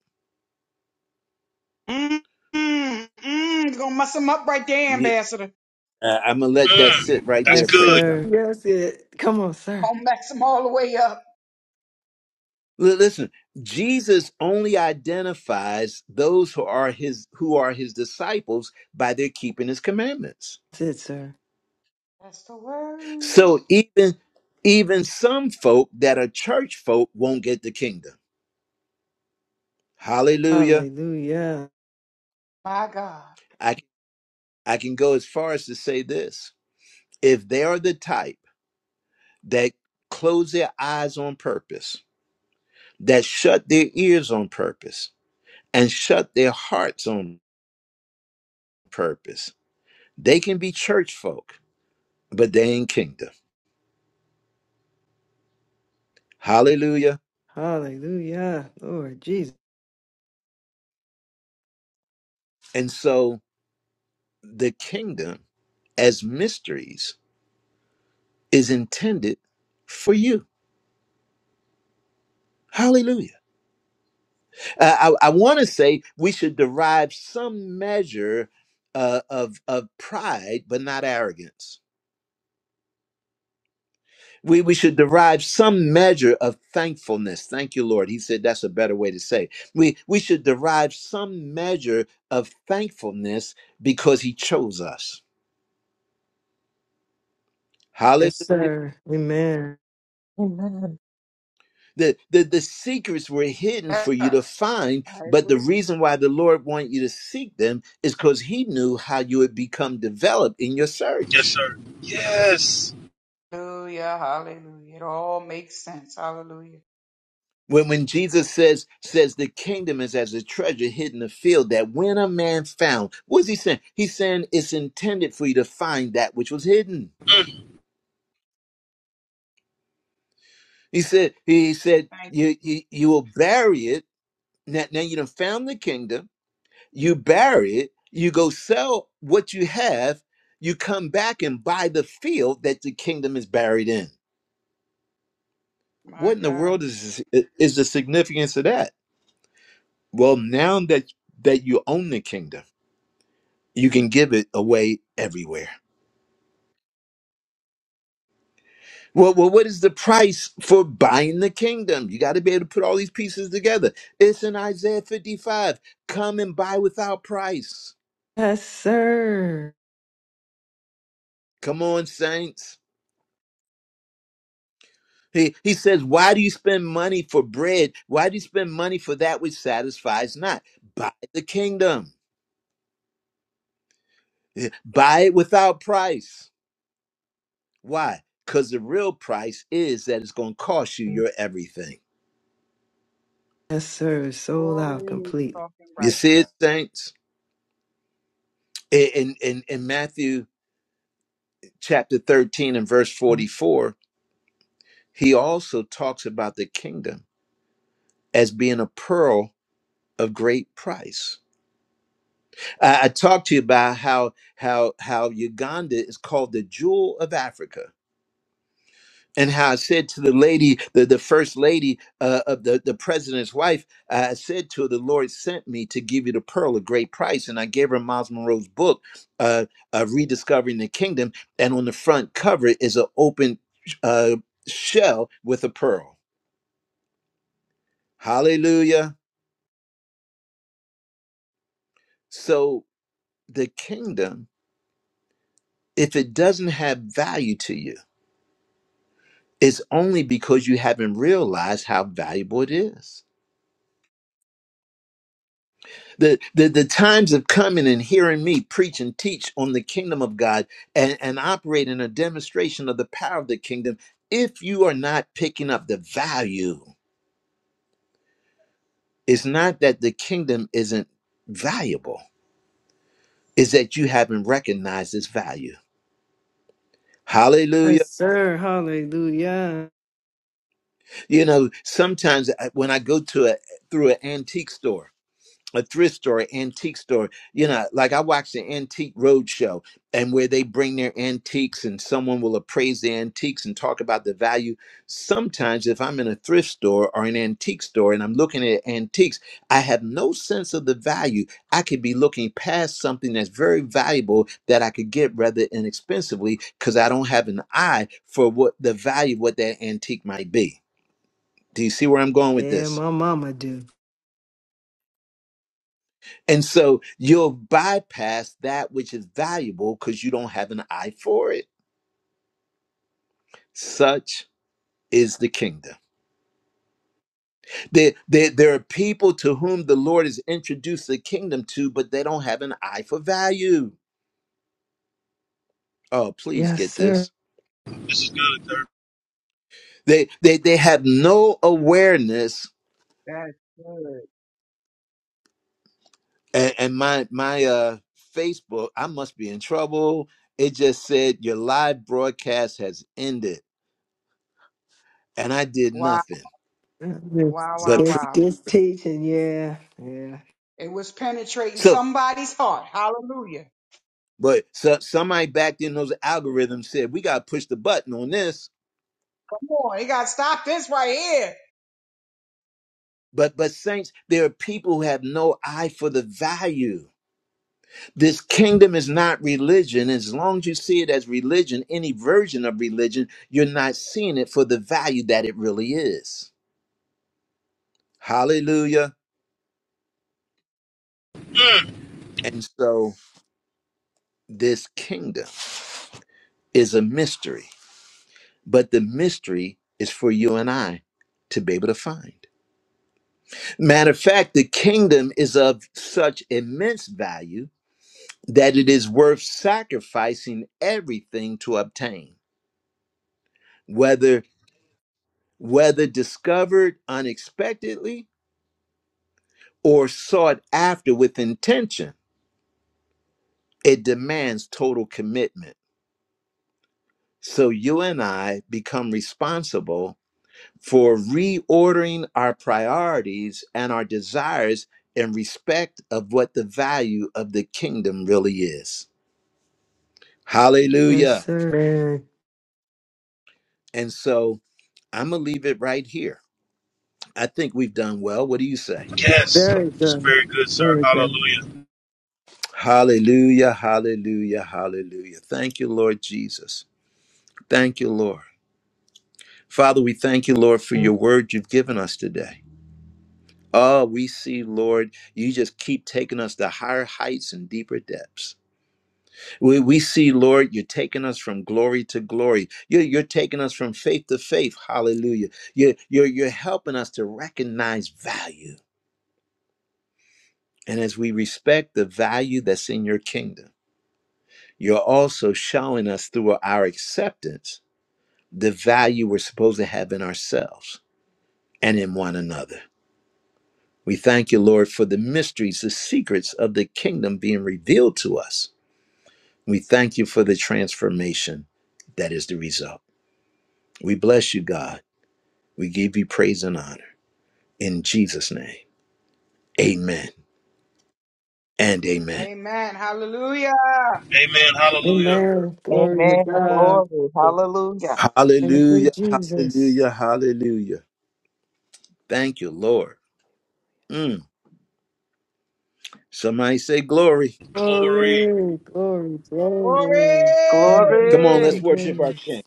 Mm, mm, mm. You're gonna mess him up right there, Ambassador.
Uh, I'm going to let that sit
Mm.
right
That's
there,
Yes,
praise
good.
God.
sir. Yes, it. Come on, sir.
Gonna mess him all the way up.
L- listen, Jesus only identifies those who are his who are his disciples by their keeping his commandments.
That's it, sir.
That's the
So
word.
even even some folk that are church folk won't get the kingdom. Hallelujah.
Hallelujah.
My God.
I I can go as far as to say this. If they are the type that close their eyes on purpose, that shut their ears on purpose, and shut their hearts on purpose, They can be church folk, but they ain't kingdom. Hallelujah.
Hallelujah. Lord Jesus.
And so the kingdom as mysteries is intended for you. Hallelujah. Uh, I, I, want to say we should derive some measure uh, of, of pride, but not arrogance. We, we should derive some measure of thankfulness. Thank you, Lord. He said that's a better way to say. it. We, we should derive some measure of thankfulness because he chose us
Yes,
Hallelujah.
sir. Amen.
Amen.
The, the, the secrets were hidden for
That's
you
her.
to find,
I
but the
agree.
reason why the Lord wanted you to seek them is because he knew how you would become developed in your
Yes,
search.
sir. Yes.
Hallelujah. Hallelujah. It all makes sense. Hallelujah.
When, when Jesus says, says the kingdom is as a treasure hidden in the field that when a man found, what is he saying? He's saying it's intended for you to find that which was hidden.
Mm.
He said, he said,
Thank you,
you,
Jesus.
you, you will bury it. Now, now you done found the kingdom you bury it, you go sell what you have, you come back and buy the field that the kingdom is buried in.
My
What in the
God.
world is is the significance of that? Well, now that that you own the kingdom, you can give it away everywhere. Well, well what is the price for buying the kingdom? You got to be able to put all these pieces together. It's in Isaiah 55. Come and buy without price.
Yes, sir.
Come on, saints. He, he says, Why do you spend money for bread? Why do you spend money for that which satisfies not? Buy the kingdom, Yeah, buy it without price. Why? Because the real price is that it's going to cost you your everything.
Yes, sir. Sold
Glory
out
to
completely.
talking
You
right,
see it,
sir.
saints? In, in, in Matthew chapter 13 and verse 44, he also talks about the kingdom as being a pearl of great price. I, I talked to you about how, how, how Uganda is called the jewel of Africa and how I said to the lady, the, the first lady uh, of the, the president's wife, I said to her, The Lord sent me to give you the pearl of great price. And I gave her Miles Monroe's book, uh, uh, Rediscovering the Kingdom. And on the front cover is an open uh, shell with a pearl. Hallelujah. So the kingdom, if it doesn't have value to you, it's only because you haven't realized how valuable it is the, the the times of coming and hearing me preach and teach on the kingdom of God and, and operate in a demonstration of the power of the kingdom, if you are not picking up the value, it's not that the kingdom isn't valuable, it's that you haven't recognized its value.
Yes,
Hallelujah.
sir. Hallelujah.
You know, sometimes I- when I go to a through an antique store a thrift store, antique store. You know, like I watch the antique roadshow and where they bring their antiques and someone will appraise the antiques and talk about the value. Sometimes if I'm in a thrift store or an antique store and I'm looking at antiques, I have no sense of the value. I could be looking past something that's very valuable that I could get rather inexpensively because I don't have an eye for what the value of what that antique might be. Do you see where I'm going with
Yeah,
this?
my mama do.
And so you'll bypass that which is valuable because you don't have an eye for it. Such is the kingdom. There, there, there are people to whom the Lord has introduced the kingdom to, but they don't have an eye for value. Oh, please
Yes,
get
sir.
this.
This is good, sir.
They they they have no awareness
That's good.
and, and my my uh Facebook, I must be in trouble. It just said your live broadcast has ended. And I did
Wow.
nothing
This,
Wow, wow,
but
this,
preach.
wow.
this teaching, yeah, yeah.
It was penetrating
So.
somebody's heart. Hallelujah.
But so, somebody back then, those algorithms said, we got to push the button on this.
Come on. You gotta stop this right here.
But, but saints, there are people who have no eye for the value. This kingdom is not religion. As long as you see it as religion, any version of religion, you're not seeing it for the value that it really is. Hallelujah.
Mm,
And so this kingdom is a mystery, but the mystery is for you and I to be able to find. Matter of fact, the kingdom is of such immense value that it is worth sacrificing everything to obtain, whether whether discovered unexpectedly or sought after with intention. It demands total commitment. So you and I become responsible for reordering our priorities and our desires in respect of what the value of the kingdom really is.
Yes,
Hallelujah.
sir. Man,
And so I'm going to leave it right here. I think we've done well. What do you say?
yes,
very
it's
good.
very good, sir.
Very good.
Hallelujah.
Hallelujah, hallelujah, hallelujah. Thank you, Lord Jesus. Thank you, Lord. Father, we thank you, Lord, for your word you've given us today. Oh, we see, Lord, you just keep taking us to higher heights and deeper depths. We, we see, Lord, you're taking us from glory to glory. You're, you're taking us from faith to faith. Hallelujah. You're, you're, you're helping us to recognize value. And as we respect the value that's in your kingdom, you're also showing us through our acceptance the value we're supposed to have in ourselves and in one another. We thank you, Lord, for the mysteries, the secrets of the kingdom being revealed to us. We thank you for the transformation that is the result. We bless you, God. We give you praise and honor. In Jesus' name, amen and amen.
Amen. Hallelujah.
Amen. Hallelujah.
Amen. Glory to
Amen.
God.
Glory. Hallelujah.
Thank you,
Hallelujah,
Jesus.
hallelujah, hallelujah. Thank you, Lord. Mm. Somebody say glory.
Glory.
Glory, glory, glory. Thank
Glory.
Come on, let's
you,
Glory.
worship our
Jesus.
King.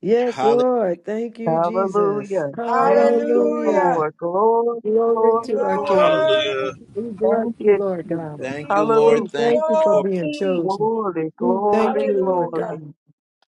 Yes,
Hallelujah.
Lord. Thank you, Jesus.
Hallelujah. Thank you,
Hallelujah.
Hallelujah.
Lord. Glory,
Glory
glory,
You
to our
are
glory.
King.
Hallelujah.
worthy.
We bless
Thank
you,
you,
Lord God.
Jesus.
Thank you,
We
Lord.
We
Hallelujah.
Thank
thank you
you,
for
Lord.
exalt
being
thee.
chosen.
Glory,
We thank
glory,
you, Lord
Hallelujah.
glory.
God.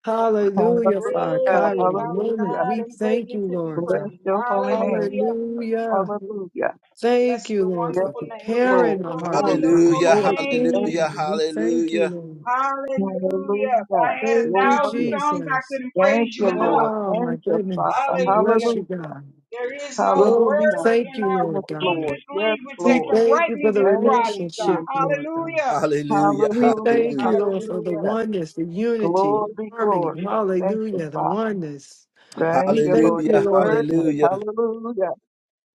Hallelujah for our
Great
Hallelujah.
is
Kairos
our
moment.
Hallelujah.
God
We
and
thank you,
greatly to be
Lord
Bless
God.
praised.
your holy name.
Hallelujah.
Hallelujah.
Hallelujah.
Thank
Bless
you,
your
Lord,
Yes,
for
wonderful name. Bless
Lord.
preparing our
your
hearts and
Glory,
wonderful
minds
Hallelujah.
for the
glory.
name,
Thank
Hallelujah.
you.
kingdom.
Jesus.
We thank you,
Hallelujah.
Lord.
Hallelujah. If I
Hallelujah.
had a
Thank you,
thousand
Glory.
songs, I
Jesus.
couldn't
Thank
praise you
you,
enough.
Lord.
Oh, my
Thank you,
goodness.
Father.
We bless
Hallelujah.
you,
Hallelujah.
God.
There is no
Well, we
word
Hallelujah.
thank
in
you,
our
Yes,
Lord God.
Lord.
English
Yes,
language
We
that
Lord.
can
thank you for
rightly
the
Thank
describe
you,
you, God.
relationship,
Jesus.
Lord God.
Hallelujah.
Hallelujah.
We
Hallelujah.
thank you,
Hallelujah.
Lord, for
Hallelujah.
the
Hallelujah.
oneness, the unity,
Glory,
harmony.
glory. Thank you,
Hallelujah, the
Father.
oneness. We
Thank you,
thank
Lord.
you,
Your
Hallelujah.
Lord
word
God.
is
Hallelujah.
hallelujah.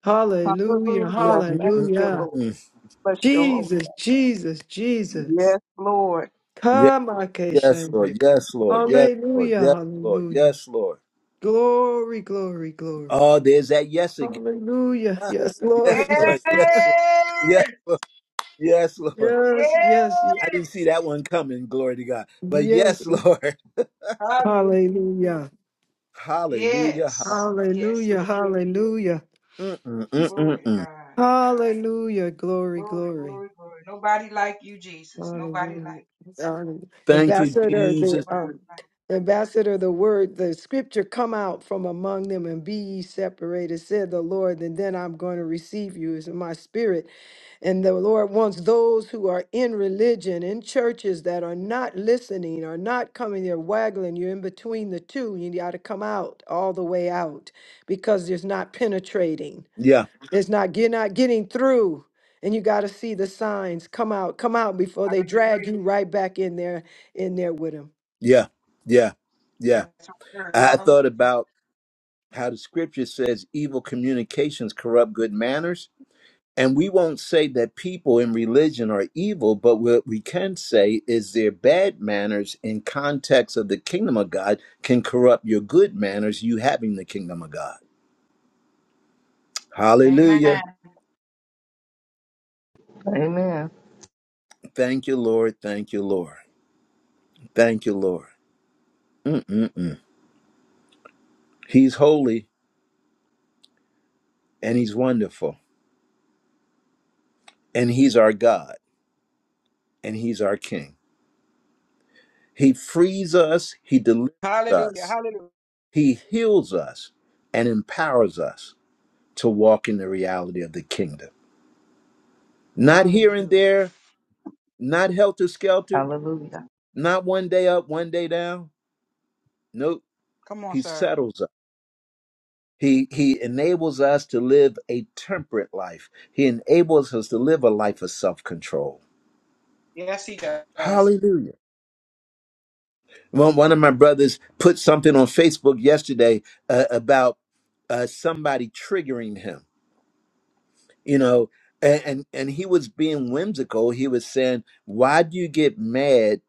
Hallelujah,
Mm,
Hallelujah.
mm,
Thank
mm,
you,
mm,
hallelujah.
Lord.
mm.
Bless your holy
Jesus, Jesus,
name.
Jesus.
Yes, Lord.
Yes,
Come,
yes, Lord.
Akashandra.
Yes, Lord. Yes, Lord.
Hallelujah,
Yes, Lord.
hallelujah.
Yes, Lord.
Glory, glory, glory.
Oh, there's that yes again.
Hallelujah.
Ah,
Yes, Lord.
Yes,
Yes.
Lord.
Yes, Lord.
Yes, Lord. Yes, Lord. Yes, Lord.
Yes, yes, yes.
I
Yes.
didn't see that one coming. Glory to God. But
Yes,
yes, Lord.
Hallelujah.
Hallelujah.
Hallelujah.
Yes.
Hallelujah.
Yes,
Hallelujah.
yes, yes.
Hallelujah.
Mm, mm, mm, mm,
Glory to
mm.
God.
Hallelujah. Glory,
Glory,
glory.
glory, glory. Nobody like you, Jesus. Nobody
Hallelujah.
like
Hallelujah.
Thank you,
you.
Ambassador,
There's
Jesus.
the
Nobody
um,
like
ambassador, the word, the scripture come out from among them and be ye separated, said the Lord, and then I'm going to receive you. It's in my spirit. And the Lord wants those who are in religion, in churches that are not listening, are not coming, they're waggling. You're in between the two. You got to come out all the way out because there's not penetrating.
Yeah,
It's not, you're not getting through. And you got to see the signs come out, come out before
you.
they
I
drag
agree.
you right back in there, in there with them.
yeah, yeah, yeah.
That's a word.
I
Hallelujah.
thought about how the scripture says evil communications corrupt good manners. And we won't say that people in religion are evil, but what we can say is their bad manners in context of the kingdom of God can corrupt your good manners, you having the kingdom of God.
Amen.
Hallelujah.
Amen.
Thank you, Lord. Thank you, Lord. Thank you, Lord. Mm-mm-mm. He's holy and he's wonderful. and he's our God and he's our King. He frees us, he delivers
Hallelujah.
us,
Hallelujah.
he heals us, and empowers us to walk in the reality of the kingdom. Not here and
Hallelujah.
there, not helter skelter,
Hallelujah.
not one day up, one day down. Nope,
Come on,
he
sir.
settles us. He, he enables us to live a temperate life. He enables us to live a life of self control.
Yes, he does.
Hallelujah. Well, one of my brothers put something on Facebook yesterday uh, about uh, somebody triggering him, you know, and, and and he was being whimsical. He was saying, "Why do you get mad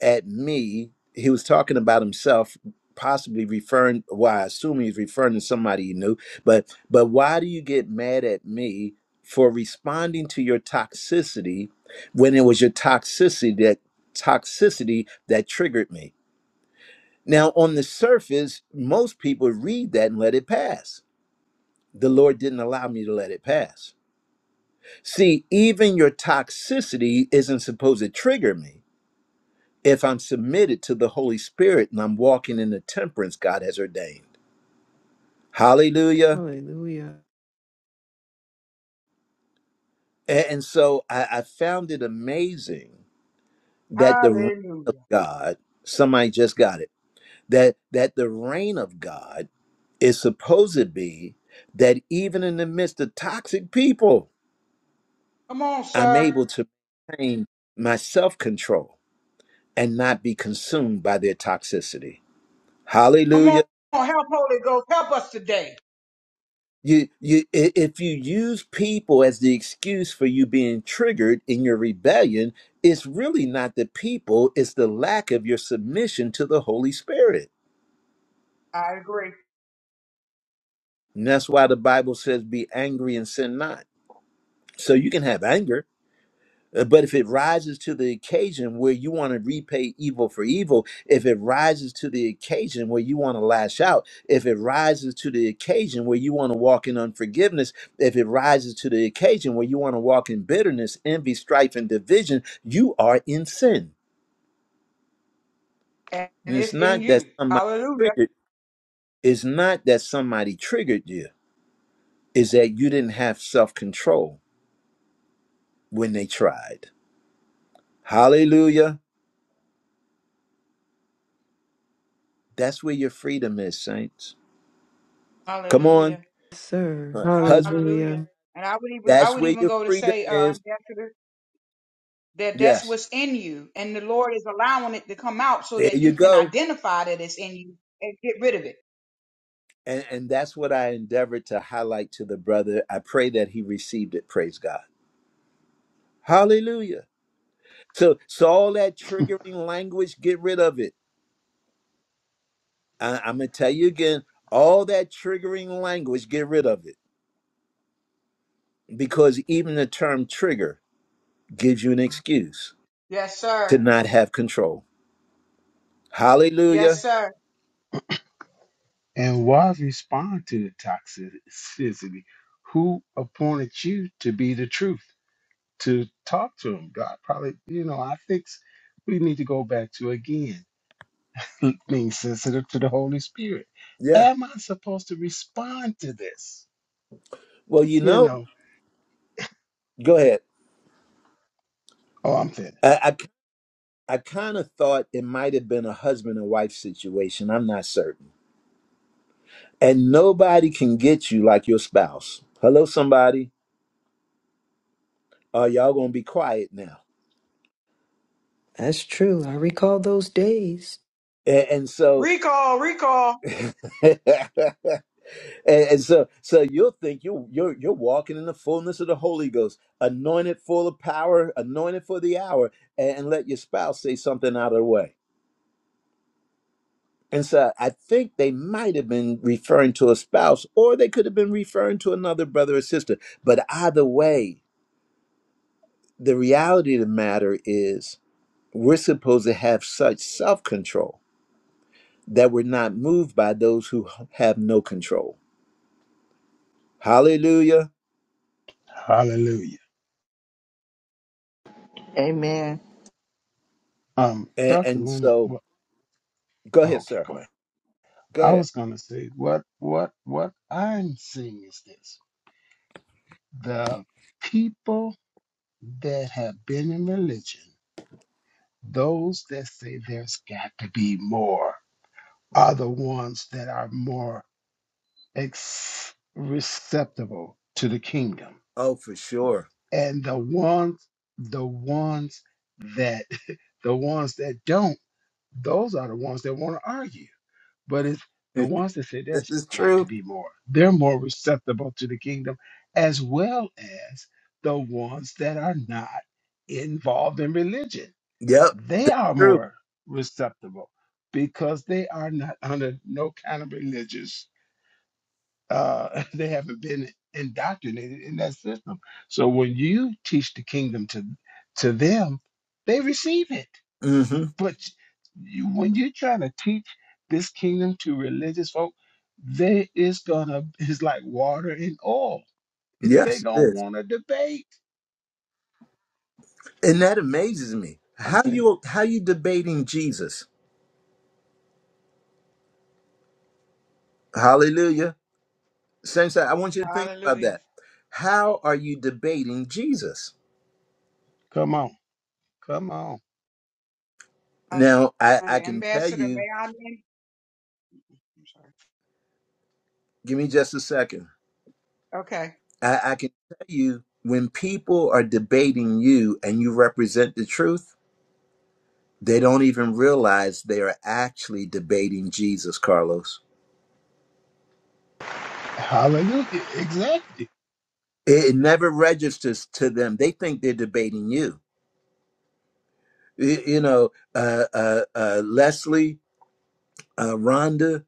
at me?" He was talking about himself, possibly referring. Well, I assume he's referring to somebody he knew, but but why do you get mad at me for responding to your toxicity when it was your toxicity that toxicity that triggered me? Now, on the surface, most people read that and let it pass. The Lord didn't allow me to let it pass. See, even your toxicity isn't supposed to trigger me if I'm submitted to the Holy Spirit and I'm walking in the temperance God has ordained. Hallelujah.
Hallelujah.
A- And so I, I found it amazing that the reign of
Hallelujah.
God, somebody just got it, that, that the reign of God is supposed to be that even in the midst of toxic people,
Come on,
I'm
sir.
able to maintain my self control and not be consumed by their toxicity.
Come on.
Hallelujah.
Help Holy Ghost. Help us today.
You, you, i- if you use people as the excuse for you being triggered in your rebellion, it's really not the people, it's the lack of your submission to the Holy Spirit.
I agree.
And that's why the Bible says, be angry and sin not. So you can have anger, Uh, But if it rises to the occasion where you want to repay evil for evil, if it rises to the occasion where you want to lash out, if it rises to the occasion where you want to walk in unforgiveness, if it rises to the occasion where you want to walk in bitterness, envy, strife, and division, you are in sin.
and
And it's
it's in
not that
you.
somebody
Hallelujah.
triggered, it's not that somebody triggered you, it's that you didn't have self control when they tried. Hallelujah. That's where your freedom is, saints. Come on.
Hallelujah.
Sir.
Huh. Husband,
Hallelujah.
Hallelujah.
And I would even I
that's
would
where
even
your
go to
freedom
say, uh,
is.
Ambassador, that that's
Yes.
what's in you, and the Lord is allowing it to come out so
There
that
you
you can
go.
identify that it's in you and get rid of it.
And and that's what I endeavored to highlight to the brother. I pray that he received it. Praise God. Hallelujah. So so all that triggering language, get rid of it. I, I'm gonna tell you again, all that triggering language, get rid of it. Because even the term trigger gives you an excuse
Yes,
to
sir.
not have control.
Yes,
Hallelujah.
sir.
And why respond to the toxicity? Who appointed you to be the truth? To talk to them? God probably, you know, I think s- we need to go back to again l- being sensitive to the Holy Spirit.
Yeah.
Am I supposed to respond to this?
Well, you
You
know,
know,
go ahead.
oh, I'm finished.
I. I kind of thought it might have been a husband and wife situation. I'm not certain. And nobody can get you like your spouse. Hello, somebody. Are y'all gonna be quiet now?
That's true. I recall those days.
And, and so,
Recall, recall.
and, and so, so you'll think you you're you're walking in the fullness of the Holy Ghost, anointed full of power, anointed for the hour, and, and let your spouse say something out of the way. And so, I think they might have been referring to a spouse, or they could have been referring to another brother or sister. But either way, the reality of the matter is we're supposed to have such self-control that we're not moved by those who have no control hallelujah
Hallelujah.
Amen.
Um,
and,
Dr.
and
Leonard,
so
what,
go
oh,
ahead
okay,
sir
go ahead.
go
I
ahead
was gonna say what what what I'm seeing is this: the people that have been in religion Those that say there's got to be more are the ones that are more ex- receptible to the kingdom.
oh for sure
And the ones, the ones that, the ones that don't, those are the ones that want to argue. But it's the
this
ones that say there's
is
got to
true
be more. They're more receptible to the kingdom, as well as the ones that are not involved in religion
yep
they
that's
are
true
more receptible because they are not under no kind of religious uh they haven't been indoctrinated in that system so when you teach the kingdom to to them they receive it
hmm
but you, when you're trying to teach this kingdom to religious folk they is gonna it's like water and oil If they
yes it
don't
is
want to debate
and that amazes me
i'm
how
saying
you how you debating jesus hallelujah saints i I want you to think about
Hallelujah.
that how are you debating jesus
come on come on
now i i
Hallelujah.
can tell
Ambassador,
you
may I? I'm sorry.
Give me just a second.
Okay.
I, I can tell you when people are debating you and you represent the truth, they don't even realize they are actually debating Jesus, Carlos.
hallelujah exactly
It, it never registers to them. They think they're debating you. Y- You know, uh, uh, uh, Leslie, uh, Rhonda,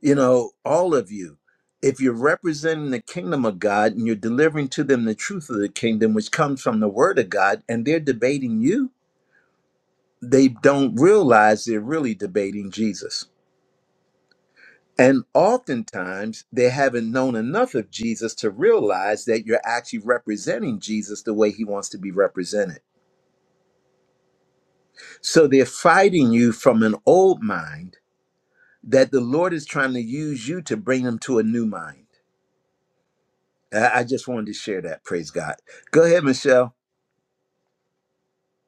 you know, all of you. If you're representing the kingdom of God and you're delivering to them the truth of the kingdom, which comes from the word of God, and they're debating you, they don't realize they're really debating Jesus. And oftentimes they haven't known enough of Jesus to realize that you're actually representing Jesus the way he wants to be represented. So they're fighting you from an old mind that the Lord is trying to use you to bring them to a new mind. I I just wanted to share that. Praise God. Go ahead, Michelle.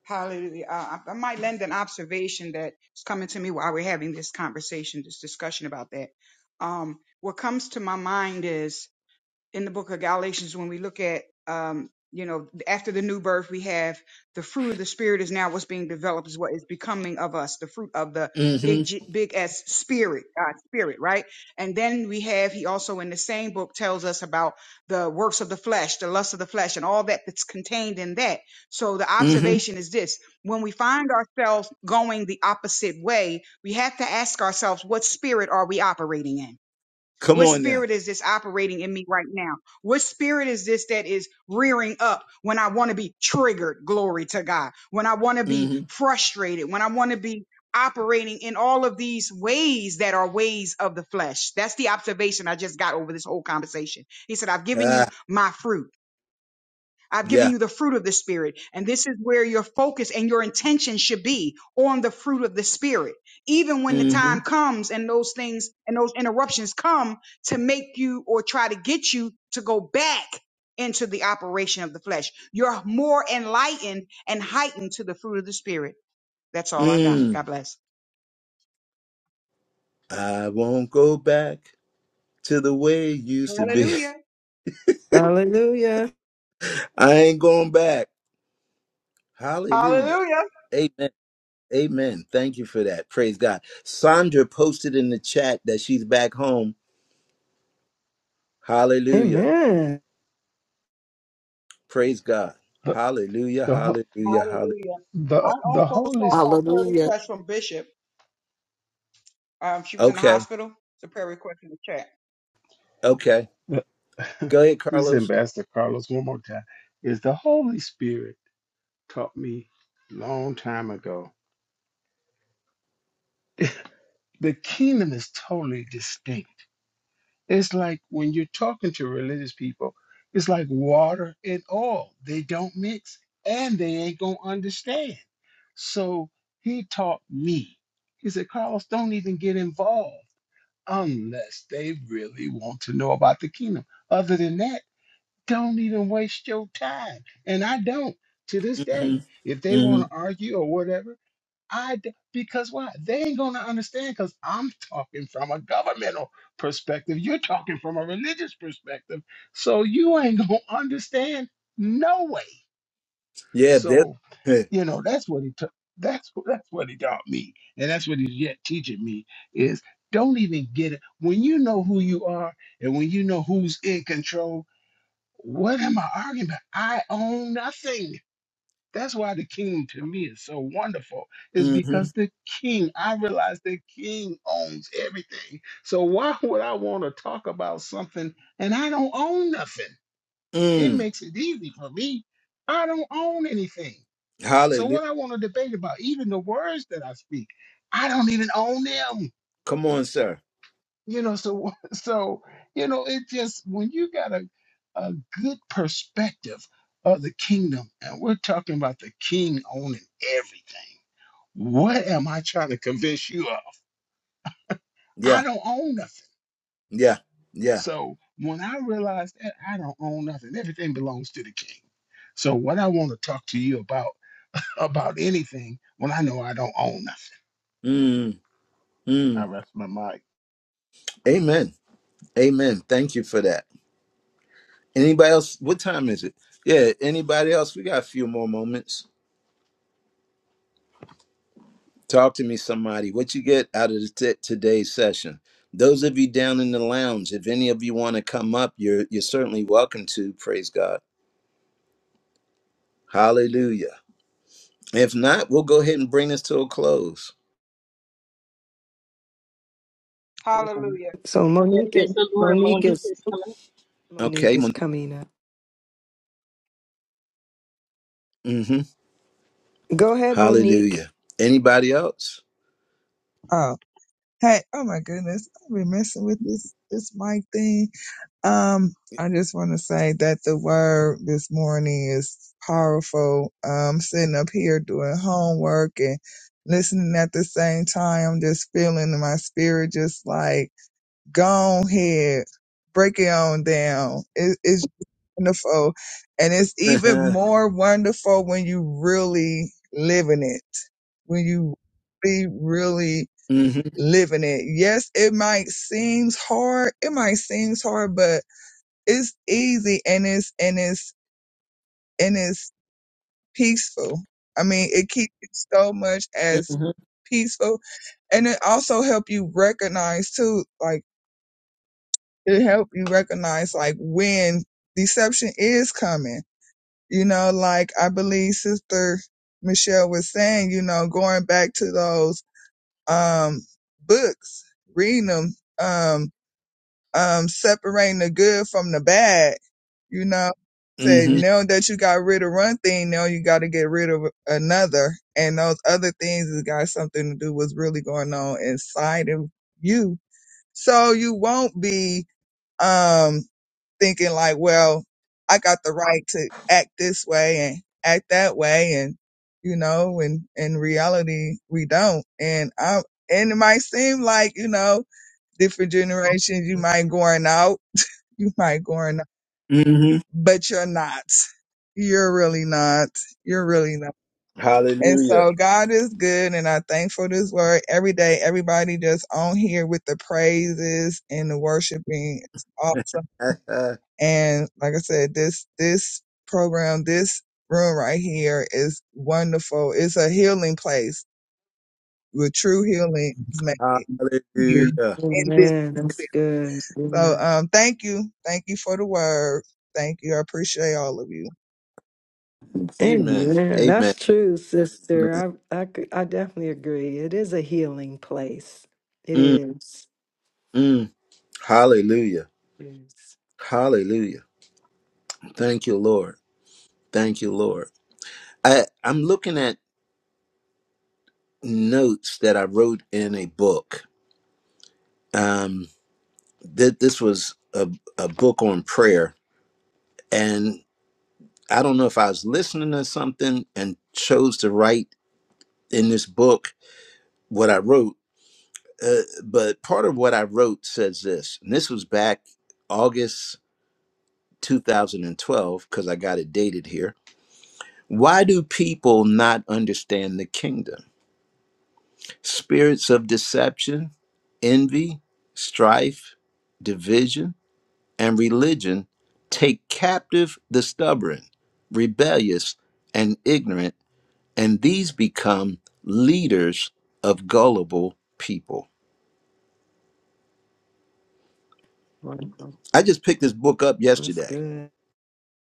Hallelujah. Uh, I I might lend an observation that's coming to me while we're having this conversation, this discussion about that. Um, what comes to my mind is in the book of Galatians when we look at um you know after the new birth we have the fruit of the spirit is now what's being developed is what is becoming of us the fruit of the big
Mm
G, big S spirit God's spirit right and then we have he also in the same book tells us about the works of the flesh the lust of the flesh and all that that's contained in that so the
hmm. Mm hmm.
observation is this when we find ourselves going the opposite way we have to ask ourselves what spirit are we operating in
Come
what
on now.
spirit is this operating in me right now? What spirit is this that is rearing up when I want to be triggered? Glory to God. When I want to be
Mm
frustrated, when I want to be operating in all of these ways that are ways of the flesh. That's the observation I just got over this whole conversation. He said, I've
hmm.
given you
Ah,
my fruit. I've given
yeah.
you the fruit of the Spirit. And this is where your focus and your intention should be on the fruit of the Spirit. Even when the
Mm
time
hmm.
comes and those things and those interruptions come to make you or try to get you to go back into the operation of the flesh, you're more enlightened and heightened to the fruit of the Spirit. That's all I got.
Mm.
God bless.
I won't go back. to the way it used to be.
Hallelujah.
Hallelujah.
I ain't going back. Hallelujah.
Hallelujah.
Amen. Amen. Thank you for that. Praise God. Sandra posted in the chat that she's back home. Hallelujah.
Amen.
Praise God.
The
Hallelujah.
the,
Hallelujah. Hallelujah.
Hallelujah. I
the the
also
Holy
saw
S-
a prayer
Hallelujah.
request from Bishop. Um, she was in the
Okay.
hospital. It's a prayer request in the chat.
Okay.
the-
Go ahead,
this is
Carlos.
Ambassador Carlos one more time is the Holy Spirit taught me long time ago. The kingdom is totally distinct. It's like when you're talking to religious people, it's like water and oil. They don't mix and they ain't gonna understand. So he taught me. He said, Carlos, don't even get involved unless they really want to know about the kingdom. Other than that, Don't even waste your time. And I don't to this
hmm
day. If they
hmm
want to argue or whatever, I d- because why? They ain't gonna understand because I'm talking from a governmental perspective. You're talking from a religious perspective. So you ain't gonna understand no way.
Yeah. That,
So, you know, that's what he took. That's that's what he taught me. And that's what he's yet teaching me is don't even get it. When you know who you are and when you know who's in control, what am I arguing about? I own nothing. That's why the kingdom to me is so wonderful, is
mm-hmm.
because the king, I realize the king owns everything. So why would I want to talk about something and I don't own nothing? It
mm.
makes it easy for me. I don't own anything. So
Hallelujah.
what I want to debate about, even the words that I speak, I don't even own them
Come on, sir.
you know so so you know it just when you got a, a good perspective of the kingdom and we're talking about the king owning everything what am i trying to convince you of
Yeah.
i don't own nothing
Yeah. Yeah.
so when i realize that i don't own nothing everything belongs to the king so what i want to talk to you about about anything when i know i don't own nothing
Mm,
i
mm.
rest my mind
Amen. Amen. Thank you for that. Anybody else? What time is it? Yeah, anybody else? We got a few more moments. Talk to me, somebody. What you get out of t- today's session? Those of you down in the lounge, if any of you want to come up, you're you're certainly welcome to. Praise God. Hallelujah. If not, we'll go ahead and bring this to a close.
Amen.
Hallelujah.
So
I
Monique,
praise
is-
the Lord, more.
Monique
Monique
is
is coming.
Monique
Okay.
is
Monique?
coming up.
hmm
Go ahead, Monique.
Hallelujah. Anybody else?
Oh, hey, oh my goodness. I've been messing with this, this mic thing. Um, I just want to say that the word this morning is powerful. Um, sitting up here doing homework and listening at the same time. I'm just feeling in my spirit, just like, go ahead, break it on down. It, it's wonderful. And it's
hmm
even more wonderful when you really live in it, when you really, really
hmm
living it. Yes, it might seems hard. It might seems hard, but it's easy and it's and it's and it's peaceful. I mean, it keeps you so much as peaceful, and it also help you recognize too. Like it help you recognize like when deception is coming. You know, like I believe Sister Michelle was saying. You know, going back to those um books, reading them. Um, um, separating the good from the bad. You know, say
hmm
now that you got rid of one thing, now you got to get rid of another, and those other things has got something to do with what's really going on inside of you. So you won't be um thinking like, well, I got the right to act this way and act that way, and you know, and in reality, we don't. And I, and it might seem like you know, different generations, you might going out you might going,
hmm
but you're not. You're really not. You're really not. And
Hallelujah.
so God is good and I'm thankful for this word every day. Everybody just on here with the praises and the worshiping is awesome. And like I said, this, this program, this room right here is wonderful. It's a healing place with true healing is
Hallelujah.
made here in this
Amen.
space.
That's good.
So,
Amen.
um, thank you. Thank you for the word. Thank you. I appreciate all of you.
Amen.
Amen.
Amen.
That's true,
Amen.
sister. I, I c- I definitely agree. It is a healing place. It
Mm,
is.
mm. Hallelujah.
It's
Hallelujah. Thank you, Lord. Thank you, Lord. I, I'm looking at notes that I wrote in a book. Um, that this was a, a book on prayer. And I don't know if I was listening to something and chose to write in this book what I wrote. Uh, but part of what I wrote says this, and this was back August 2012, because I got it dated here Why do people not understand the kingdom? Spirits of deception, envy, strife, division, and religion take captive the stubborn, rebellious, and ignorant, and these become leaders of gullible people.
wonderful.
I just picked this book up
That's
yesterday,
good.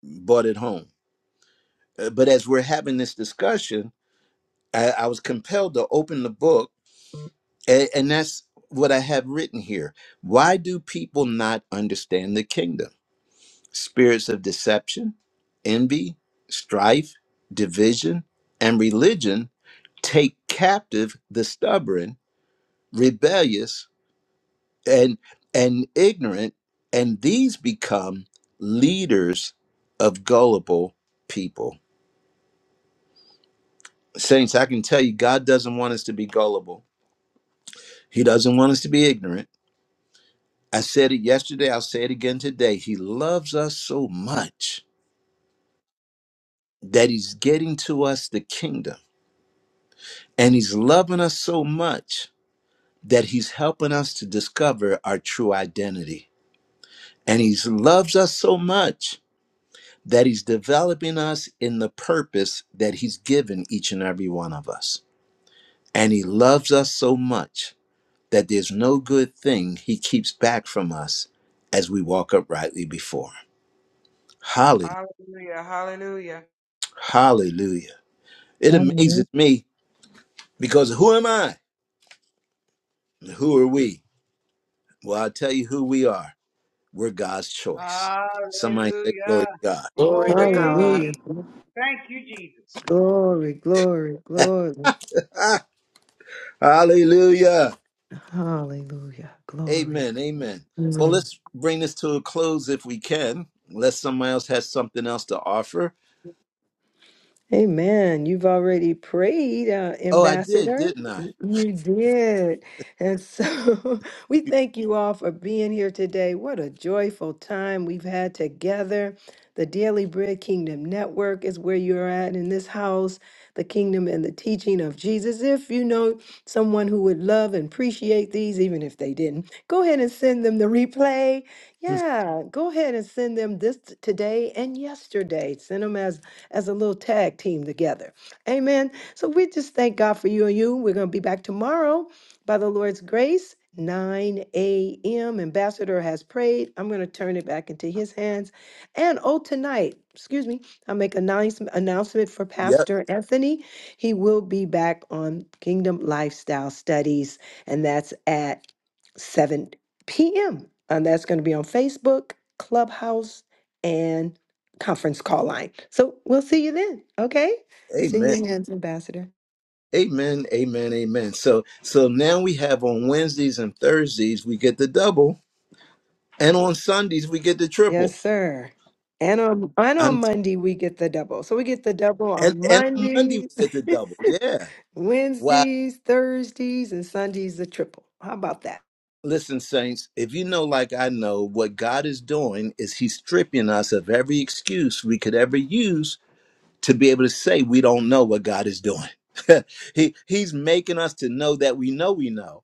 bought it home. Uh, But as we're having this discussion, I, I was compelled to open the book And, and that's what I have written here. Why do people not understand the kingdom? Spirits of deception, envy, strife, division, and religion take captive the stubborn, rebellious, and and ignorant, and these become leaders of gullible people. Saints, I can tell you, God doesn't want us to be gullible. He doesn't want us to be ignorant. I said it yesterday, I'll say it again today. He loves us so much that he's getting to us the kingdom. And he's loving us so much that he's helping us to discover our true identity. And he loves us so much that he's developing us in the purpose that he's given each and every one of us. And he loves us so much that there's no good thing he keeps back from us as we walk uprightly before. him.
Hallelujah. Hallelujah.
Hallelujah. It amazes
Heavenly
me because who am I? Who are we? Well, I'll tell you who we are. We're God's choice. Somebody say,
Hallelujah.
Glory to God.
Glory to God.
Hallelujah.
Glory. Thank you, Jesus.
Glory, glory, glory.
Ah, hallelujah.
Hallelujah. Glory.
Amen. Amen. Well,
Mm.
let's bring this to a close if we can, unless somebody else has something else to offer.
Amen. You've already prayed, uh,
Oh, I did,
Ambassador.
didn't I?
You did. And so we thank you all for being here today. What a joyful time we've had together. The Daily Bread Kingdom Network is where you're at in this house, the kingdom and the teaching of Jesus. If you know someone who would love and appreciate these, even if they didn't, go ahead and send them the replay. Yeah, go ahead and send them this t- today and yesterday. Send them as as a little tag team together. Amen. So we just thank God for you and you. We're going to be back tomorrow by the Lord's grace. 9 a.m. Ambassador has prayed. I'm going to turn it back into his hands. And oh, tonight, excuse me, I'll make an announce- announcement for
Yep.
Pastor Anthony. He will be back on Kingdom Lifestyle Studies, and that's at 7 p.m. And that's going to be on Facebook, Clubhouse, and conference call line. So we'll see you then. Okay. It's in
Amen.
your hands, Ambassador.
Amen, amen, amen. So so now we have on Wednesdays and Thursdays we get the double, and on Sundays we get the
Yes,
triple.
sir. And on and on
I'm
Monday we get the double. So we get the double
and
on
and on Monday we
Mondays,
get the double. Yeah. Wow.
Wednesdays, Thursdays, and Sundays the triple. How about that?
Listen, saints, if you know like I know, what God is doing is He's stripping us of every excuse we could ever use to be able to say we don't know what God is doing. he He's making us to know that we know we know,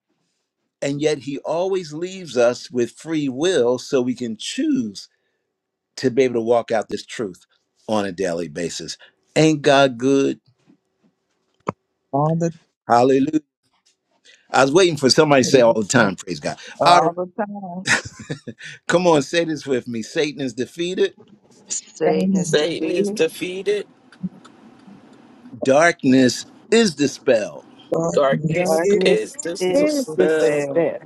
and yet He always leaves us with free will so we can choose to be able to walk out this truth on a daily basis. Ain't God good?
Father,
Hallelujah. I was waiting for somebody to say all the time, praise God. All right,
All the time.
come on, say this with me. Satan is defeated,
thank
Satan is
Satan is
you,
defeated.
defeated.
darkness is dispelled
God, we
Darkness
Dark
give
Darkness
is
is
is
dispelled
prepared.
despair.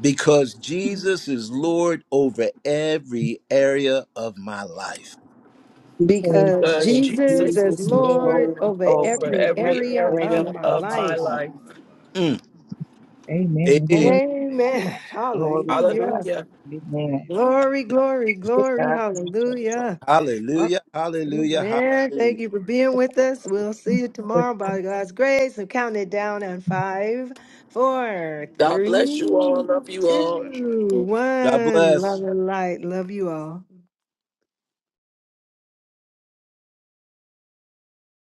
because Jesus is Lord over every area of my life.
you praise.
Because
because
because
Jesus
Jesus
is
Jesus
Jesus
is
is
is
Lord
Lord
Lord
Lord
over
over
over
over
every
every
every
area
every
area
area
of my
area
of
of
my
my
life.
life.
in
life.
my life.
Mm. Hey,
Amen.
Amen.
Amen.
Glory to
Hallelujah.
God.
Hallelujah.
Amen.
Amen.
Glory,
Hallelujah.
glory, glory.
God bless everybody.
Hallelujah.
hallelujah, hallelujah,
Amen.
hallelujah.
Thank you for
Glory.
being with us. We'll see
Hallelujah.
you tomorrow by God's grace. I'm counting it down on five, four,
God bless you
three,
all. Love you
God
two,
all.
bless you all.
God
one.
bless.
Love and light. Love you all.